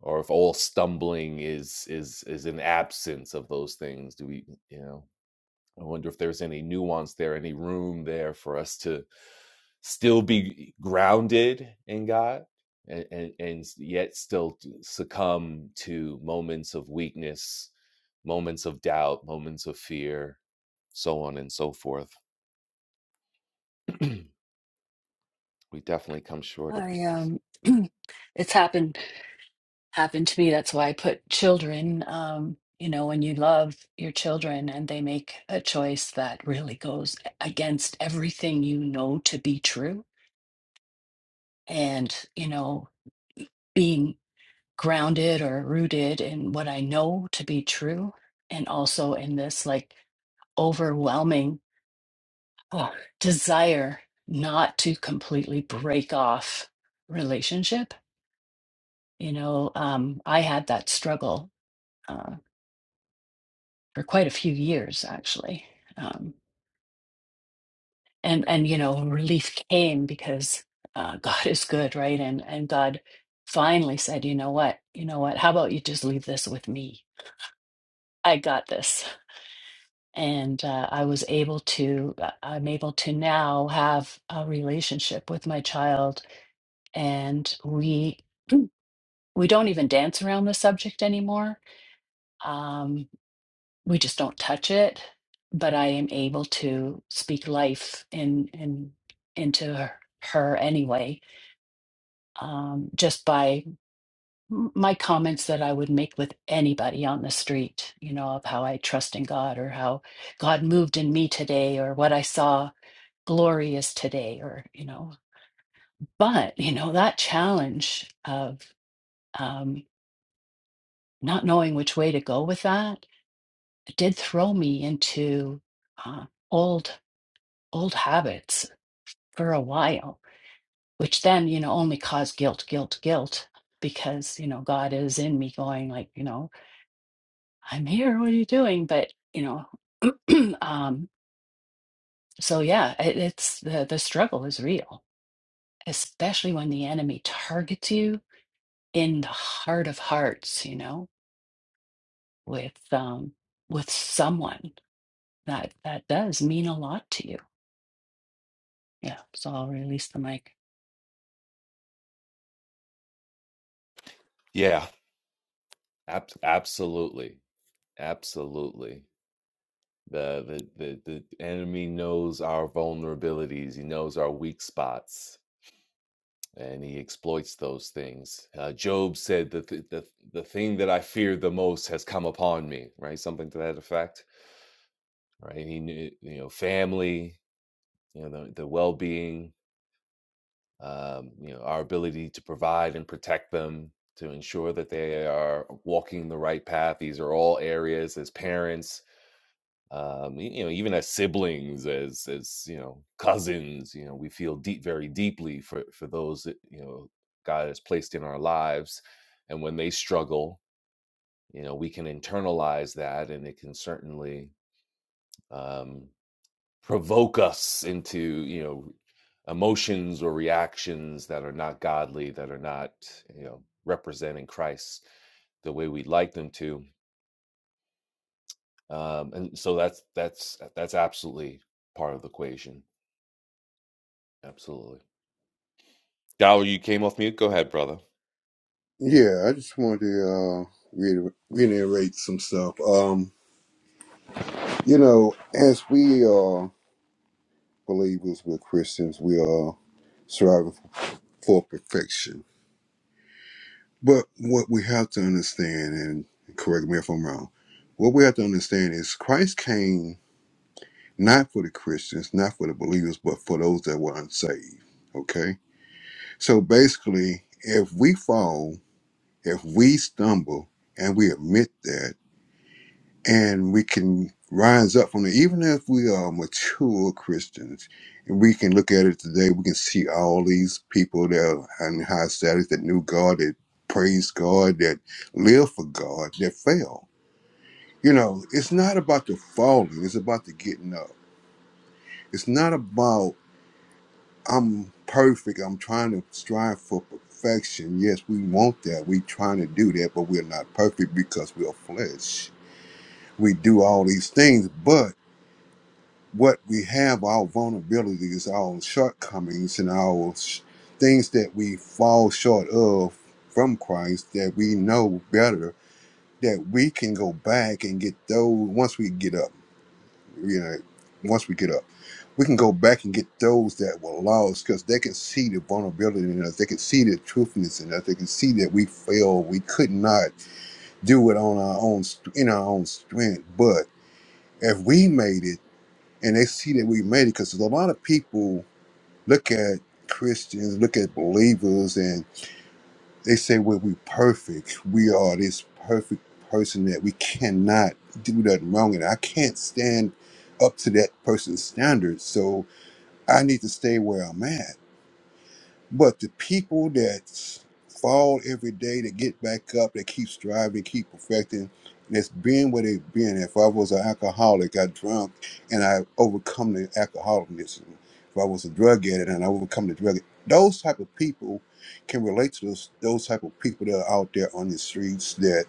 Speaker 9: or if all stumbling is is is an absence of those things. Do we you know? I wonder if there's any nuance there, any room there for us to still be grounded in God and, and, and yet still succumb to moments of weakness, moments of doubt, moments of fear, so on and so forth. [CLEARS THROAT] we definitely come short of the
Speaker 6: I,
Speaker 9: gospel.
Speaker 6: um, [CLEARS THROAT] it's happened happened to me. That's why I put children, um, you know, when you love your children and they make a choice that really goes against everything you know to be true. And, you know, being grounded or rooted in what I know to be true, and also in this like overwhelming oh, desire not to completely break off relationship. You know, um, I had that struggle uh, for quite a few years actually um, and and you know relief came because uh, [LAUGHS] god is good right and and god finally said you know what you know what how about you just leave this with me i got this and uh, i was able to uh, i'm able to now have a relationship with my child and we [CLEARS THROAT] we don't even dance around the subject anymore Um, we just don't touch it but i am able to speak life in in into her, her anyway um just by m- my comments that i would make with anybody on the street you know of how i trust in god or how god moved in me today or what i saw glorious today or you know but you know that challenge of um not knowing which way to go with that it did throw me into uh, old old habits for a while, which then, you know, only caused guilt, guilt, guilt, because, you know, God is in me going like, you know, I'm here, what are you doing? But, you know, [CLEARS THROAT] um, so yeah, it, it's the, the struggle is real, especially when the enemy targets you in the heart of hearts, you know, with, um, with someone that, that does mean a lot to you. Yeah. So I'll release the mic.
Speaker 9: Yeah, ab- absolutely. Absolutely. The, the the the enemy knows our vulnerabilities. He knows our weak spots and he exploits those things. Uh, Job said that the, the the thing that I feared the most has come upon me, right? Something to that effect, right? He knew, you know, family, you know, the, the well being, um, you know, our ability to provide and protect them, to ensure that they are walking the right path. These are all areas as parents um, y- you know, even as siblings, as as you know, cousins, you know, we feel deep, very deeply for for those that you know God has placed in our lives, and when they struggle, you know, we can internalize that, and it can certainly um, provoke us into you know emotions or reactions that are not godly, that are not you know representing Christ the way we'd like them to, um, and so that's that's that's absolutely part of the equation Absolutely. Dollar, you came off mute. Go ahead, brother.
Speaker 7: Yeah, I just wanted to uh reiter- reiterate some stuff. Um, you know, as we are believers, we're Christians, we are striving for perfection. But what we have to understand, and correct me if I'm wrong, what we have to understand is Christ came not for the Christians, not for the believers, but for those that were unsaved. Okay? So basically, if we fall, if we stumble, and we admit that, and we can rise up from it, even if we are mature Christians, and we can look at it today, we can see all these people that are in high status that knew God, that praised God, that lived for God, that fell. You know, it's not about the falling, it's about the getting up. It's not about I'm perfect. I'm trying to strive for perfection. Yes, we want that. we trying to do that, but we're not perfect because we're flesh. We do all these things, but what we have, our vulnerabilities, our shortcomings, and our sh- things that we fall short of from Christ that we know better, that we can go back and get those once we get up you know, once we get up, we can go back and get those that were lost because they can see the vulnerability in us. They can see the truthfulness in us. They can see that we failed. We could not do it on our own, st- in our own strength. But if we made it and they see that we made it, because a lot of people look at Christians, look at believers, they say when we perfect, we are this perfect person that we cannot do nothing wrong, and I can't stand up to that person's standards. So I need to stay where I'm at. But the people that fall every day, that get back up, that keep striving, keep perfecting, and it's being where they've been. If I was an alcoholic, I drunk and I overcome the alcoholism. If I was a drug addict and I overcome the drug, those type of people can relate to those those type of people that are out there on the streets that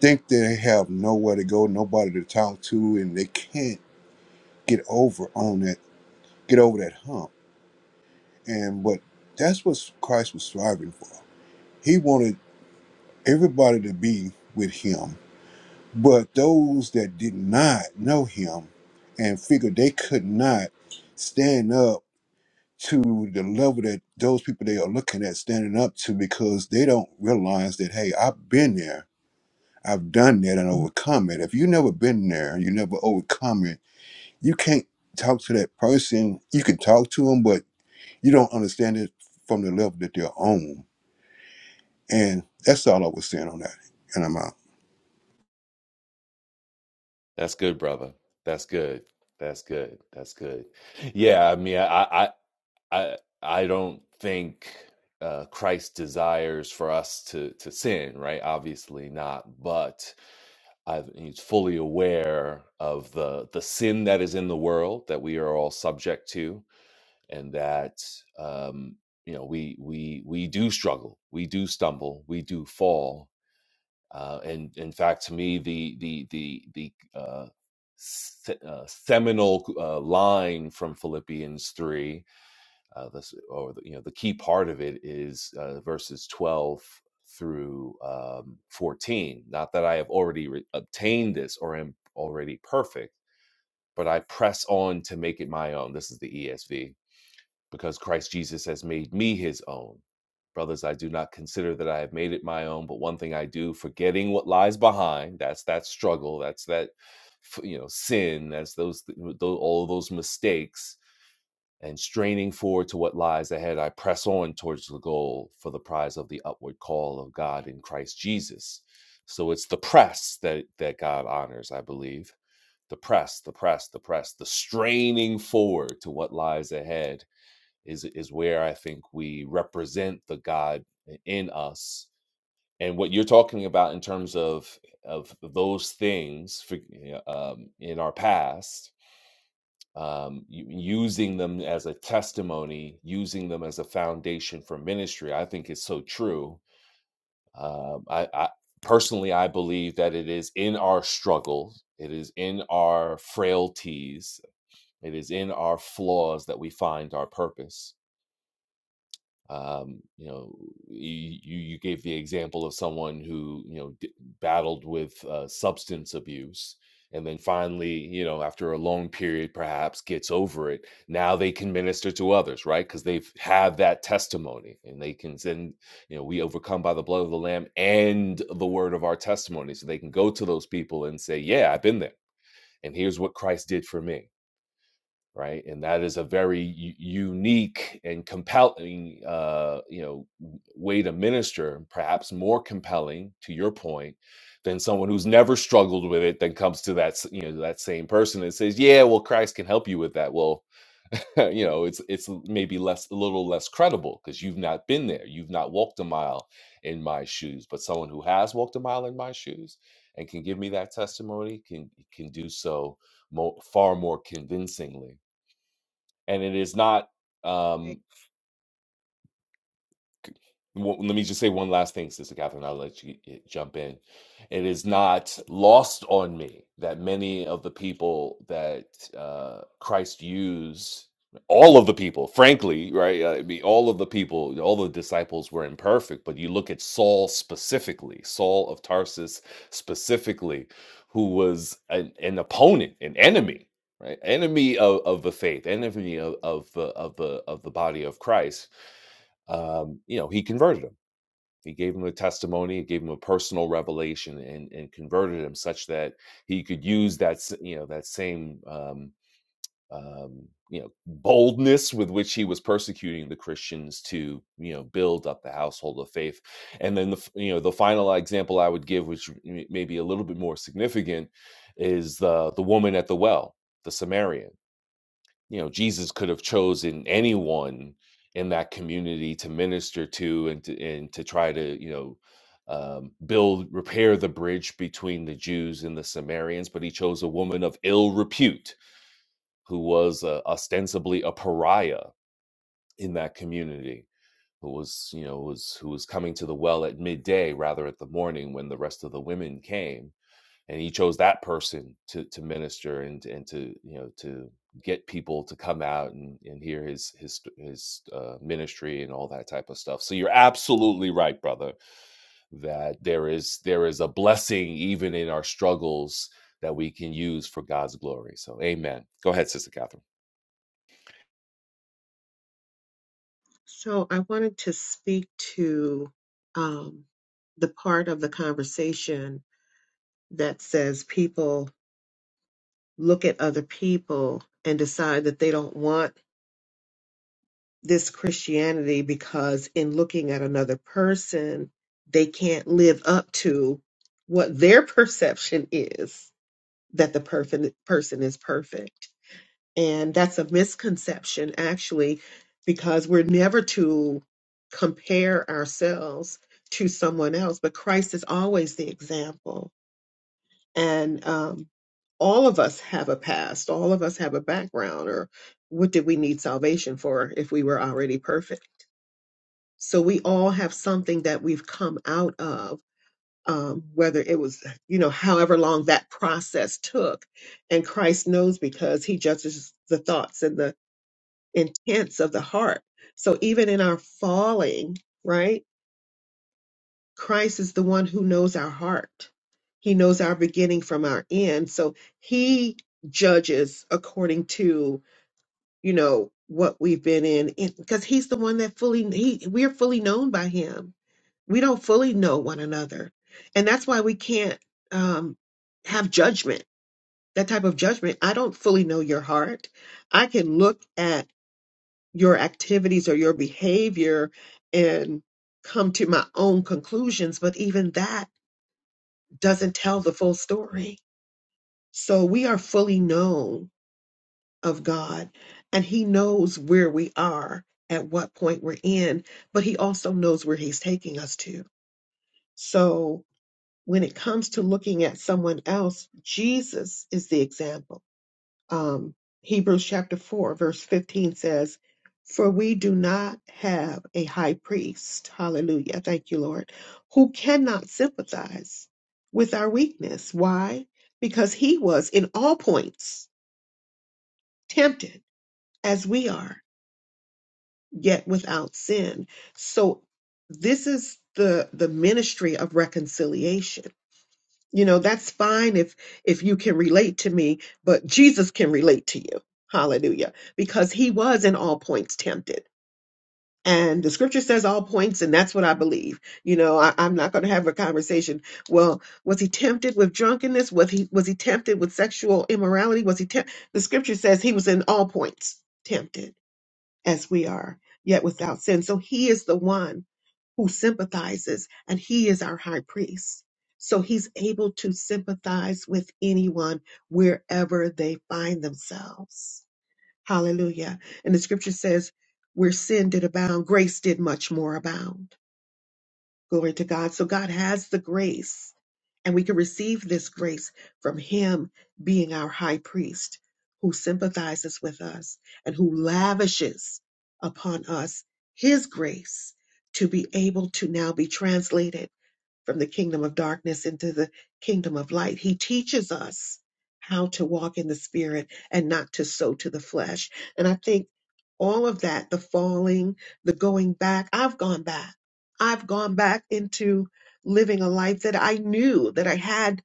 Speaker 7: think they have nowhere to go, nobody to talk to, and they can't get over on that, get over that hump. And but that's what Christ was striving for He wanted everybody to be with him. But those that did not know him and figured they could not stand up to the level that those people they are looking at standing up to because they don't realize that, hey, I've been there. I've done that and overcome it. If you never been there and you never overcome it, you can't talk to that person. You can talk to them, but you don't understand it from the level that they're on. And that's all I was saying on that. And I'm out.
Speaker 9: That's good, brother. That's good. That's good. That's good. Yeah, I mean, I, I, I, I don't think uh, Christ desires for us to to sin, right? Obviously not, but i he's fully aware of the the sin that is in the world that we are all subject to, and that um, you know we we we do struggle, we do stumble, we do fall, Uh, and in fact, to me, the the the the uh, se- uh, seminal uh, line from Philippians three, uh, this, or the, you know, the key part of it is uh, verses twelve through um, fourteen. Not that I have already re- obtained this or am already perfect, but I press on to make it my own. This is the ESV because Christ Jesus has made me his own. Brothers, I do not consider that I have made it my own, but one thing I do, forgetting what lies behind, that's that struggle, that's that you know, sin, that's those, th- all of those mistakes and straining forward to what lies ahead, I press on towards the goal for the prize of the upward call of God in Christ Jesus. So it's the press that that God honors, I believe. The press, the press, the press, the straining forward to what lies ahead is is where I think we represent the God in us. And what you're talking about in terms of of those things for, um, in our past, um, u- using them as a testimony, using them as a foundation for ministry, I think is so true. Um, I, I personally, I believe that it is in our struggles, it is in our frailties, it is in our flaws that we find our purpose um, you know you, you you gave the example of someone who you know d- battled with uh, substance abuse and then finally you know after a long period perhaps gets over it now they can minister to others right because they've had that testimony and they can send you know we overcome by the blood of the lamb and the word of our testimony so they can go to those people and say yeah i've been there and here's what christ did for me right and that is a very u- unique and compelling uh you know way to minister perhaps more compelling to your point than someone who's never struggled with it then comes to that s- you know that same person and says yeah well christ can help you with that well [LAUGHS] you know it's it's maybe less a little less credible because you've not been there you've not walked a mile in my shoes but someone who has walked a mile in my shoes and can give me that testimony can can do so mo far more convincingly and it is not um well, let me just say one last thing, Sister Catherine. I'll let you eh, jump in. It is not lost on me that many of the people that uh, Christ used, all of the people, frankly, right? uh, I mean, all of the people, all the disciples were imperfect, but you look at Saul specifically, Saul of Tarsus specifically, who was an, an opponent, an enemy. Right, enemy of, of the faith, enemy of, of the of the of the body of Christ. Um, you know, he converted him he gave him a testimony, he gave him a personal revelation, and, and converted him such that he could use that you know that same um, um, you know boldness with which he was persecuting the Christians to you know build up the household of faith. And then the you know the final example I would give, which may be a little bit more significant, is the the woman at the well, the Samaritan you know jesus could have chosen anyone in that community to minister to and to and to try to you know um, build repair the bridge between the jews and the samaritans but he chose a woman of ill repute who was uh, ostensibly a pariah in that community who was you know was who was coming to the well at midday rather at the morning when the rest of the women came and he chose that person to to minister and and to you know to get people to come out and, and hear his his his uh, ministry and all that type of stuff. So you're absolutely right, brother, that there is there is a blessing even in our struggles that we can use for God's glory. So amen. Go ahead, sister Catherine.
Speaker 4: So I wanted to speak to um, the part of the conversation that says people look at other people and decide that they don't want this Christianity because, in looking at another person, they can't live up to what their [LAUGHS] perception is that the perfect person is perfect. And that's a misconception, actually, because we're never to compare ourselves to someone else, but Christ is always the example. And um, all of us have a past, all of us have a background, or what did we need salvation for if we were already perfect? So we all have something that we've come out of. Um, whether it was, you know, however long that process took. And Christ knows because he judges the thoughts and the intents of the heart. So even in our falling, right, Christ is the one who knows our heart. He knows our beginning from our end. So he judges according to, you know, what we've been in because he's the one that fully he we're fully known by him. We don't fully know one another. And that's why we can't um have judgment. That type of judgment. I don't fully know your heart. I can look at your activities or your behavior and come to my own conclusions, but even that doesn't tell the full story. So we are fully known of God, and He knows where we are, at what point we're in, but He also knows where He's taking us to. So when it comes to looking at someone else, Jesus is the example. um, Hebrews chapter 4, verse 15 says, For we do not have a high priest, hallelujah, thank you, Lord, who cannot sympathize with our weakness. Why? Because he was in all points tempted as we are, yet without sin. So this is the, the ministry of reconciliation you know that's fine if if you can relate to me but jesus can relate to you hallelujah because he was in all points tempted and the scripture says all points and that's what i believe you know I, i'm not going to have a conversation well was he tempted with drunkenness was he was he tempted with sexual immorality was he temp- the scripture says he was in all points tempted as we are yet without sin so he is the one who sympathizes, and he is our high priest. So he's able to sympathize with anyone wherever they find themselves. Hallelujah. And the scripture says, where sin did abound, grace did much more abound. Glory to God. So God has the grace and we can receive this grace from Him being our high priest who sympathizes with us and who lavishes upon us His grace to be able to now be translated from the kingdom of darkness into the kingdom of light. He teaches us how to walk in the spirit and not to sow to the flesh. And I think all of that, the falling, the going back, I've gone back. I've gone back into living a life that I knew that I had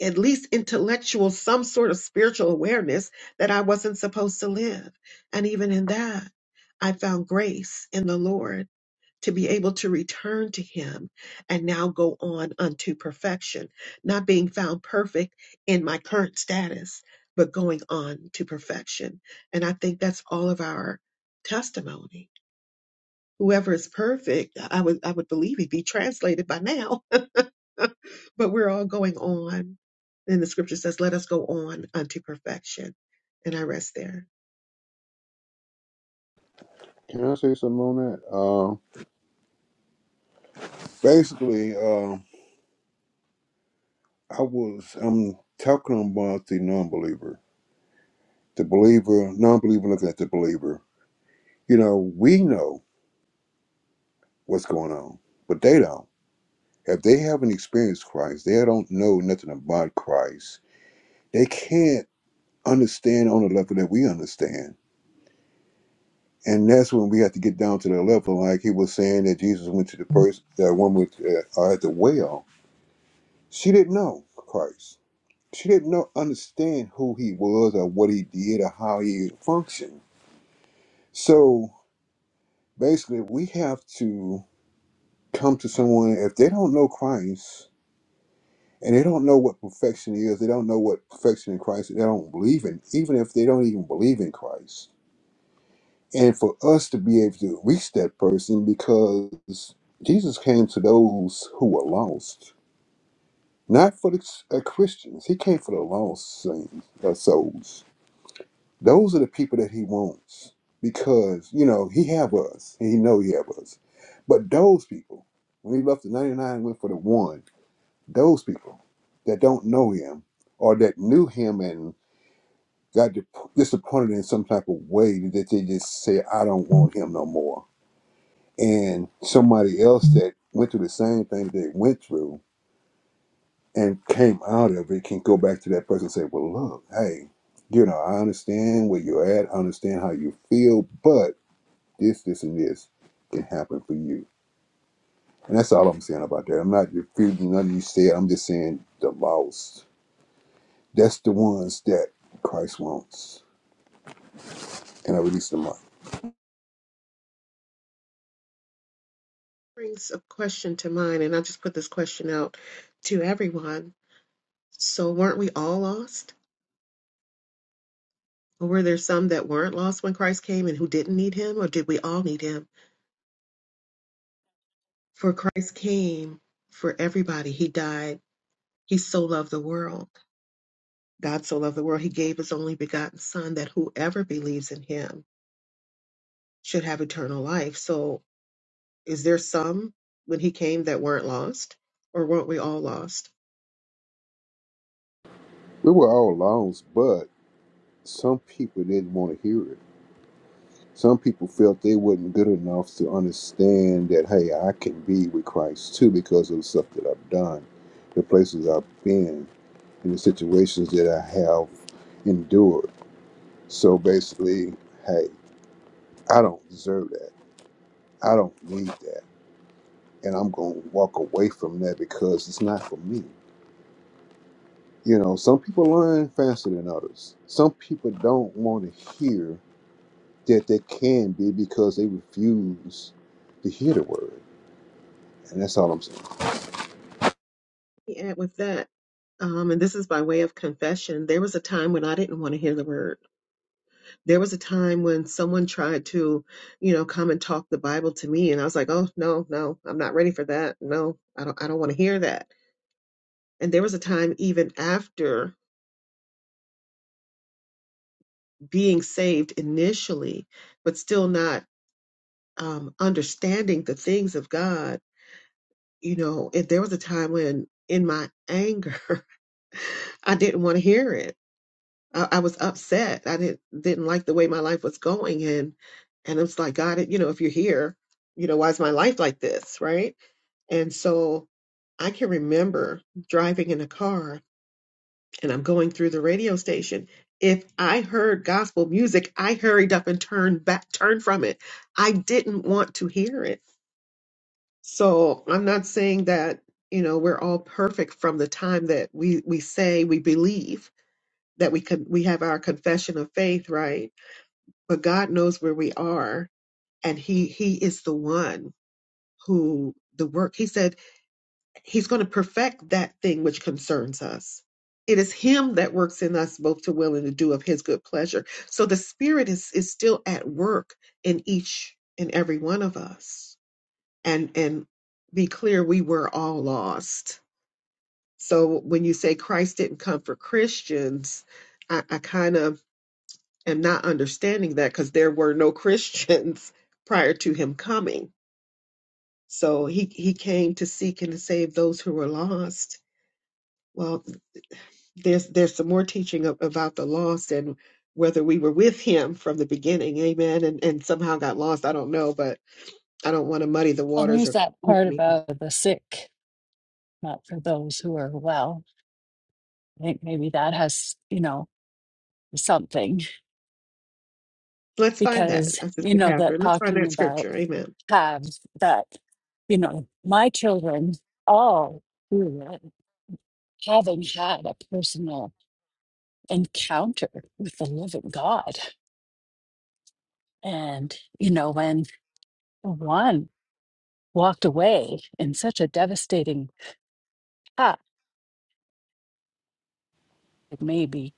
Speaker 4: at least intellectual, some sort of spiritual awareness that I wasn't supposed to live. And even in that, I found grace in the Lord to be able to return to him and now go on unto perfection, not being found perfect in my current status, but going on to perfection. And I think that's all of our testimony. Whoever is perfect, I would I would believe he'd be translated by now. [LAUGHS] but we're all going on. And the scripture says, Let us go on unto perfection. And I rest there.
Speaker 7: Can I say something on that? Um, basically, um, I was I'm talking about the non-believer, the believer, non-believer looking at the believer. You know, we know what's going on, but they don't. If they haven't experienced Christ, they don't know nothing about Christ. They can't understand on the level that we understand. And that's when we have to get down to the level, like he was saying that Jesus went to the first, that woman with, uh, at the well. She didn't know Christ. She didn't know, understand who he was or what he did or how he functioned. So basically, we have to come to someone if they don't know Christ and they don't know what perfection is, they don't know what perfection in Christ, they don't believe in, even if they don't even believe in Christ. And for us to be able to reach that person because Jesus came to those who were lost, not for the uh, Christians, He came for the lost saints, uh, souls. Those are the people that he wants because, you know, he have us and he know he have us. But those people, when he left the 99 and went for the one, those people that don't know him or that knew him and got dip- disappointed in some type of way that they just say, I don't want him no more. And somebody else that went through the same thing they went through and came out of it can go back to that person and say, well, look, hey, you know, I understand where you're at. I understand how you feel, but this, this, and this can happen for you. And that's all I'm saying about that. I'm not refuting none of you said. I'm just saying the lost. That's the ones that Christ wants. And I released them up.
Speaker 4: Brings a question to mind, and I just put this question out to everyone So weren't we all lost? Or were there some that weren't lost when Christ came and who didn't need him? Or did we all need him? For Christ came for everybody. He died. He so loved the world. God so loved the world. He gave his only begotten son that whoever believes in him should have eternal life. So is there some when he came that weren't lost? Or weren't we all lost?
Speaker 7: We were all lost, but some people didn't want to hear it. Some people felt they wasn't good enough to understand that, hey, I can be with Christ too because of the stuff that I've done, the places I've been, and the situations that I have endured. So basically, hey, I don't deserve that. I don't need that. And I'm going to walk away from that because it's not for me. You know, some people learn faster than others. Some people don't want to hear that they can be because they refuse to hear the word. And that's all I'm saying.
Speaker 4: And with that, um, and this is by way of confession, there was a time when I didn't want to hear the word. There was a time when someone tried to, you know, come and talk the Bible to me and I was like, "Oh, no, no. I'm not ready for that. No. I don't I don't want to hear that." And there was a time even after being saved initially, but still not um, understanding the things of God, you know, if there was a time when in my anger, [LAUGHS] I didn't want to hear it. I, I was upset. I didn't didn't like the way my life was going, and and it's like God, you know, if you're here, you know, why is my life like this, right? And so I can remember driving in a car and I'm going through the radio station. If I heard gospel music, I hurried up and turned back, turned from it. I didn't want to hear it. So I'm not saying that, you know, we're all perfect from the time that we, we say we believe that we could, we have our confession of faith, right? But God knows where we are and he, he is the one who the work, he said, He's going to perfect that thing which concerns us. It is Him that works in us both to will and to do of His good pleasure. So the Spirit is, is still at work in each and every one of us. And and be clear, we were all lost. So when you say Christ didn't come for Christians, I, I kind of am not understanding that because there were no Christians [LAUGHS] prior to Him coming. So he, he came to seek and to save those who were lost. Well, there's there's some more teaching ab- about the lost and whether we were with him from the beginning amen and and somehow got lost i don't know but i don't want to muddy the
Speaker 6: Well,
Speaker 4: waters
Speaker 6: there's
Speaker 4: or
Speaker 6: that
Speaker 4: confuse
Speaker 6: part
Speaker 4: me.
Speaker 6: about the sick, not for those who are well. I think maybe that has, you know, something
Speaker 4: let's find that
Speaker 6: because,
Speaker 4: uh,
Speaker 6: you
Speaker 4: sister
Speaker 6: know, that
Speaker 4: catherine let's find
Speaker 6: talking
Speaker 4: that
Speaker 6: about
Speaker 4: scripture amen
Speaker 6: halves that, you know, my children all grew up having had a personal encounter with the living God. And, you know, when one walked away in such a devastating path, it maybe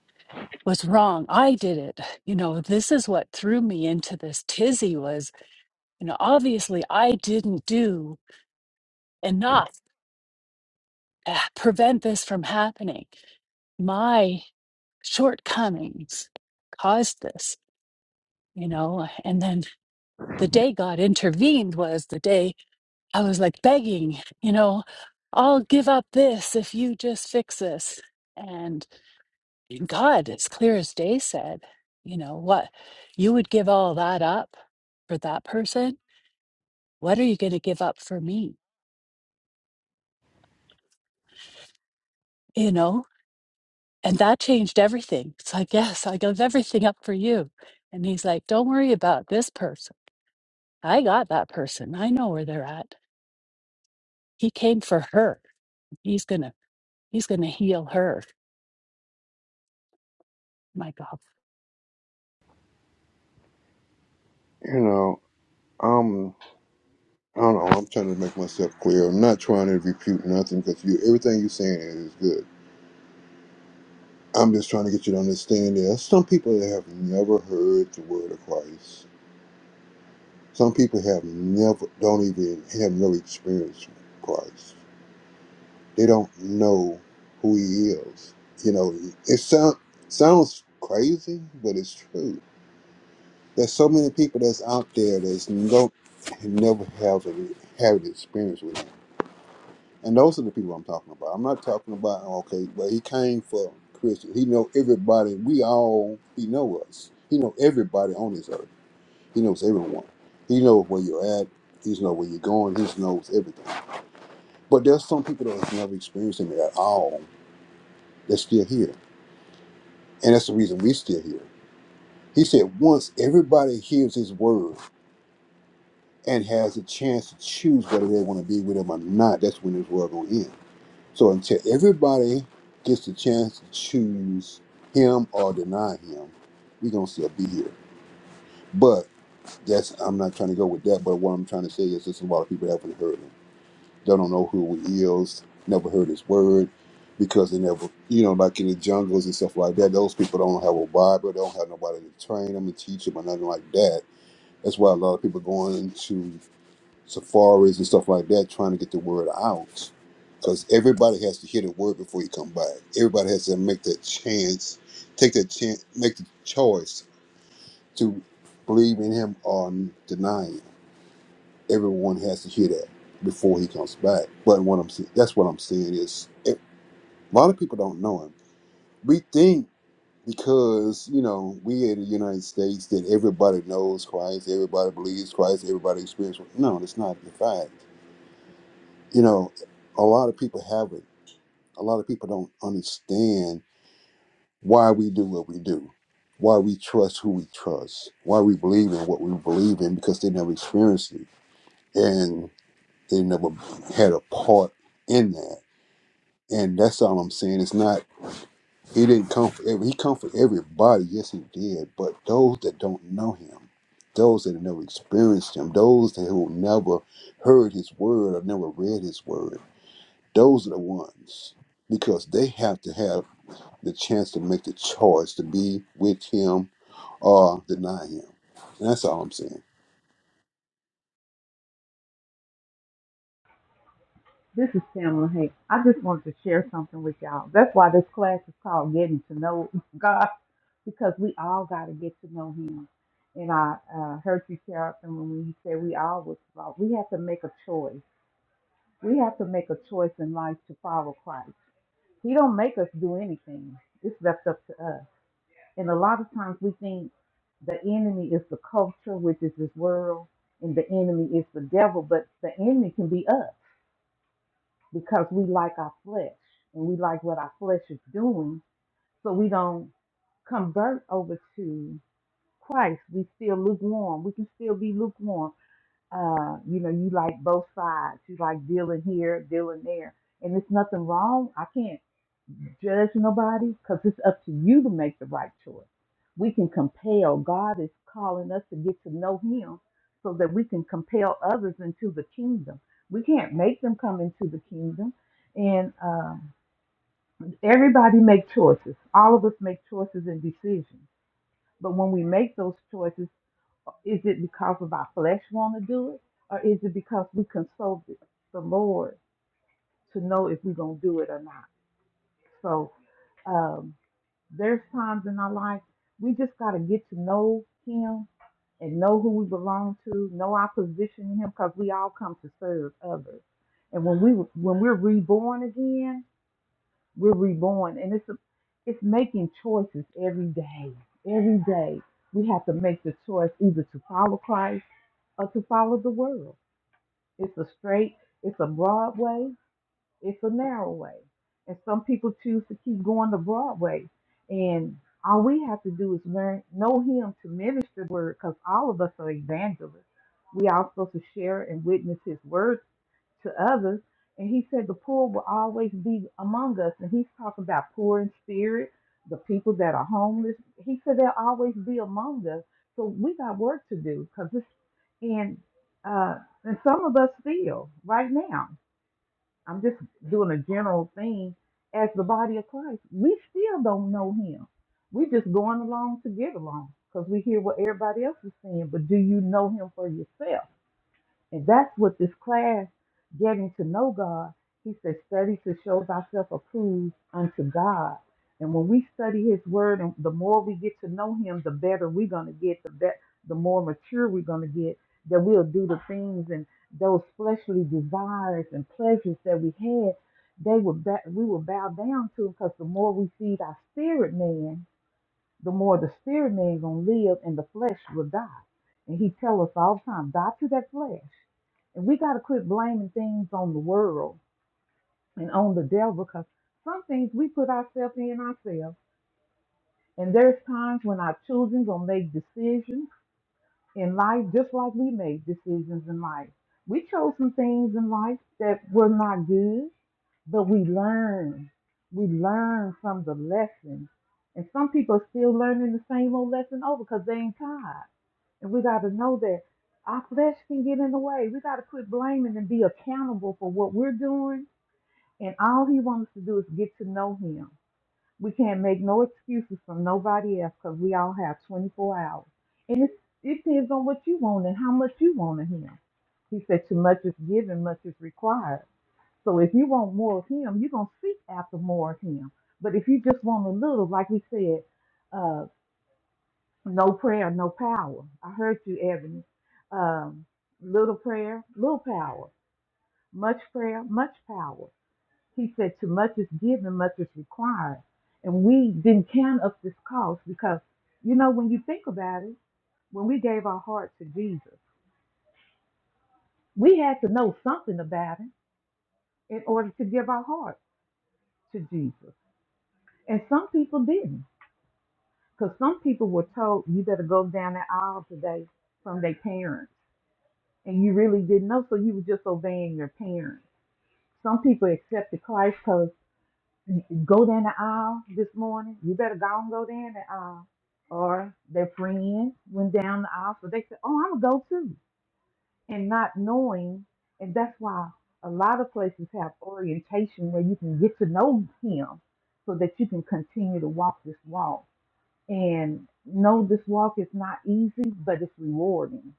Speaker 6: was wrong. I did it. You know, this is what threw me into this tizzy was, you know, obviously I didn't do enough, ah, prevent this from happening. My shortcomings caused this, you know. And then the day God intervened was the day I was like begging, you know, I'll give up this if you just fix this. And God, as clear as day, said, you know, what you would give all that up for that person. What are you going to give up for me? You know, And that changed everything. It's like, yes, I give everything up for you. And he's like, don't worry about this person. I got that person. I know where they're at. He came for her. He's gonna, he's gonna heal her. My God.
Speaker 7: You know, I'm, I don't know, I'm trying to make myself clear. I'm not trying to refute nothing because you, everything you're saying is good. I'm just trying to get you to understand there are some people that have never heard the word of Christ Some people have never, don't even have no experience with Christ. They don't know who He is. You know, it sound, sounds crazy, but it's true. There's so many people that's out there that's no, never have a, have an experience with Him, and those are the people I'm talking about. I'm not talking about okay, but He came for Christians. He know everybody. We all He know us. He know everybody on this earth He knows everyone. He knows where you're at. He knows where you're going. He knows everything. But there's some people that have never experienced him at all that's still here. And that's the reason we're still here. He said, once everybody hears his word and has a chance to choose whether they want to be with him or not, that's when this world going to end. So until everybody gets the chance to choose him or deny him, we're going to still be here. But that's I'm not trying to go with that. But what I'm trying to say is there's a lot of people that haven't heard him. They don't know who he is, never heard his word, because they never, you know, like in the jungles and stuff like that, those people don't have a Bible, they don't have nobody to train them and teach them or nothing like that. That's why a lot of people going into safaris and stuff like that trying to get the word out. Because everybody has to hear the word before you come back. Everybody has to make that chance, take that chance, make the choice to believe in him or deny him everyone has to hear that before he comes back. But what I'm saying, that's what I'm saying is it, a lot of people don't know him. We think because you know we in the United States that everybody knows Christ, everybody believes Christ, everybody experiences. No, that's not the fact. You know, a lot of people haven't. A lot of people don't understand why we do what we do, why we trust who we trust, why we believe in what we believe in because they never experienced it. And They never had a part in that, and that's all I'm saying. It's not he didn't come for every, he come for everybody. Yes, he did, but those that don't know him, those that have never experienced him, those that who never heard his word or never read his word, those are the ones because they have to have the chance to make the choice to be with him or deny him. And that's all I'm saying.
Speaker 3: This is Pamela Hank. I just wanted to share something with y'all. That's why this class is called Getting to Know [LAUGHS] God, because we all got to get to know Him. And I uh, heard you, Carolyn, when you said we all was flawed. We have to make a choice. We have to make a choice in life to follow Christ. He don't make us do anything. It's left up to us. And a lot of times we think the enemy is the culture, which is this world, and the enemy is the devil, but the enemy can be us because we like our flesh and we like what our flesh is doing. So we don't convert over to Christ. We still lukewarm. We can still be lukewarm. Uh, you know, you like both sides. You like dealing here, dealing there. And there's nothing wrong. I can't judge nobody because it's up to you to make the right choice. We can compel, God is calling us to get to know Him so that we can compel others into the kingdom. We can't make them come into the kingdom. And uh, everybody make choices. All of us make choices and decisions. But when we make those choices, is it because of our flesh want to do it? Or is it because we consulted the Lord to know if we're going to do it or not? So um, There's times in our life we just got to get to know Him and know who we belong to, know our position in Him, because we all come to serve others. And when we when we're reborn again, we're reborn, and it's a, it's making choices every day. Every day we have to make the choice either to follow Christ or to follow the world. It's a straight, it's a broad way, it's a narrow way. And some people choose to keep going the broad way. And all we have to do is learn, know Him to minister the word, because all of us are evangelists. We are supposed to share and witness His word to others. And He said the poor will always be among us. And He's talking about poor in spirit, the people that are homeless. He said they'll always be among us. So we got work to do, because it's and uh, and some of us feel right now. I'm just doing a general thing as the body of Christ. We still don't know him. We're just going along to get along because we hear what everybody else is saying. But do you know him for yourself? And that's what this class, getting to know God, he said, study to show thyself approved unto God. And when we study his word, and the more we get to know him, the better we're going to get, the bet, the more mature we're going to get, that we'll do the things and those fleshly desires and pleasures that we had, they will ba- we will bow down to because the more we feed our spirit man, the more the spirit man gonna live and the flesh will die. And he tell us all the time, die to that flesh. And we gotta quit blaming things on the world and on the devil because some things we put ourselves in ourselves. And there's times when our children gonna make decisions in life, just like we made decisions in life. We chose some things in life that were not good, but we learned. We learned from the lessons, And some people are still learning the same old lesson over because they ain't tired. And we got to know that our flesh can get in the way. We got to quit blaming and be accountable for what we're doing. And all he wants to do is get to know him we can't make no excuses from nobody else because we all have 24 hours. And it, it depends on what you want and how much you want of him. He said, too much is given, much is required. So if you want more of him, you're going to seek after more of him. But if you just want a little, like we said, uh, no prayer, no power. I heard you, Ebony. Um, little prayer, little power. Much prayer, much power. He said, "To much is given, much is required." And we didn't count up this cost because, you know, when you think about it, when we gave our heart to Jesus, we had to know something about Him in order to give our heart to Jesus. And some people didn't, because some people were told, "You better go down the aisle today" from their parents, and you really didn't know, so you were just obeying your parents. Some people accepted Christ because. Go down the aisle this morning. You better go and go down the aisle. Or their friend went down the aisle, so they said, "Oh, I'm gonna go too," and not knowing, and that's why a lot of places have orientation where you can get to know him, so that you can continue to walk this walk. And know this walk is not easy, but it's rewarding,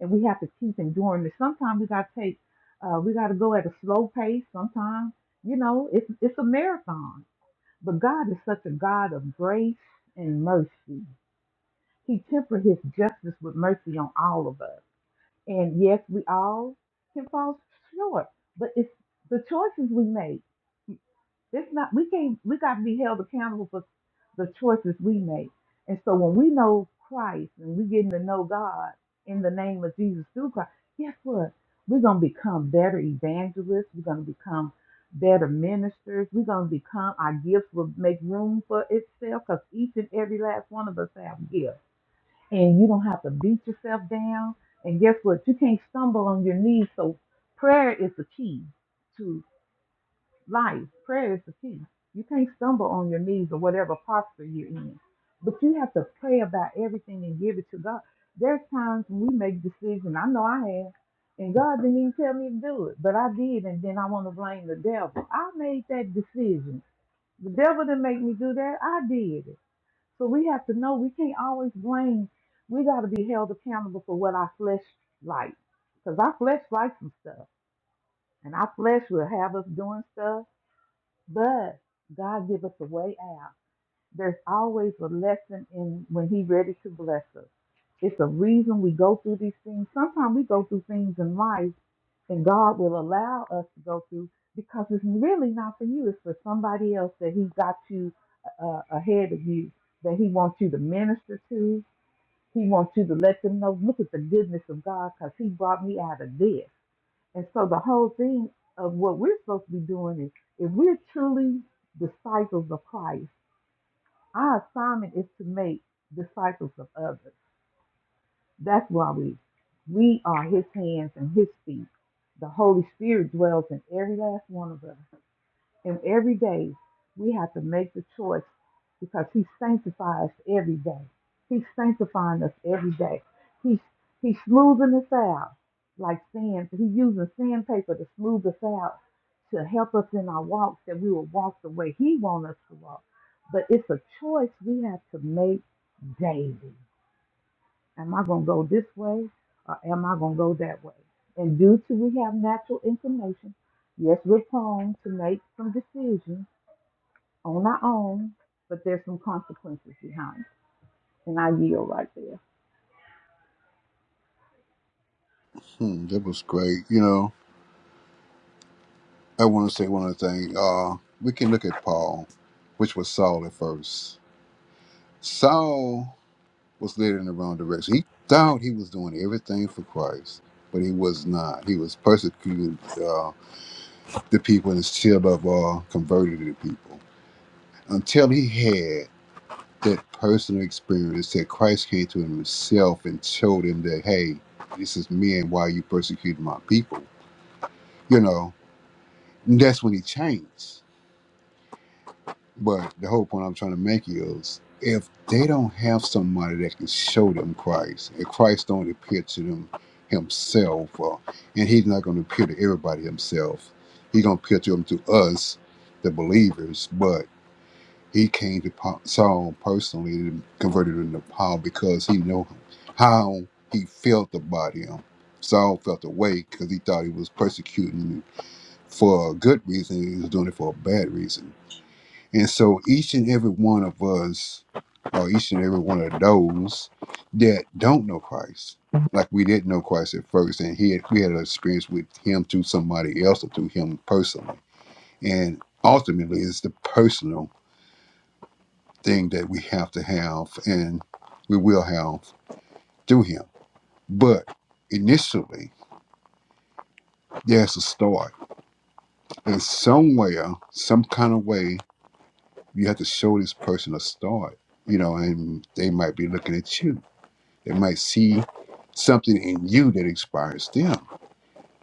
Speaker 3: and we have to keep enduring it. Sometimes we gotta take, uh, we gotta go at a slow pace. Sometimes you know, it's it's a marathon but God is such a God of grace and mercy. He tempered his justice with mercy on all of us. And yes, we all can fall short, but it's the choices we make. It's not we can't we got to be held accountable for the choices we make. And so when we know Christ and we getting to know God in the name of Jesus through Christ, guess what? We're gonna become better evangelists, we're gonna become better ministers, we're gonna become our gifts will make room for itself because each and every last one of us have gifts. And you don't have to beat yourself down. And guess what? You can't stumble on your knees. So prayer is the key to life. Prayer is the key. You can't stumble on your knees or whatever posture you're in, but you have to pray about everything and give it to God. There's times when we make decisions. I know I have, and God didn't even tell me to do it, but I did, and then I want to blame the devil. I made that decision. The devil didn't make me do that. I did it. So we have to know we can't always blame. We got to be held accountable for what our flesh likes, because our flesh likes some stuff, and our flesh will have us doing stuff but God give us a way out. There's always a lesson in when He ready to bless us. It's a reason we go through these things. Sometimes we go through things in life, and God will allow us to go through because it's really not for you. It's for somebody else that He got you uh, uh, ahead of you that He wants you to minister to. He wants you to let them know. Look at the goodness of God because He brought me out of this. And so the whole thing of what we're supposed to be doing is if we're truly disciples of Christ, our assignment is to make disciples of others. That's why we we are his hands and his feet. The Holy Spirit dwells in every last one of us. And every day we have to make the choice because He sanctifies every day. He's sanctifying us every day. He's He's smoothing us out like sand. He's using sandpaper to smooth us out to help us in our walks that we will walk the way He wants us to walk. But it's a choice we have to make daily. Am I going to go this way or am I going to go that way? And due to we have natural inclination, yes, we're prone to make some decisions on our own, but there's some consequences behind it. And I yield right there.
Speaker 7: Hmm, that was great. You know. I want to say one other thing. Uh, we can look at Paul, which was Saul at first. Saul was led in the wrong direction. He thought he was doing everything for Christ, but he was not. He was persecuting uh, the people and still of all converted to the people until he had that personal experience that Christ came to him himself and showed him that, hey, this is me and why you persecute my people. You know, and that's when he changed. But the whole point I'm trying to make is if they don't have somebody that can show them Christ, and Christ don't appear to them himself, uh, and he's not going to appear to everybody himself, he's going to appear to them to us, the believers, but he came to Pa- Saul personally and converted him to Paul because he knew how he felt about him. Saul felt away because he thought he was persecuting for a good reason. He was doing it for a bad reason and so each and every one of us, or each and every one of those that don't know Christ, like we didn't know Christ at first, and he had, we had an experience with him through somebody else or through him personally. And ultimately, it's the personal thing that we have to have and we will have through him. But initially, there's a start. And somewhere, some kind of way, you have to show this person a start, you know, and they might be looking at you They might see something in you that inspires them.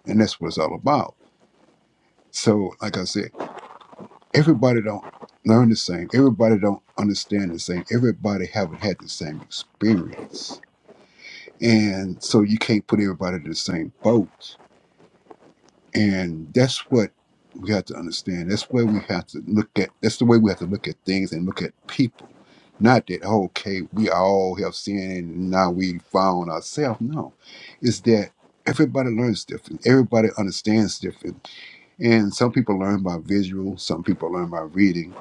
Speaker 7: And that's what it's all about. So, like I said, everybody don't learn the same. Everybody don't understand the same. Everybody haven't had the same experience. And so you can't put everybody in the same boat. And that's what we have to understand. That's where we have to look at that's the way we have to look at things and look at people Not that, okay, we all have sinned and now we found ourselves. No, it's that everybody learns different, everybody understands different. And some people learn by visual, some people learn by reading.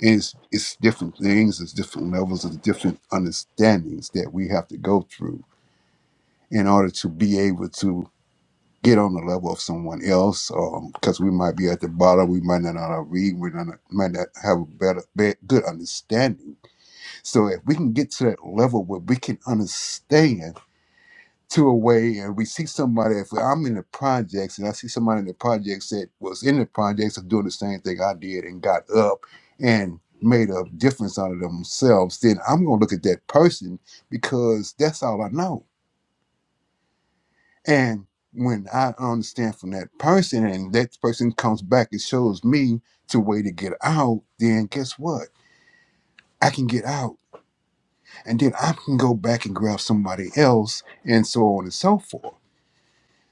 Speaker 7: And it's, it's different things, it's different levels, it's different understandings that we have to go through in order to be able to get on the level of someone else because we might be at the bottom we might not know how to read we might not might not have a better be- good understanding so if we can get to that level where we can understand to a way and we see somebody, if I'm in the projects and I see somebody in the projects that was in the projects of doing the same thing I did and got up and made a difference out of themselves, then I'm gonna look at that person because that's all I know. And when I understand from that person and that person comes back and shows me to way to get out, then guess what? I can get out and then I can go back and grab somebody else, and so on and so forth.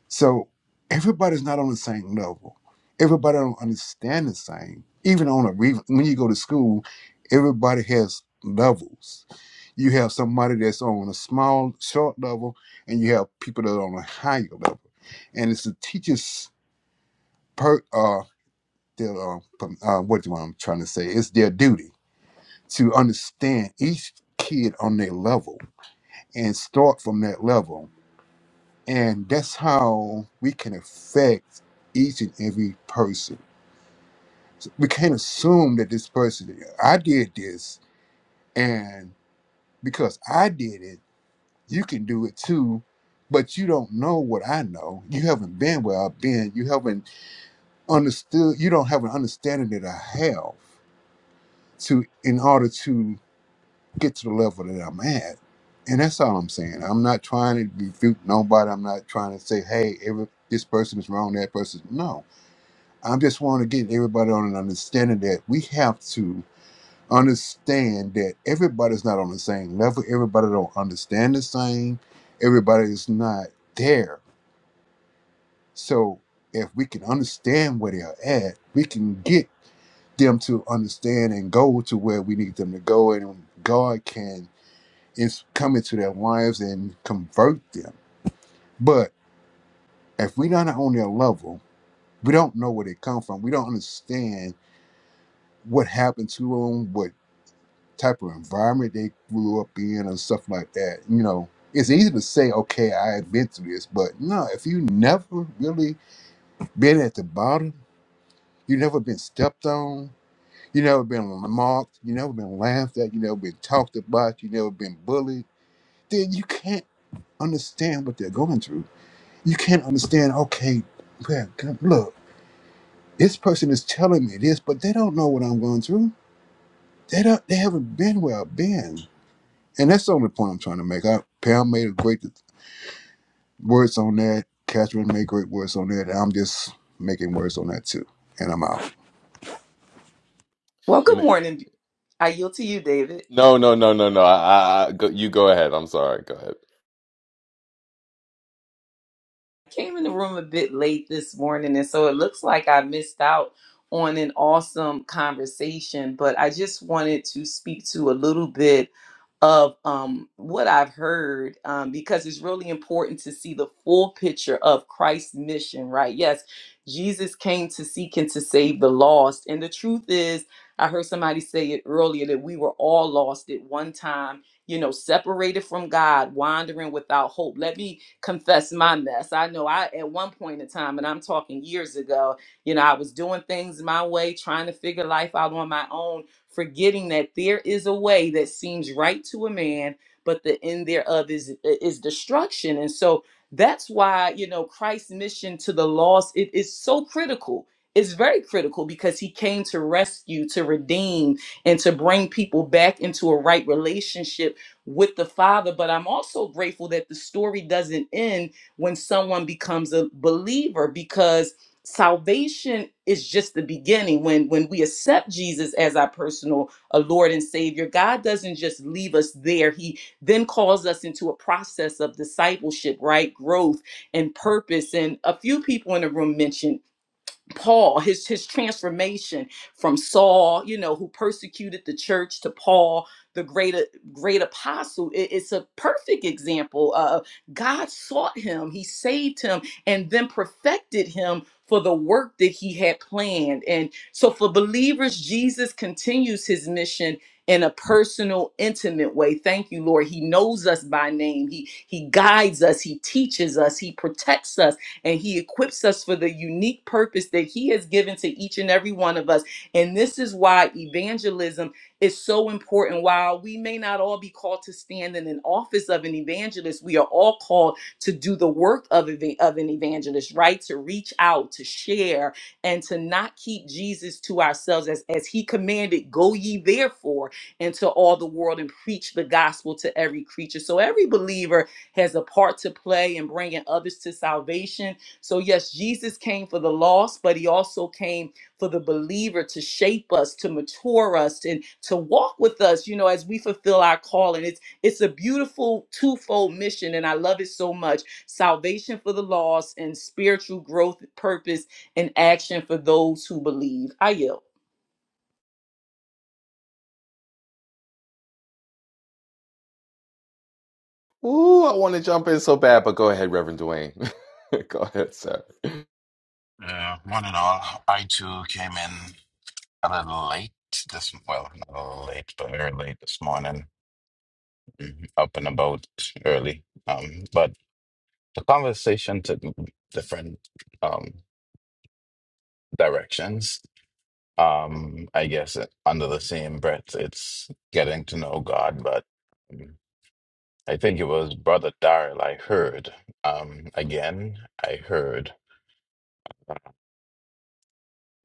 Speaker 7: So everybody's not on the same level. Everybody don't understand the same. Even on a re- when you go to school, everybody has levels. You have somebody that's on a small, short level, and you have people that are on a higher level. And it's the teachers' per uh, their, uh, pum- uh what do I'm trying to say? It's their duty to understand each kid on their level and start from that level And that's how we can affect each and every person. So, We can't assume that this person, I did this, and because I did it, you can do it too. But you don't know what I know. You haven't been where I've been. You haven't understood. You don't have an understanding that I have to in order to get to the level that I'm at. And that's all I'm saying. I'm not trying to refute nobody. I'm not trying to say, hey, every, this person is wrong, that person. No I just want to get everybody on an understanding that we have to understand that everybody's not on the same level. Everybody don't understand the same. Everybody is not there. So if we can understand where they're at, we can get them to understand and go to where we need them to go, and God can is come into their lives and convert them. But if we're not on their level, we don't know where they come from. We don't understand what happened to them, What type of environment they grew up in and stuff like that. You know, it's easy to say, okay, I've been through this, but no, if you never really been at the bottom, you never been stepped on, you never been mocked, you never been laughed at, you never been talked about, you never been bullied, then you can't understand what they're going through. You can't understand, okay, man, God, look, this person is telling me this, but they don't know what I'm going through. They don't they haven't been where I've been. And that's the only point I'm trying to make. I, Pam made a great words on that. Catherine made great words on that. I'm just making words on that too. And I'm out.
Speaker 10: Well,
Speaker 9: You
Speaker 10: good
Speaker 9: may-
Speaker 10: morning. I yield to you, David.
Speaker 9: No, no, no, no, no. I, I, I go, you go ahead. I'm sorry. Go ahead.
Speaker 10: I came in the room a bit late this morning, and so it looks like I missed out on an awesome conversation, but I just wanted to speak to a little bit of um, what I've heard um, because it's really important to see the full picture of Christ's mission, right? Yes, Jesus came to seek and to save the lost. And the truth is, I heard somebody say it earlier that we were all lost at one time, you know, separated from God, wandering without hope. Let me confess my mess. I know I, at one point in time, and I'm talking years ago, you know, I was doing things my way, trying to figure life out on my own forgetting that there is a way that seems right to a man, but the end thereof is is destruction. And so that's why, you know, Christ's mission to the lost it is so critical. It's very critical because he came to rescue, to redeem, and to bring people back into a right relationship with the Father. But I'm also grateful that the story doesn't end when someone becomes a believer because salvation is just the beginning when when we accept jesus as our personal uh, lord and savior god doesn't just leave us there he then calls us into a process of discipleship right growth and purpose and a few people in the room mentioned Paul, his his transformation from Saul, you know, who persecuted the church to Paul, the great great apostle. It- it's a perfect example of God sought him, he saved him, and then perfected him for the work that he had planned. And so for believers, Jesus continues his mission in a personal, intimate way. Thank you, Lord. He knows us by name. He he guides us, he teaches us, he protects us and He equips us for the unique purpose that He has given to each and every one of us. And this is why evangelism is so important. While we may not all be called to stand in an office of an evangelist, we are all called to do the work of, eva- of an evangelist, right? To reach out, to share, and to not keep Jesus to ourselves as, as He commanded, go ye therefore into all the world and preach the gospel to every creature. So every believer has a part to play in bringing others to salvation. So, yes, Jesus came for the lost, but he also came for the believer to shape us, to mature us, and to walk with us, you know, as we fulfill our calling. It's, it's a beautiful twofold mission, and I love it so much salvation for the lost and spiritual growth, purpose, and action for those who believe. I yield.
Speaker 9: Ooh, I want to jump in so bad, but go ahead, Reverend Dwayne. [LAUGHS] Go ahead, sir.
Speaker 11: Uh, one and all, I too came in a little late this well, not a little late, but very late this morning. Mhm. Up and about early. Um, but the conversation took different um directions. Um, I guess it- under the same breath, it's getting to know God, but um, I think it was Brother Darrell I heard. Um, again, I heard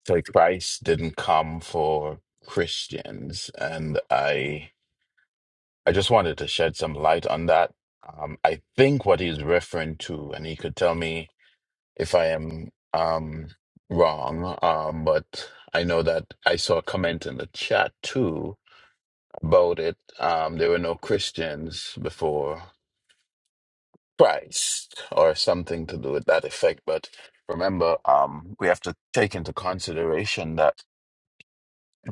Speaker 11: that Christ didn't come for Christians, and I I just wanted to shed some light on that. Um, I think what he's referring to, and he could tell me if I am um, wrong, um, but I know that I saw a comment in the chat too about it. Um, there were no Christians before Christ or something to do with that effect. But remember, um, we have to take into consideration that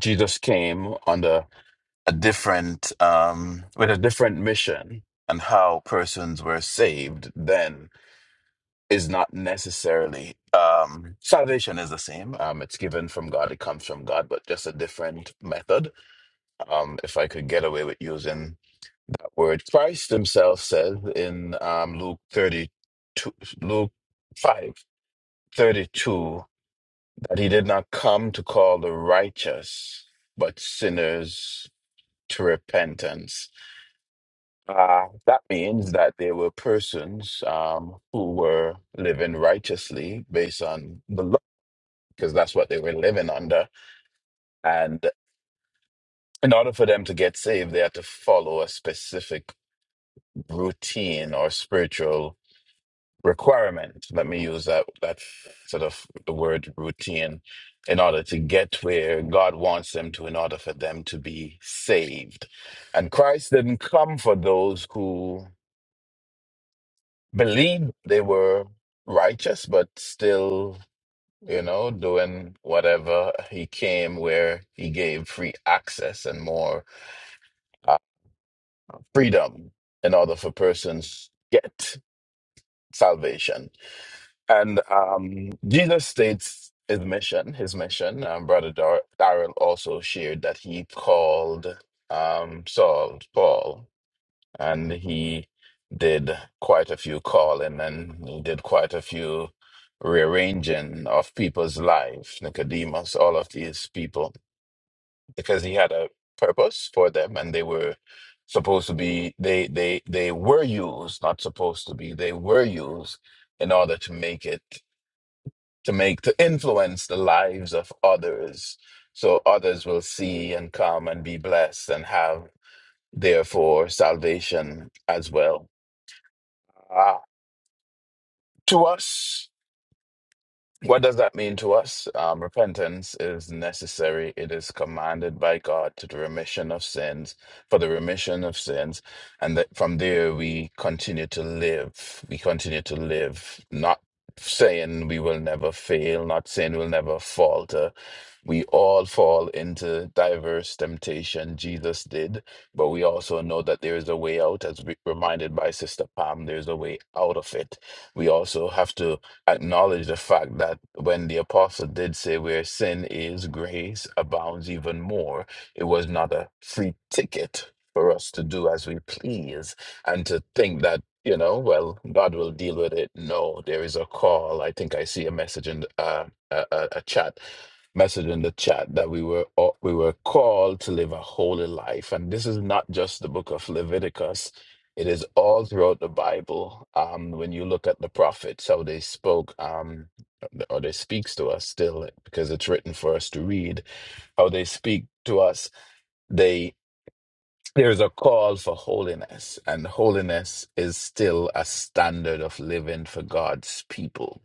Speaker 11: Jesus came under. a different um with a different mission and how persons were saved then is not necessarily um salvation is the same um it's given from god it comes from god but just a different method um if i could get away with using that word christ himself says in um luke 32 luke 5 32 that he did not come to call the righteous but sinners to repentance Uh, that means that there were persons um, who were living righteously based on the law, because that's what they were living under. And in order for them to get saved, they had to follow a specific routine or spiritual requirement. Let me use that that sort of the word routine in order to get where God wants them to, in order for them to be saved. And Christ didn't come for those who believed they were righteous, but still, you know, doing whatever he came where he gave free access and more uh, freedom in order for persons to get salvation. And um, Jesus states his mission, his mission. Um, Brother Dar- Darrell also shared that he called um, Saul Paul and he did quite a few calling and he did quite a few rearranging of people's lives, Nicodemus, all of these people, because he had a purpose for them and they were supposed to be they they they were used, not supposed to be, they were used in order to make it to make to influence the lives of others. So others will see and come and be blessed and have therefore salvation as well. Ah, To us, what does that mean to us? Um, repentance is necessary. It is commanded by God to the remission of sins, for the remission of sins. And that from there we continue to live. We continue to live, not saying we will never fail, not saying we'll never falter, we all fall into diverse temptation. Jesus did, but we also know that there is a way out, as re- reminded by Sister Pam, there's a way out of it. We also have to acknowledge the fact that when the apostle did say, Where sin is, grace abounds even more, it was not a free ticket for us to do as we please and to think that you know, well, God will deal with it. No, there is a call. I think I see a message in the- uh, a, a, a chat message in the chat that we were all- we were called to live a holy life, and this is not just the book of Leviticus. It is all throughout the Bible. Um, when you look at the prophets, how they spoke, um, or they speaks to us still because it's written for us to read. How they speak to us, they. There is a call for holiness, and holiness is still a standard of living for God's people.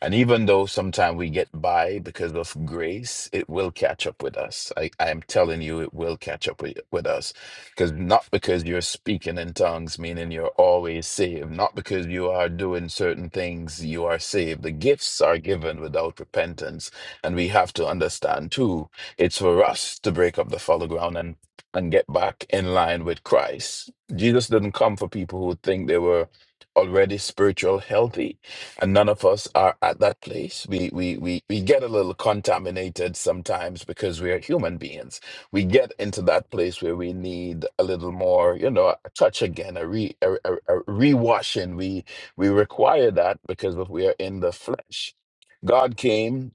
Speaker 11: And even though sometimes we get by because of grace, it will catch up with us. I, I am telling you, it will catch up with, with us. Because not because you're speaking in tongues, meaning you're always saved, not because you are doing certain things, you are saved. The gifts are given without repentance. And we have to understand too, it's for us to break up the fallow ground and and get back in line with Christ. Jesus didn't come for people who think they were already spiritual healthy and none of us are at that place we we we, we get a little contaminated sometimes because we are human beings we get into that place where we need a little more you know a touch again a re a, a, a rewashing we we require that because of we are in the flesh god came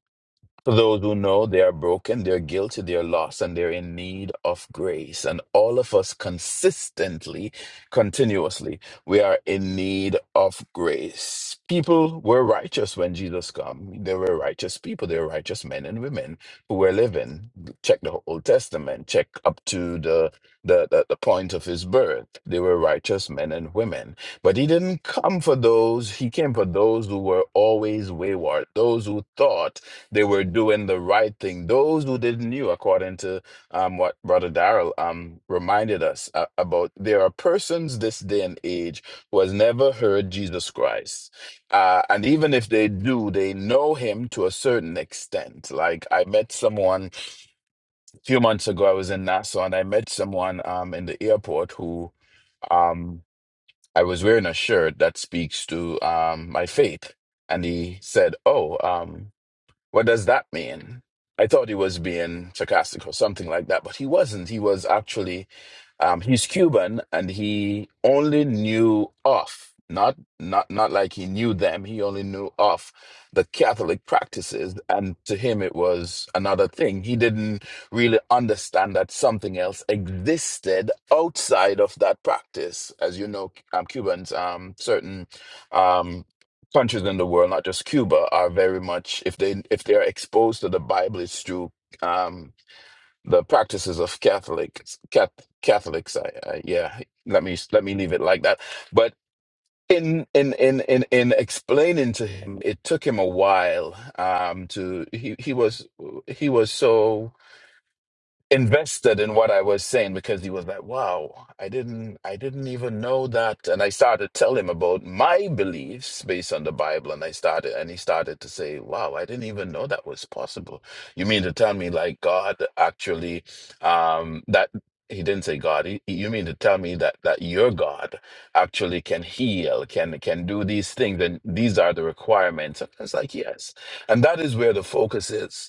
Speaker 11: for those who know they are broken, they're guilty, they're lost, and they're in need of grace. And all of us consistently, continuously, we are in need of grace. People were righteous when Jesus came. They were righteous people. They were righteous men and women who were living. Check the Old Testament. Check up to the, the, the, the point of his birth. They were righteous men and women. But he didn't come for those. He came for those who were always wayward, those who thought they were doing the right thing. Those who didn't knew, according to um, what Brother Darrell um, reminded us uh, about, there are persons this day and age who has never heard Jesus Christ. Uh, and even if they do, they know him to a certain extent. Like I met someone a few months ago, I was in Nassau and I met someone um, in the airport who um, I was wearing a shirt that speaks to um, my faith. And he said, Oh, um, what does that mean? I thought he was being sarcastic or something like that, but he wasn't. He was actually, um, he's Cuban and he only knew off, not not not like he knew them. He only knew off the Catholic practices, and to him it was another thing. He didn't really understand that something else existed outside of that practice. As you know, um, Cubans, um, certain. Um, countries in the world, not just Cuba, are very much if they if they are exposed to the Bible, it's through um, the practices of Catholics. Cat, Catholics, I, I, yeah. Let me let me leave it like that. But in in in in in explaining to him, it took him a while um, to he he was he was so invested in what I was saying because he was like, "Wow, I didn't, I didn't even know that." And I started to tell him about my beliefs based on the Bible, and I started, and he started to say, "Wow, I didn't even know that was possible." You mean to tell me, like God actually, um, that he didn't say God. He, you mean to tell me that that your God actually can heal, can can do these things, and these are the requirements? And I was like, "Yes," and that is where the focus is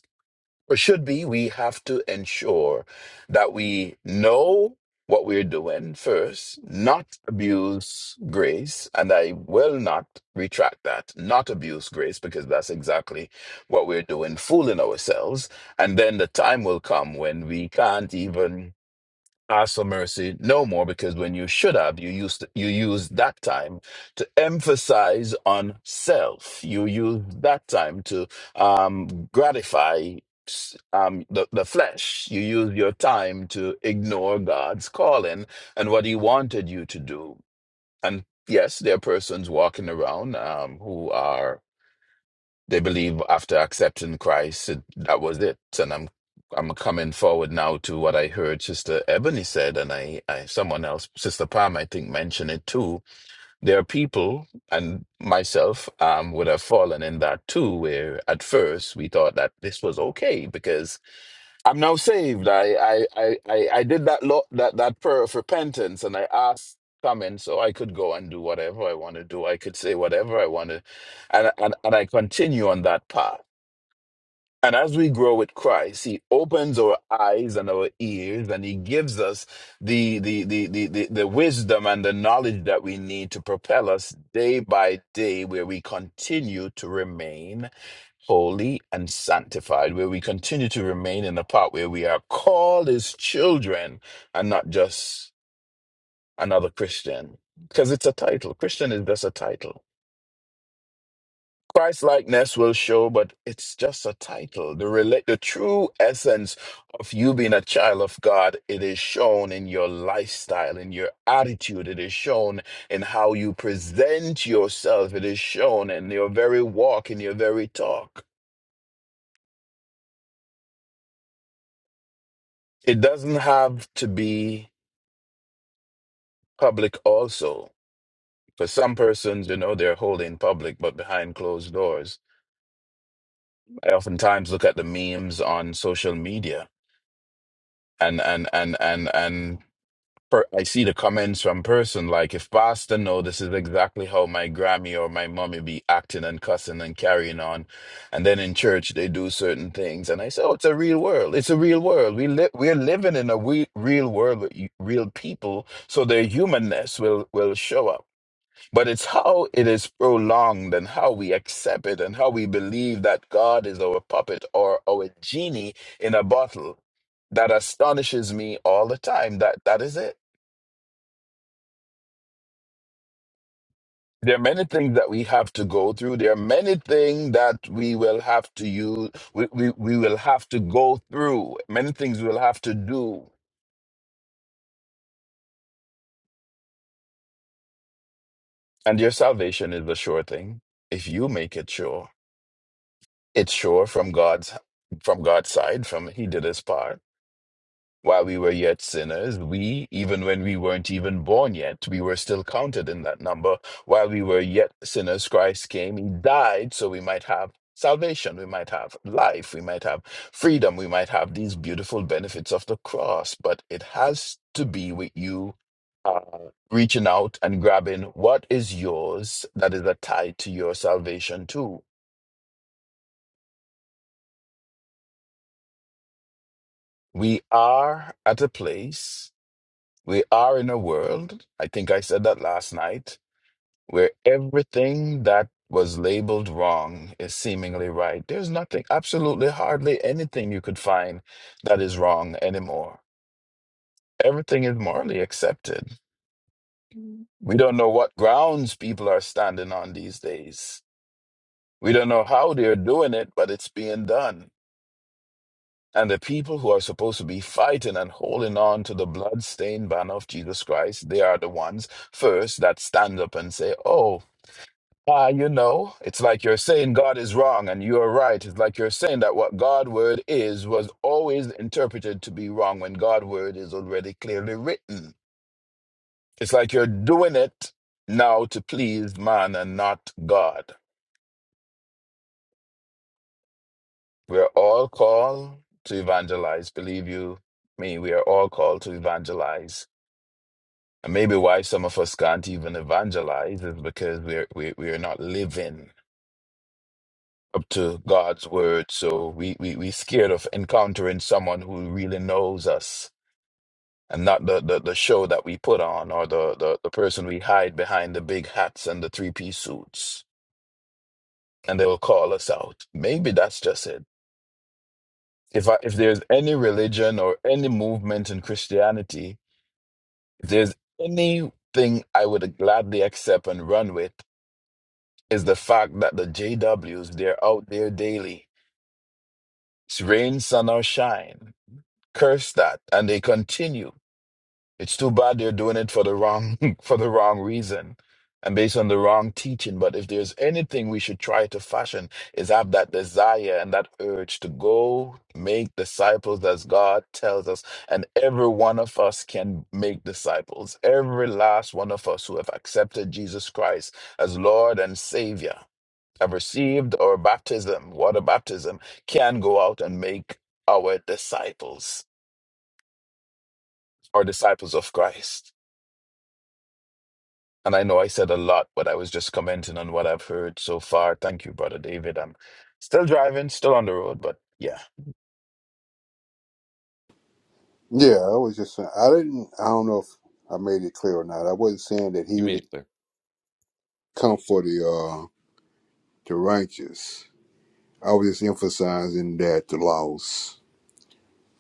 Speaker 11: or should be, we have to ensure that we know what we're doing first, not abuse grace. And I will not retract that, not abuse grace, because that's exactly what we're doing, fooling ourselves. And then the time will come when we can't even ask for mercy no more because when you should have you used you use that time to emphasize on self you use that time to um gratify s- um the, the flesh you use your time to ignore god's calling and what he wanted you to do and yes there are persons walking around um who are they believe after accepting Christ, it, that was it. And I'm I'm coming forward now to what I heard Sister Ebony said, and I, I someone else, Sister Pam, I think, mentioned it too. There are people, and myself um, would have fallen in that too, where at first we thought that this was okay because I'm now saved. I I I I, I did that lot that that prayer of repentance, and I asked coming, so I could go and do whatever I want to do. I could say whatever I want to, and and and I continue on that path. And as we grow with Christ, He opens our eyes and our ears, and He gives us the the the the the, the wisdom and the knowledge that we need to propel us day by day, where we continue to remain holy and sanctified, where we continue to remain in the part where we are called as children and not just another Christian. Because it's a title. Christian is just a title. Christ likeness will show, but it's just a title. The relate the true essence of you being a child of God, it is shown in your lifestyle, in your attitude, it is shown in how you present yourself, it is shown in your very walk, in your very talk. It doesn't have to be public also. For some persons, you know, they're holding public, but behind closed doors. I oftentimes look at the memes on social media and and and and and per, I see the comments from person like, if Pastor know this is exactly how my Grammy or my mommy be acting and cussing and carrying on, and then in church they do certain things, and I say, oh, it's a real world. It's a real world. We live. We're living in a we- real world with y- real people, so their humanness will will show up. But it's how it is prolonged and how we accept it and how we believe that God is our puppet or our genie in a bottle that astonishes me all the time. That that is it. There are many things that we have to go through. There are many things that we will have to use we, we, we will have to go through. Many things we'll have to do. And your salvation is a sure thing. If you make it sure. It's sure from God's from God's side, from He did his part While we were yet sinners, we, even when we weren't even born yet, we were still counted in that number. While we were yet sinners, Christ came. He died so we might have salvation, we might have life, we might have freedom, we might have these beautiful benefits of the cross. But it has to be with you uh, reaching out and grabbing what is yours that is a tie to your salvation, too. We are at a place, we are in a world. I think I said that last night where everything that was labeled wrong is seemingly right. There's nothing, absolutely hardly anything you could find that is wrong anymore. Everything is morally accepted. Mhm. We don't know what grounds people are standing on these days. We don't know how they're doing it, but it's being done. And the people who are supposed to be fighting and holding on to the blood-stained banner of Jesus Christ, they are the ones first that stand up and say, "Oh, Ah, you know, it's like you're saying God is wrong and you are right. It's like you're saying that what God word is was always interpreted to be wrong when God word is already clearly written. It's like you're doing it now to please man and not God. We're all called to evangelize, believe you me, we are all called to evangelize. And maybe why some of us can't even evangelize is because we're we, we are not living. up to God's word. So we, we, we scared of encountering someone who really knows us and not the, the, the show that we put on or the, the, the person we hide behind the big hats and the three piece suits and they'll call us out. Maybe that's just it. If I, if there's any religion or any movement in Christianity, if there's anything I would gladly accept and run with is the fact that the JWs, they're out there daily. It's rain, sun, or shine Curse that. And they continue. It's too bad they're doing it for the wrong [LAUGHS] for the wrong reason and based on the wrong teaching. But if there's anything we should try to fashion is have that desire and that urge to go make disciples as God tells us. And every one of us can make disciples. Every last one of us who have accepted Jesus Christ as Lord and Savior, have received our baptism, water baptism, can go out and make our disciples are disciples of Christ. And I know I said a lot, but I was just commenting on what I've heard so far. Thank you, Brother David. I'm still driving, still on the road, but yeah.
Speaker 7: Yeah, I was just saying. I didn't. I don't know if I made it clear or not. I wasn't saying that he
Speaker 9: you
Speaker 7: would
Speaker 9: made it clear.
Speaker 7: come for the uh, the righteous. I was just emphasizing that the lost.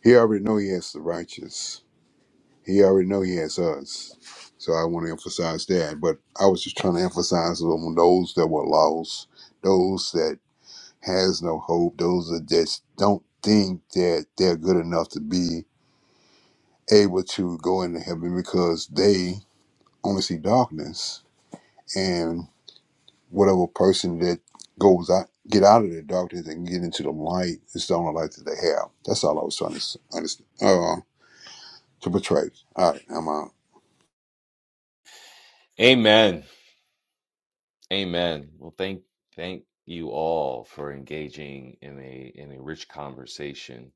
Speaker 7: He already know he has the righteous. He already know he has us. So I want to emphasize that. But I was just trying to emphasize on those that were lost, those that has no hope, those that just don't think that they're good enough to be able to go into heaven because they only see darkness. And whatever person that goes out, get out of the darkness and get into the light, it's the only light that they have. That's all I was trying to s- understand, uh, to portray. All right, I'm out.
Speaker 9: Amen. Amen. Well, thank thank you all for engaging in a in a rich conversation.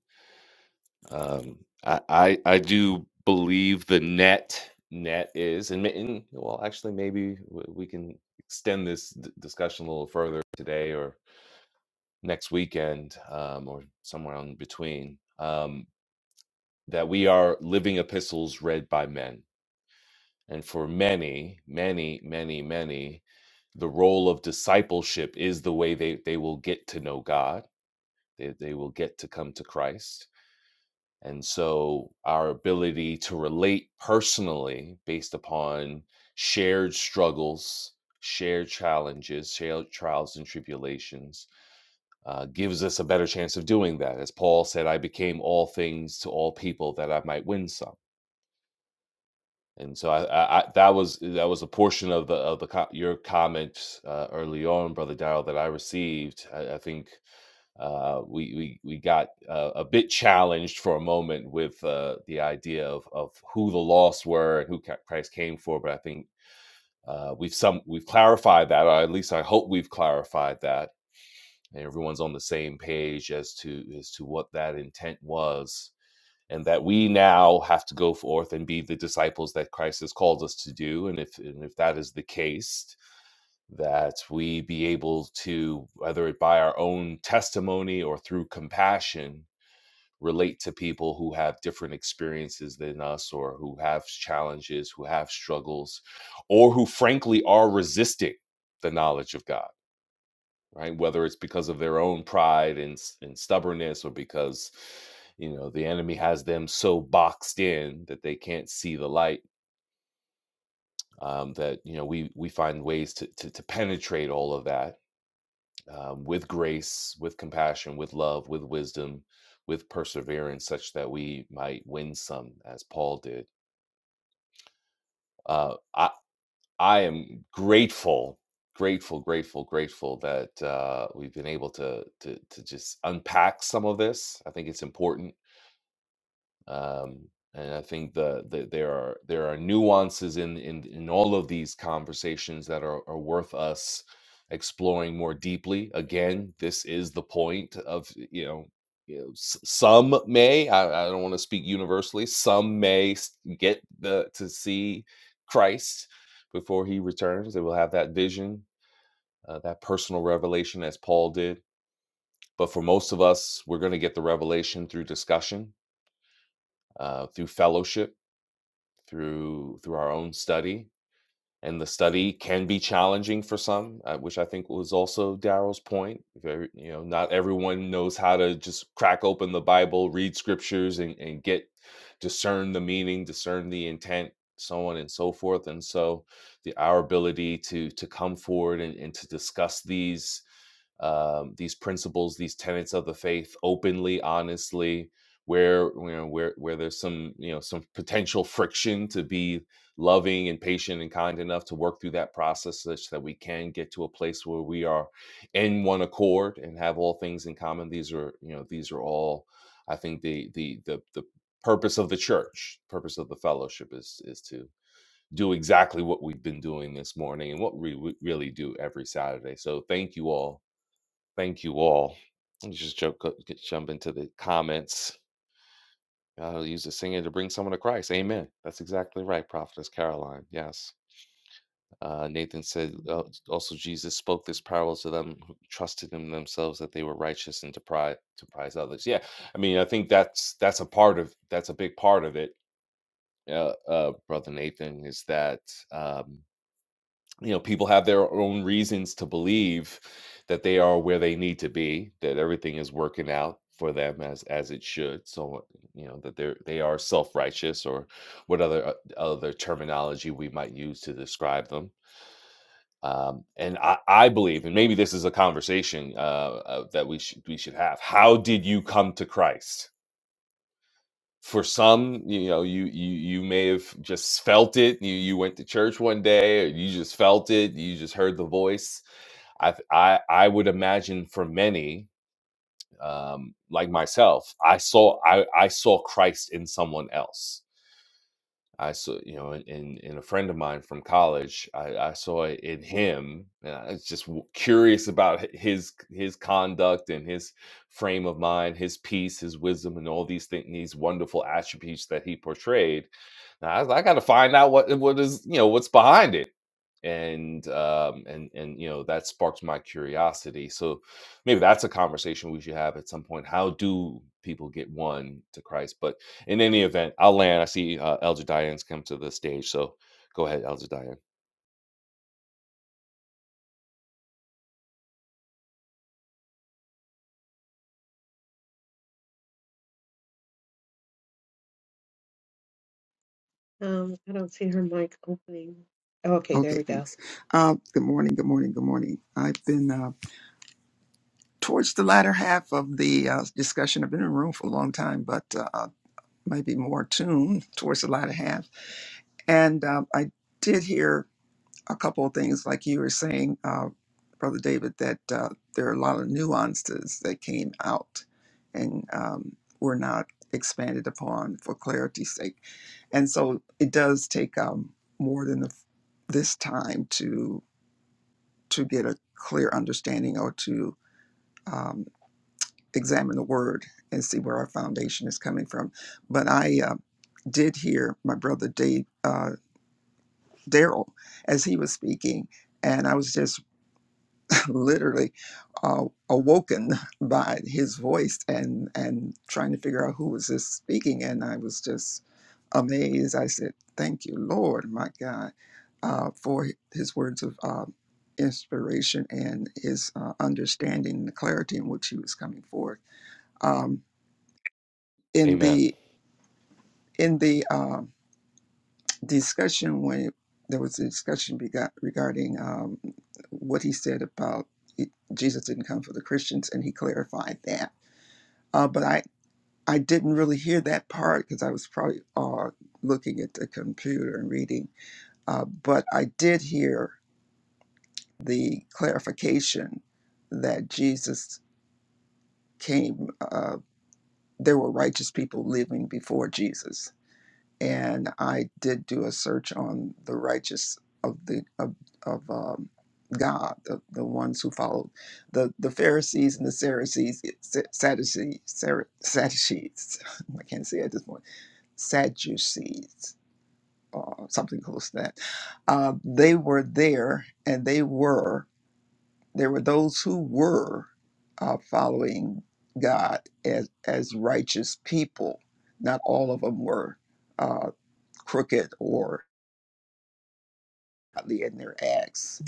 Speaker 9: Um, I I, I do believe the net net is, and, ma- and well, actually, maybe w- we can extend this d- discussion a little further today or next weekend, um, or somewhere in between. Um, that we are living epistles read by men And for many, many, many, many, the role of discipleship is the way they, they will get to know God, they, they will get to come to Christ. And so our ability to relate personally based upon shared struggles, shared challenges, shared trials and tribulations uh, gives us a better chance of doing that. As Paul said, I became all things to all people that I might win some And so I, I, I that was that was a portion of the of the co- your comments uh, early on, brother Darrell, that I received. I, I think uh, we we we got uh, a bit challenged for a moment with uh, the idea of of who the lost were and who ca- Christ came for. But I think uh, we've some we've clarified that, or at least I hope we've clarified that, and everyone's on the same page as to as to what that intent was and that we now have to go forth and be the disciples that Christ has called us to do. And if and if that is the case, that we be able to, whether it by our own testimony or through compassion, relate to people who have different experiences than us or who have challenges, who have struggles, or who frankly are resisting the knowledge of God right? Whether it's because of their own pride and, s- and stubbornness or because, you know, the enemy has them so boxed in that they can't see the light. Um, that you know, we we find ways to to, to penetrate all of that um, with grace, with compassion, with love, with wisdom, with perseverance, such that we might win some, as Paul did. Uh, I, I am grateful, grateful, grateful, grateful that uh, we've been able to to to just unpack some of this. I think it's important um, and I think the, the there are there are nuances in in in all of these conversations that are, are worth us exploring more deeply. Again, this is the point of you know. You know, s- some may I, I don't want to speak universally some may s- get the to see christ before he returns they will have that vision uh, that personal revelation as paul did but for most of us we're going to get the revelation through discussion uh, through fellowship through through our own study and the study can be challenging for some uh, which i think was also daryl's point Very, you know not everyone knows how to just crack open the bible read scriptures and, and get discern the meaning discern the intent so on and so forth and so the our ability to to come forward and, and to discuss these um, these principles, these tenets of the faith openly, honestly, where you know, where where there's some you know some potential friction to be loving and patient and kind enough to work through that process such that we can get to a place where we are in one accord and have all things in common. These are you know these are all I think the the the the purpose of the church, purpose of the fellowship is is to do exactly what we've been doing this morning and what we w- really do every Saturday. So thank you all Thank you all. Let's just jump, go- get- jump into the comments. I'll use the singer to bring someone to Christ. Amen. That's exactly right, Prophetess Caroline. Yes. Uh, Nathan said, "Uh, also, Jesus spoke this parable to them who trusted in themselves that they were righteous and to prize, to prize others. Yeah. I mean, I think that's, that's a part of, that's a big part of it, uh, uh, Brother Nathan, is that, um, you know people have their own reasons to believe that they are where they need to be that everything is working out for them as as it should so you know that they're they are self-righteous or what other uh, other terminology we might use to describe them um, and I, I believe and maybe this is a conversation uh, uh, that we should we should have how did you come to christ for some you know you you you may have just felt it you you went to church one day or you just felt it you just heard the voice i th- i i would imagine for many um like myself i saw i i saw christ in someone else I saw, you know, in, in, a friend of mine from college, I, I saw it in him. And I was just w- curious about h- his his conduct and his frame of mind, his peace, his wisdom, and all these things, these wonderful attributes that he portrayed. Now, I, got to find out what what is you know what's behind it and um and and you know that sparked my curiosity so maybe that's a conversation we should have at some point how do people get one to christ but in any event i'll land i see uh, elder diane's come to the stage so go ahead elder diane
Speaker 4: um i don't see her mic opening okay there
Speaker 12: Okay,
Speaker 4: we go
Speaker 12: thanks. Uh, good morning, good morning, good morning. I've been uh, towards the latter half of the uh, discussion. I've been in the room for a long time, but uh, maybe more tuned towards the latter half. And um, I did hear a couple of things, like you were saying, uh, Brother David, that uh, there are a lot of nuances that came out and um, were not expanded upon for clarity's sake. And so it does take um, more than the, this time to get a clear understanding or to um, examine the word and see where our foundation is coming from. But I uh, did hear my brother Dave uh, Daryl as he was speaking, and I was just literally uh, awoken [LAUGHS] by his voice and and trying to figure out who was this speaking and i was just amazed i said thank you lord my god uh, for his words of uh, inspiration and his uh, understanding and the clarity in which he was coming forth um, in
Speaker 9: amen
Speaker 12: the in the um discussion when there was a discussion bega- regarding um, what he said about it, Jesus didn't come for the Christians, and he clarified that. Uh, but I, I didn't really hear that part because I was probably uh, looking at the computer and reading. Uh, but I did hear the clarification that Jesus came, uh, there were righteous people living before Jesus and I did do a search on the righteous of the of, of um, God, the, the ones who followed the the Pharisees and the Sadducees, Sadducees, Sar- Sadducees. [LAUGHS] I can't say it at this point. Sadducees, uh, something close to that. Uh, they were there, and they were there were those who were uh, following God as as righteous people. Not all of them were. Uh, crooked or godly in their acts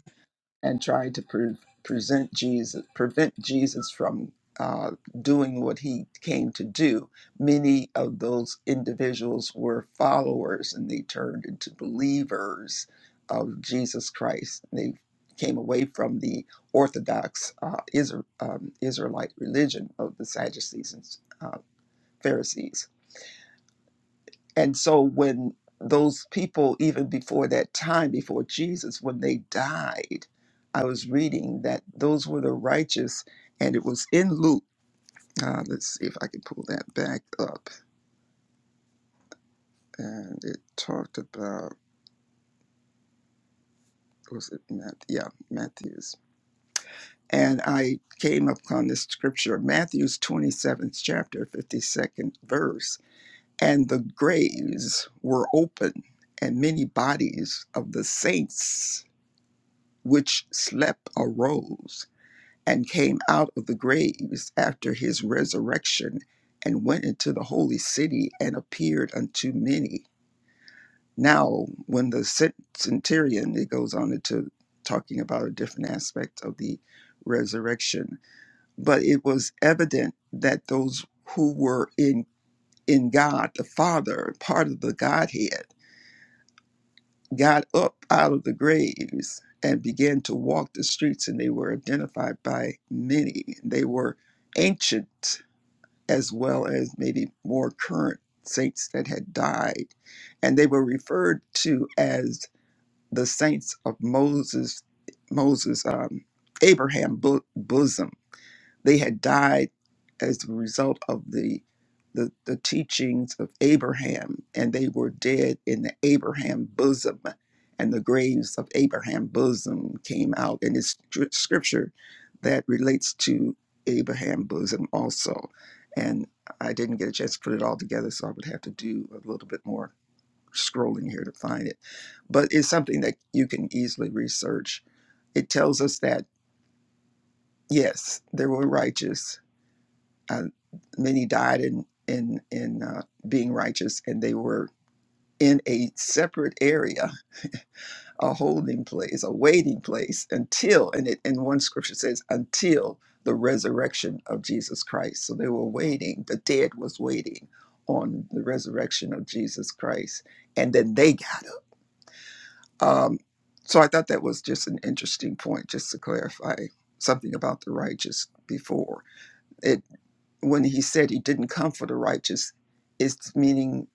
Speaker 12: and trying to pre- present Jesus, prevent Jesus from uh, doing what he came to do. Many of those individuals were followers and they turned into believers of Jesus Christ. They came away from the Orthodox uh, Isra um, Israelite religion of the Sadducees and uh, Pharisees. And so when those people, even before that time, before Jesus, when they died, I was reading that those were the righteous, and it was in Luke. Uh, let's see if I can pull that back up. And it talked about, was it Matthew? Yeah, Matthew's. And I came upon this scripture, Matthew's 27th chapter, 52nd verse. And the graves were open, and many bodies of the saints which slept arose and came out of the graves after his resurrection and went into the holy city and appeared unto many. Now, when the cent- centurion, it goes on into talking about a different aspect of the resurrection, but it was evident that those who were in in God the Father, part of the Godhead, got up out of the graves and began to walk the streets, and they were identified by many. They were ancient as well as maybe more current saints that had died, and they were referred to as the saints of Moses, Moses, um, Abraham bo- bosom. They had died as a result of the, the, the teachings of Abraham, and they were dead in the Abraham bosom, and the graves of Abraham bosom came out. And it's stri- scripture that relates to Abraham bosom also. And I didn't get a chance to put it all together, so I would have to do a little bit more scrolling here to find it. But it's something that you can easily research it tells us that yes, there were righteous, uh, many died in in in uh, being righteous, and they were in a separate area, a holding place, a waiting place until. And it and one scripture says until the resurrection of Jesus Christ. So they were waiting. The dead was waiting on the resurrection of Jesus Christ, and then they got up. Um, so I thought that was just an interesting point, just to clarify something about the righteous before. it. when he said he didn't come for the righteous, it's meaning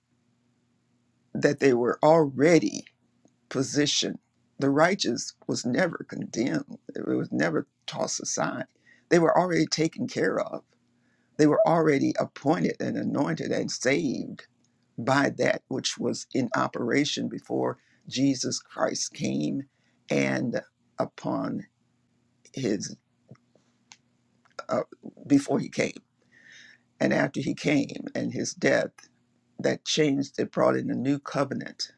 Speaker 12: that they were already positioned. The righteous was never condemned, it was never tossed aside. They were already taken care of, they were already appointed and anointed and saved by that which was in operation before Jesus Christ came and upon his, uh, before he came and after he came and his death that changed, it brought in a new covenant,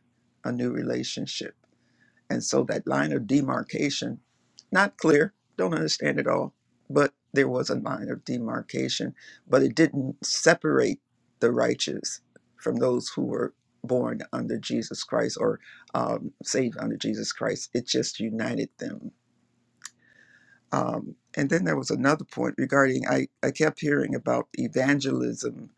Speaker 12: a new relationship. And so that line of demarcation, not clear, don't understand it all, but there was a line of demarcation, but it didn't separate the righteous from those who were born under Jesus Christ or um, saved under Jesus Christ. It just united them. Um, and then there was another point regarding, I, I kept hearing about evangelism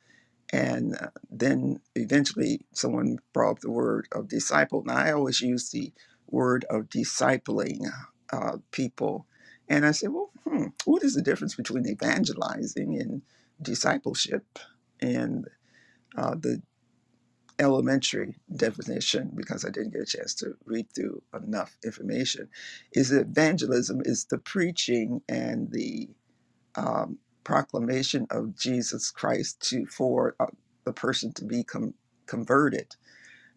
Speaker 12: and uh, then eventually someone brought up the word of disciple. Now, I always use the word of discipling uh, people. And I said, well, hmm, what is the difference between evangelizing and discipleship? And uh, the elementary definition, because I didn't get a chance to read through enough information, is that evangelism is the preaching and the um, proclamation of Jesus Christ to for uh, the person to be com- converted.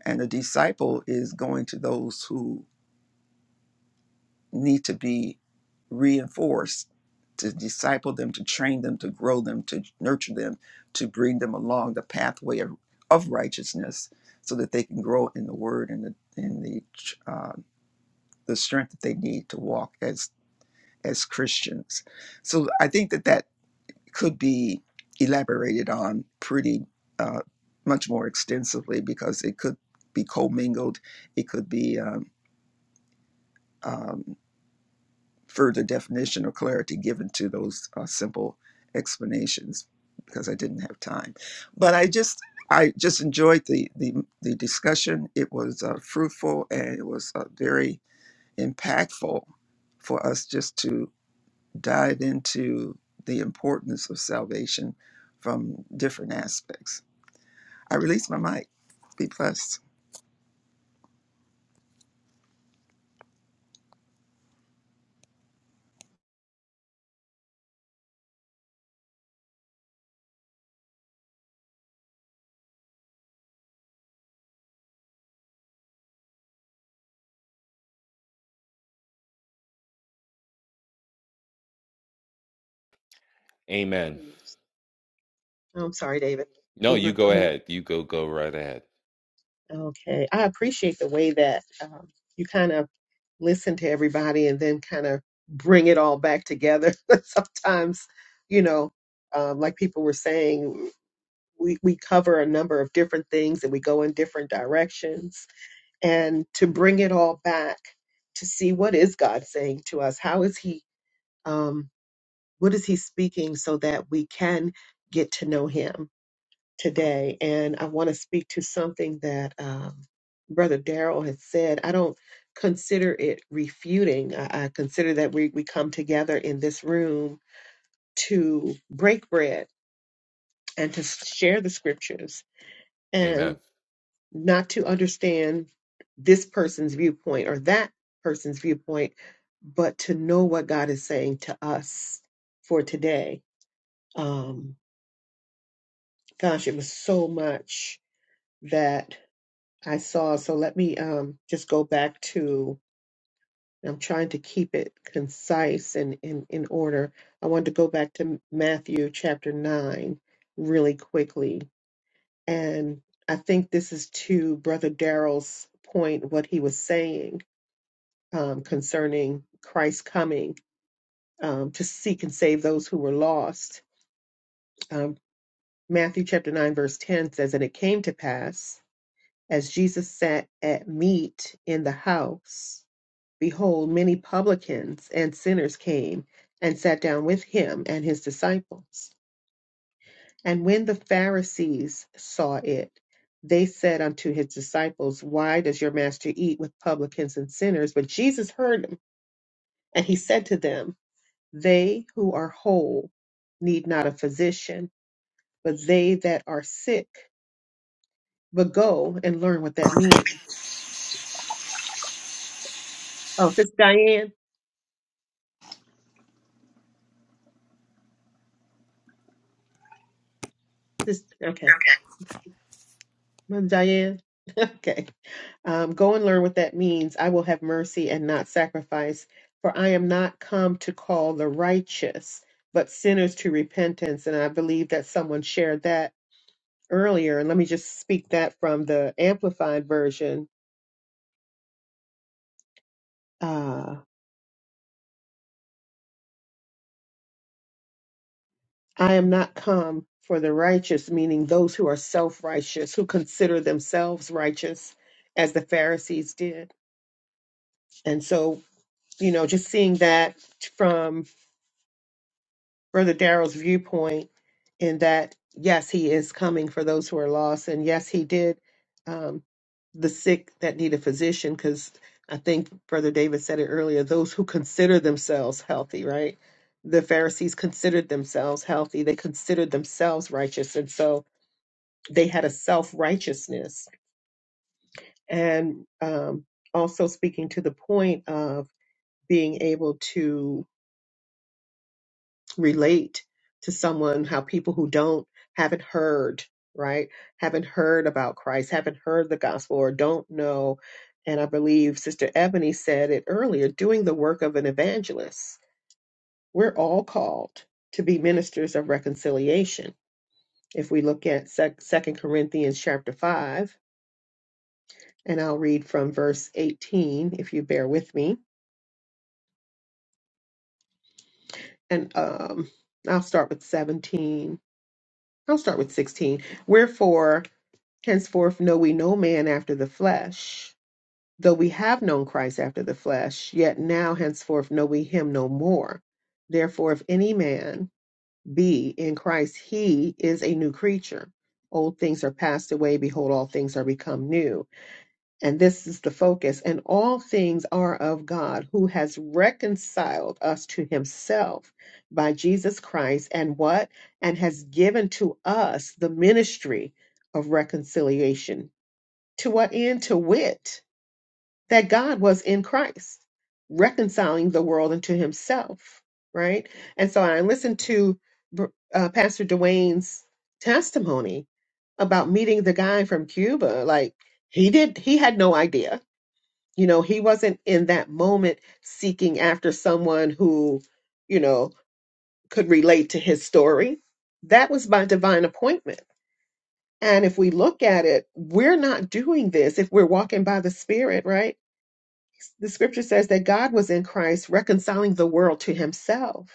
Speaker 12: And a disciple is going to those who need to be reinforced to disciple them, to train them, to grow them, to nurture them, to bring them along the pathway of, of righteousness, so that they can grow in the Word and the in the uh, the strength that they need to walk as as Christians. So I think that that could be elaborated on pretty uh, much more extensively because it could be commingled. It could be um, um, further definition or clarity given to those uh, simple explanations because I didn't have time. But I just I just enjoyed the the, the discussion. It was uh, fruitful and it was uh, very impactful for us just to dive into the importance of salvation from different aspects. I release my mic. Be blessed.
Speaker 9: amen
Speaker 4: Okay. i'm sorry david
Speaker 9: no
Speaker 4: you
Speaker 9: you
Speaker 4: want to
Speaker 9: go
Speaker 4: go
Speaker 9: ahead you go go right ahead
Speaker 4: ahead okay i appreciate the way that um, you kind of listen to everybody and then kind of bring it all back together. [LAUGHS] Sometimes, you know, um, like people were saying, we, we cover a number of different things and we go in different directions. And to bring it all back to see what is God saying to us? How is He, um, what is He speaking so that we can get to know Him? today, and I want to speak to something that um, Brother Daryl has said. I don't consider it refuting. I, I consider that we, we come together in this room to break bread and to share the scriptures
Speaker 9: amen
Speaker 4: and not to understand this person's viewpoint or that person's viewpoint, but to know what God is saying to us for today. Um, gosh, it was so much that I saw. So let me um, just go back to, I'm trying to keep it concise and in, in order. I wanted to go back to Matthew chapter 9 really quickly. And I think this is to Brother Darrell's point, what he was saying um, concerning Christ coming um, to seek and save those who were lost. Um, Matthew chapter 9, verse 10 says, And it came to pass as Jesus sat at meat in the house Behold, many publicans and sinners came and sat down with him and his disciples. And when the Pharisees saw it, they said unto his disciples, Why does your master eat with publicans and sinners? But Jesus heard them, and he said to them, They who are whole need not a physician, but they that are sick. But go and learn what that means. Oh, Sister Diane. Sis, okay. Mother Diane. [LAUGHS] Okay. Um, go and learn what that means. I will have mercy and not sacrifice, for I am not come to call the righteous, but sinners to repentance. And I believe that someone shared that earlier. And let me just speak that from the Amplified Version. Uh, I am not come for the righteous, meaning those who are self righteous, who consider themselves righteous, as the Pharisees did. And so, you know, just seeing that from Brother Darrell's viewpoint in that, yes, he is coming for those who are lost. And yes, he did um, the sick that need a physician, because I think Brother David said it earlier those who consider themselves healthy, right? The Pharisees considered themselves healthy, they considered themselves righteous. And so they had a self righteousness. And um, also speaking to the point of being able to relate to someone how people who don't haven't heard right haven't heard about christ haven't heard the gospel or don't know and i believe sister ebony said it earlier doing the work of an evangelist we're all called to be ministers of reconciliation if we look at Sec- 2 corinthians chapter 5 and i'll read from verse 18 if you bear with me and um, i'll start with 17 i'll start with 16 Wherefore Henceforth know we no man after the flesh. Though we have known Christ after the flesh, yet now henceforth know we him no more. Therefore, if any man be in Christ, he is a new creature. Old things are passed away, behold, all things are become new. And this is the focus. And all things are of God, who has reconciled us to himself by Jesus Christ, and what? And has given to us the ministry of reconciliation to what end? To wit, that God was in Christ, reconciling the world unto himself, right? And so I listened to uh, Pastor Dwayne's testimony about meeting the guy from Cuba. Like, he did, he had no idea. You know, he wasn't in that moment seeking after someone who, you know, could relate to his story. That was by divine appointment. And if we look at it, we're not doing this if we're walking by the Spirit, right? the scripture says that God was in Christ reconciling the world to himself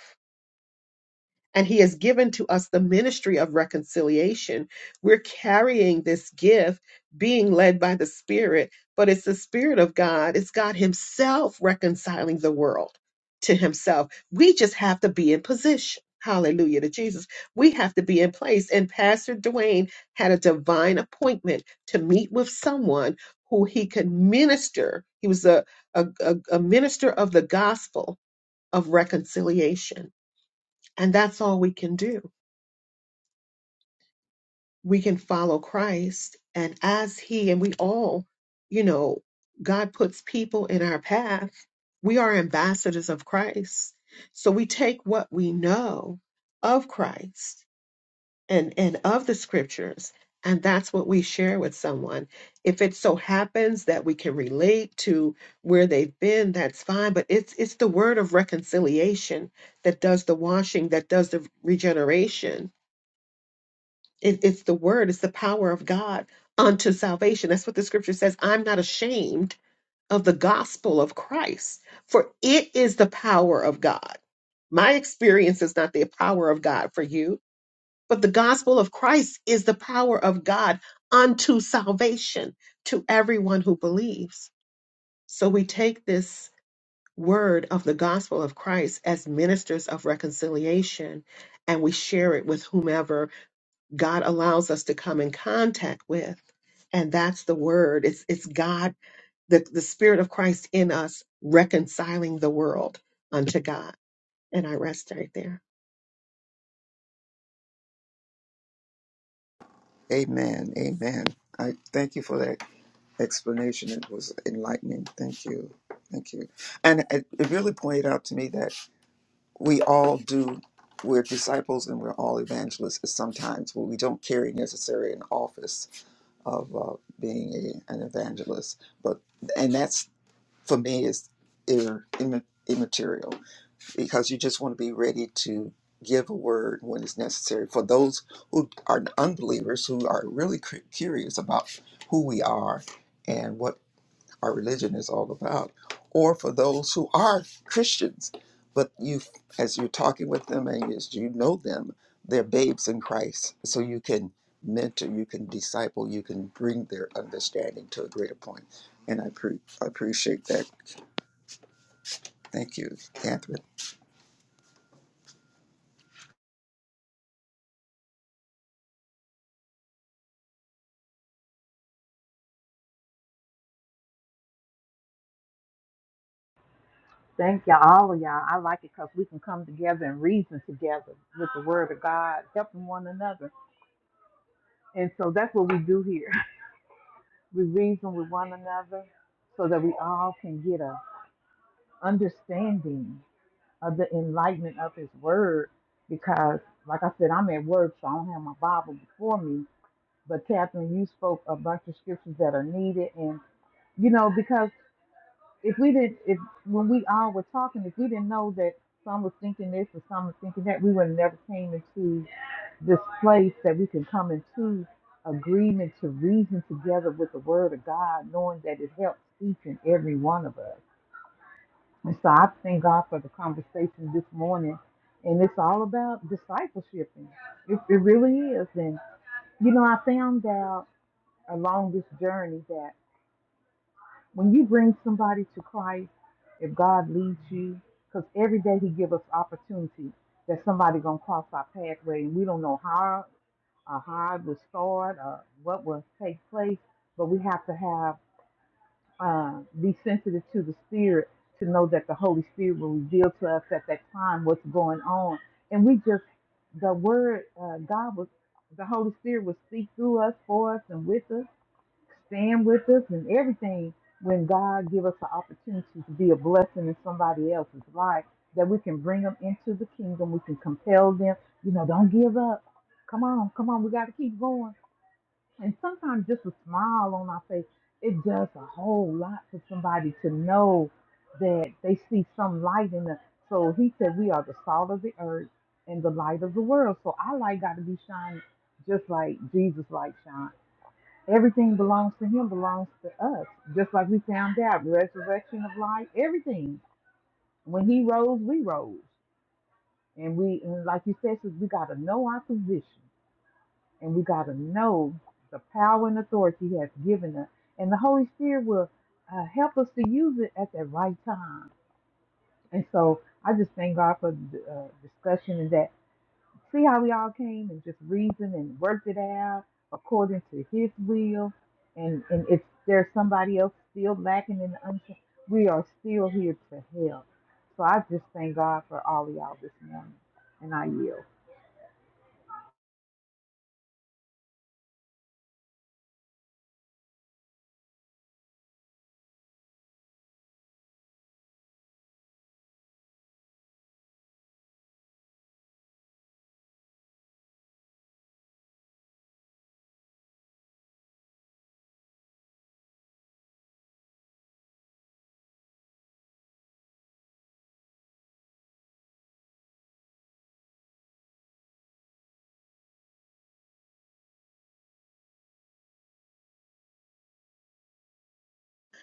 Speaker 4: and he has given to us the ministry of reconciliation. We're carrying this gift, being led by the Spirit, but it's the Spirit of God, it's God Himself reconciling the world to Himself. We just have to be in position. Hallelujah to Jesus. We have to be in place. And Pastor Dwayne had a divine appointment to meet with someone who he could minister. He was a, a, a a minister of the gospel of reconciliation. And that's all we can do we can follow Christ and as he and we all, you know, God puts people in our path. We are ambassadors of Christ. So we take what we know of Christ and and of the scriptures and that's what we share with someone. If it so happens that we can relate to where they've been, that's fine, but it's it's the word of reconciliation that does the washing, that does the regeneration it, it's the word, it's the power of God unto salvation. That's what the scripture says. I'm not ashamed of the gospel of Christ, for it is the power of God. My experience is not the power of God for you, but the gospel of Christ is the power of God unto salvation to everyone who believes. So we take this word of the gospel of Christ as ministers of reconciliation and we share it with whomever God allows us to come in contact with. And that's the word. It's it's God, the, the Spirit of Christ in us reconciling the world unto God. And I rest right there.
Speaker 12: Amen. Amen. I thank you for that explanation. It was enlightening. Thank you. Thank you. And it, it really pointed out to me that we all do, we're disciples and we're all evangelists sometimes, but we don't carry necessarily an office of uh, being a, an evangelist. But, and that's for me is ir- imma- immaterial because you just want to be ready to give a word when it's necessary for those who are unbelievers who are really cu- curious about who we are and what our religion is all about or for those who are christians but you as you're talking with them and as you know them they're babes in christ so you can mentor you can disciple you can bring their understanding to a greater point and i, pre- I appreciate that Thank you, Catherine.
Speaker 3: Thank y'all, all of y'all. I like it because we can come together and reason together with the Word of God, helping one another. And so that's what we do here. [LAUGHS] We reason with one another so that we all can get a understanding of the enlightenment of His Word. Because, like I said, I'm at work, so I don't have my Bible before me. But Catherine, you spoke a bunch of scriptures that are needed, and you know because if we didn't if when we all were talking if we didn't know that some was thinking this or some was thinking that we would have never came into this place that we can come into agreement to reason together with the word of god knowing that it helps each and every one of us and so i thank god for the conversation this morning and it's all about discipleship and it, it really is and you know i found out along this journey that. When you bring somebody to Christ, if God leads you, because every day He give us opportunity that somebody gonna cross our pathway, and we don't know how or how it will start or what will take place, but we have to have uh, be sensitive to the Spirit to know that the Holy Spirit will reveal to us at that time what's going on, and we just the Word uh, God was the Holy Spirit will speak through us, for us, and with us stand with us and everything when God give us the opportunity to be a blessing in somebody else's life that we can bring them into the kingdom we can compel them you know don't give up come on come on we got to keep going and sometimes just a smile on our face it does a whole lot for somebody to know that they see some light in us so he said we are the salt of the earth and the light of the world so our light got to be shining just like jesus light shine Everything belongs to him, belongs to us. Just like we found out, resurrection of life, everything. When he rose, we rose. And we and like you said, sis, we gotta know our position and we gotta know the power and authority he has given us. And the Holy Spirit will uh, help us to use it at the right time. And so I just thank God for the uh, discussion and that. See how we all came and just reasoned and worked it out according to His will. And and if there's somebody else still lacking in the unction, we are still here to help. So I just thank God for all of y'all this morning, and I yield.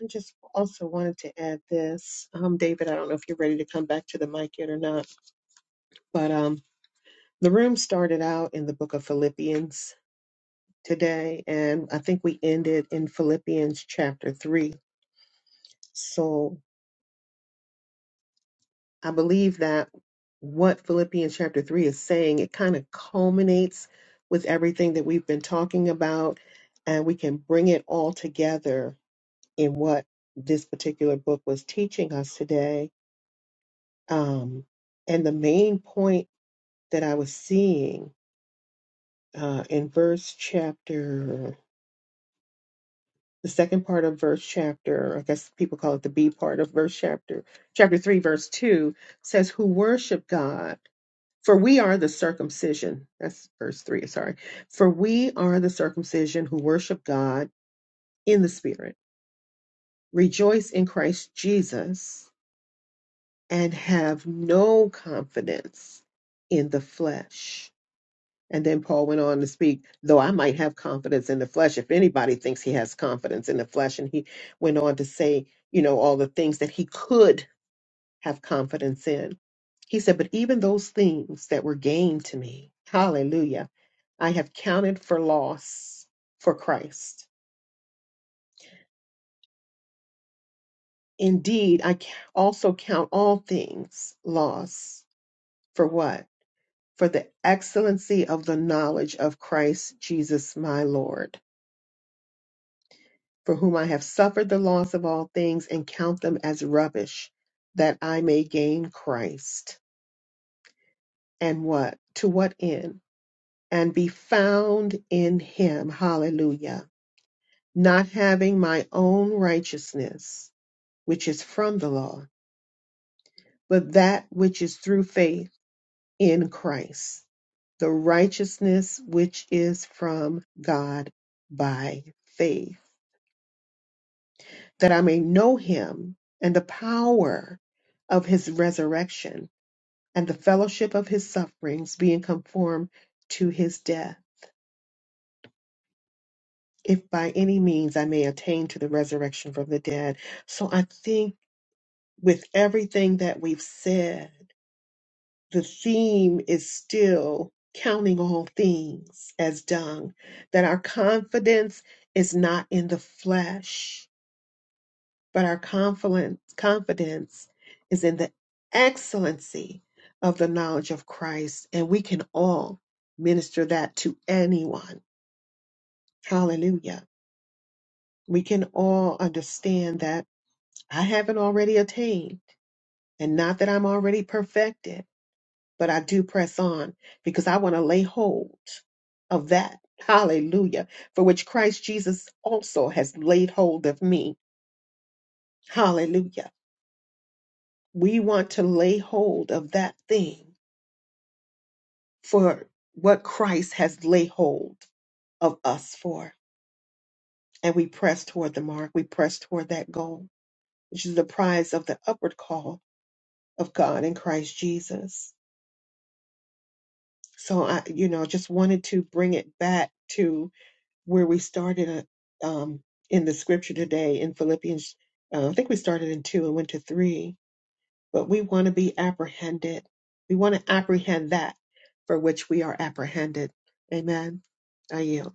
Speaker 4: I just also wanted to add this. Um, David, I don't know if you're ready to come back to the mic yet or not, but um the room started out in the book of Philippians today, and I think we ended in Philippians chapter three. So I believe that what Philippians chapter 3 is saying, it kind of culminates with everything that we've been talking about, and we can bring it all together in what this particular book was teaching us today. Um, and the main point that I was seeing uh, in verse chapter, the second part of verse chapter, I guess people call it the B part of verse chapter, chapter 3, verse 2, says, Who worship God For we are the circumcision. That's verse 3, sorry. For we are the circumcision who worship God in the Spirit, rejoice in Christ Jesus, and have no confidence in the flesh. And then Paul went on to speak, though I might have confidence in the flesh, if anybody thinks he has confidence in the flesh. And he went on to say, you know, all the things that he could have confidence in. He said, But even those things that were gained to me, hallelujah, I have counted for loss for Christ. Indeed, I ca- also count all things loss for what? For the excellency of the knowledge of Christ Jesus my Lord, for whom I have suffered the loss of all things and count them as rubbish, that I may gain Christ. And what? To what end? and be found in him. Hallelujah. Not having my own righteousness, which is from the law, but that which is through faith in Christ, the righteousness which is from God by faith, that I may know him and the power of his resurrection and the fellowship of his sufferings, being conformed to his death if by any means I may attain to the resurrection from the dead. So I think with everything that we've said, the theme is still counting all things as dung, that our confidence is not in the flesh, but our confidence, confidence is in the excellency of the knowledge of Christ. And we can all minister that to anyone. Hallelujah. We can all understand that I haven't already attained, and not that I'm already perfected, but I do press on because I want to lay hold of that. Hallelujah. For which Christ Jesus also has laid hold of me. Hallelujah. We want to lay hold of that thing for what Christ has laid hold of us for. And we press toward the mark. We press toward that goal, which is the prize of the upward call of God in Christ Jesus. So I, you know, just wanted to bring it back to where we started uh, um, in the scripture today in Philippians. Uh, I think we started in two and went to three, but we want to be apprehended. We want to apprehend that for which we are apprehended. Amen. I yield.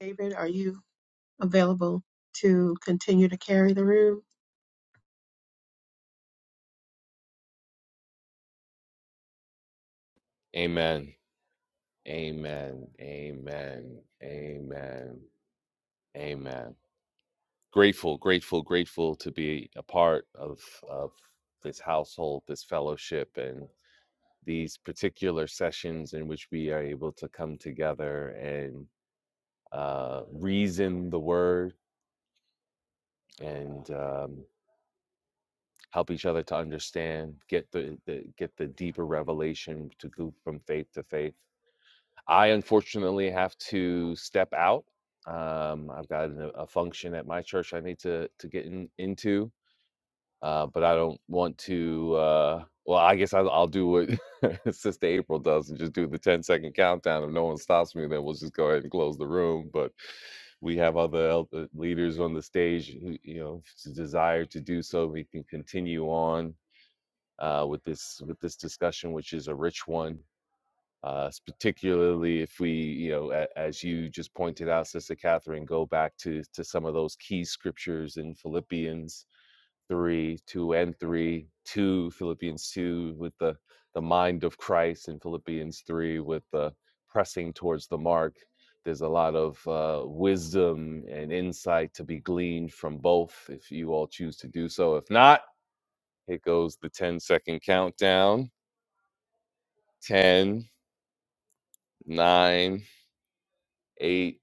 Speaker 4: David, are you? available to continue to carry the room?
Speaker 9: amen amen amen amen amen grateful, grateful, grateful to be a part of of this household, this fellowship, and these particular sessions in which we are able to come together and uh, reason the word and um, help each other to understand, get the, the get the deeper revelation to go from faith to faith. I unfortunately have to step out. Um, I've got a, a function at my church I need to to get in, into uh, but I don't want to. Uh, well, I guess I'll, I'll do what [LAUGHS] Sister April does and just do the ten-second countdown. If no one stops me, then we'll just go ahead and close the room. But we have other el- uh, leaders on the stage who, you know, if s- desire to do so. We can continue on uh, with this with this discussion, which is a rich one. Uh, s- particularly if we, you know, a, as you just pointed out, Sister Catherine, go back to to some of those key scriptures in Philippians three, two and three, two Philippians two with the the mind of Christ, and Philippians three with the pressing towards the mark. There's a lot of uh, wisdom and insight to be gleaned from both if you all choose to do so. If not, it goes the ten second countdown Ten, nine, eight,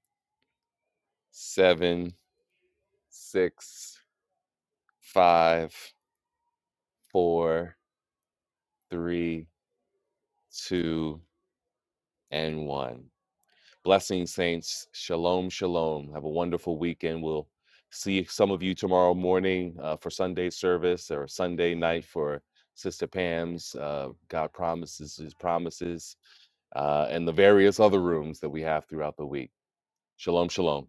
Speaker 9: seven, six, five, four, three, two, and 1. Blessings, saints. Shalom, shalom. Have a wonderful weekend. We'll see some of you tomorrow morning uh, for Sunday service or Sunday night for Sister Pam's uh, God Promises His Promises uh, and the various other rooms that we have throughout the week. Shalom, shalom.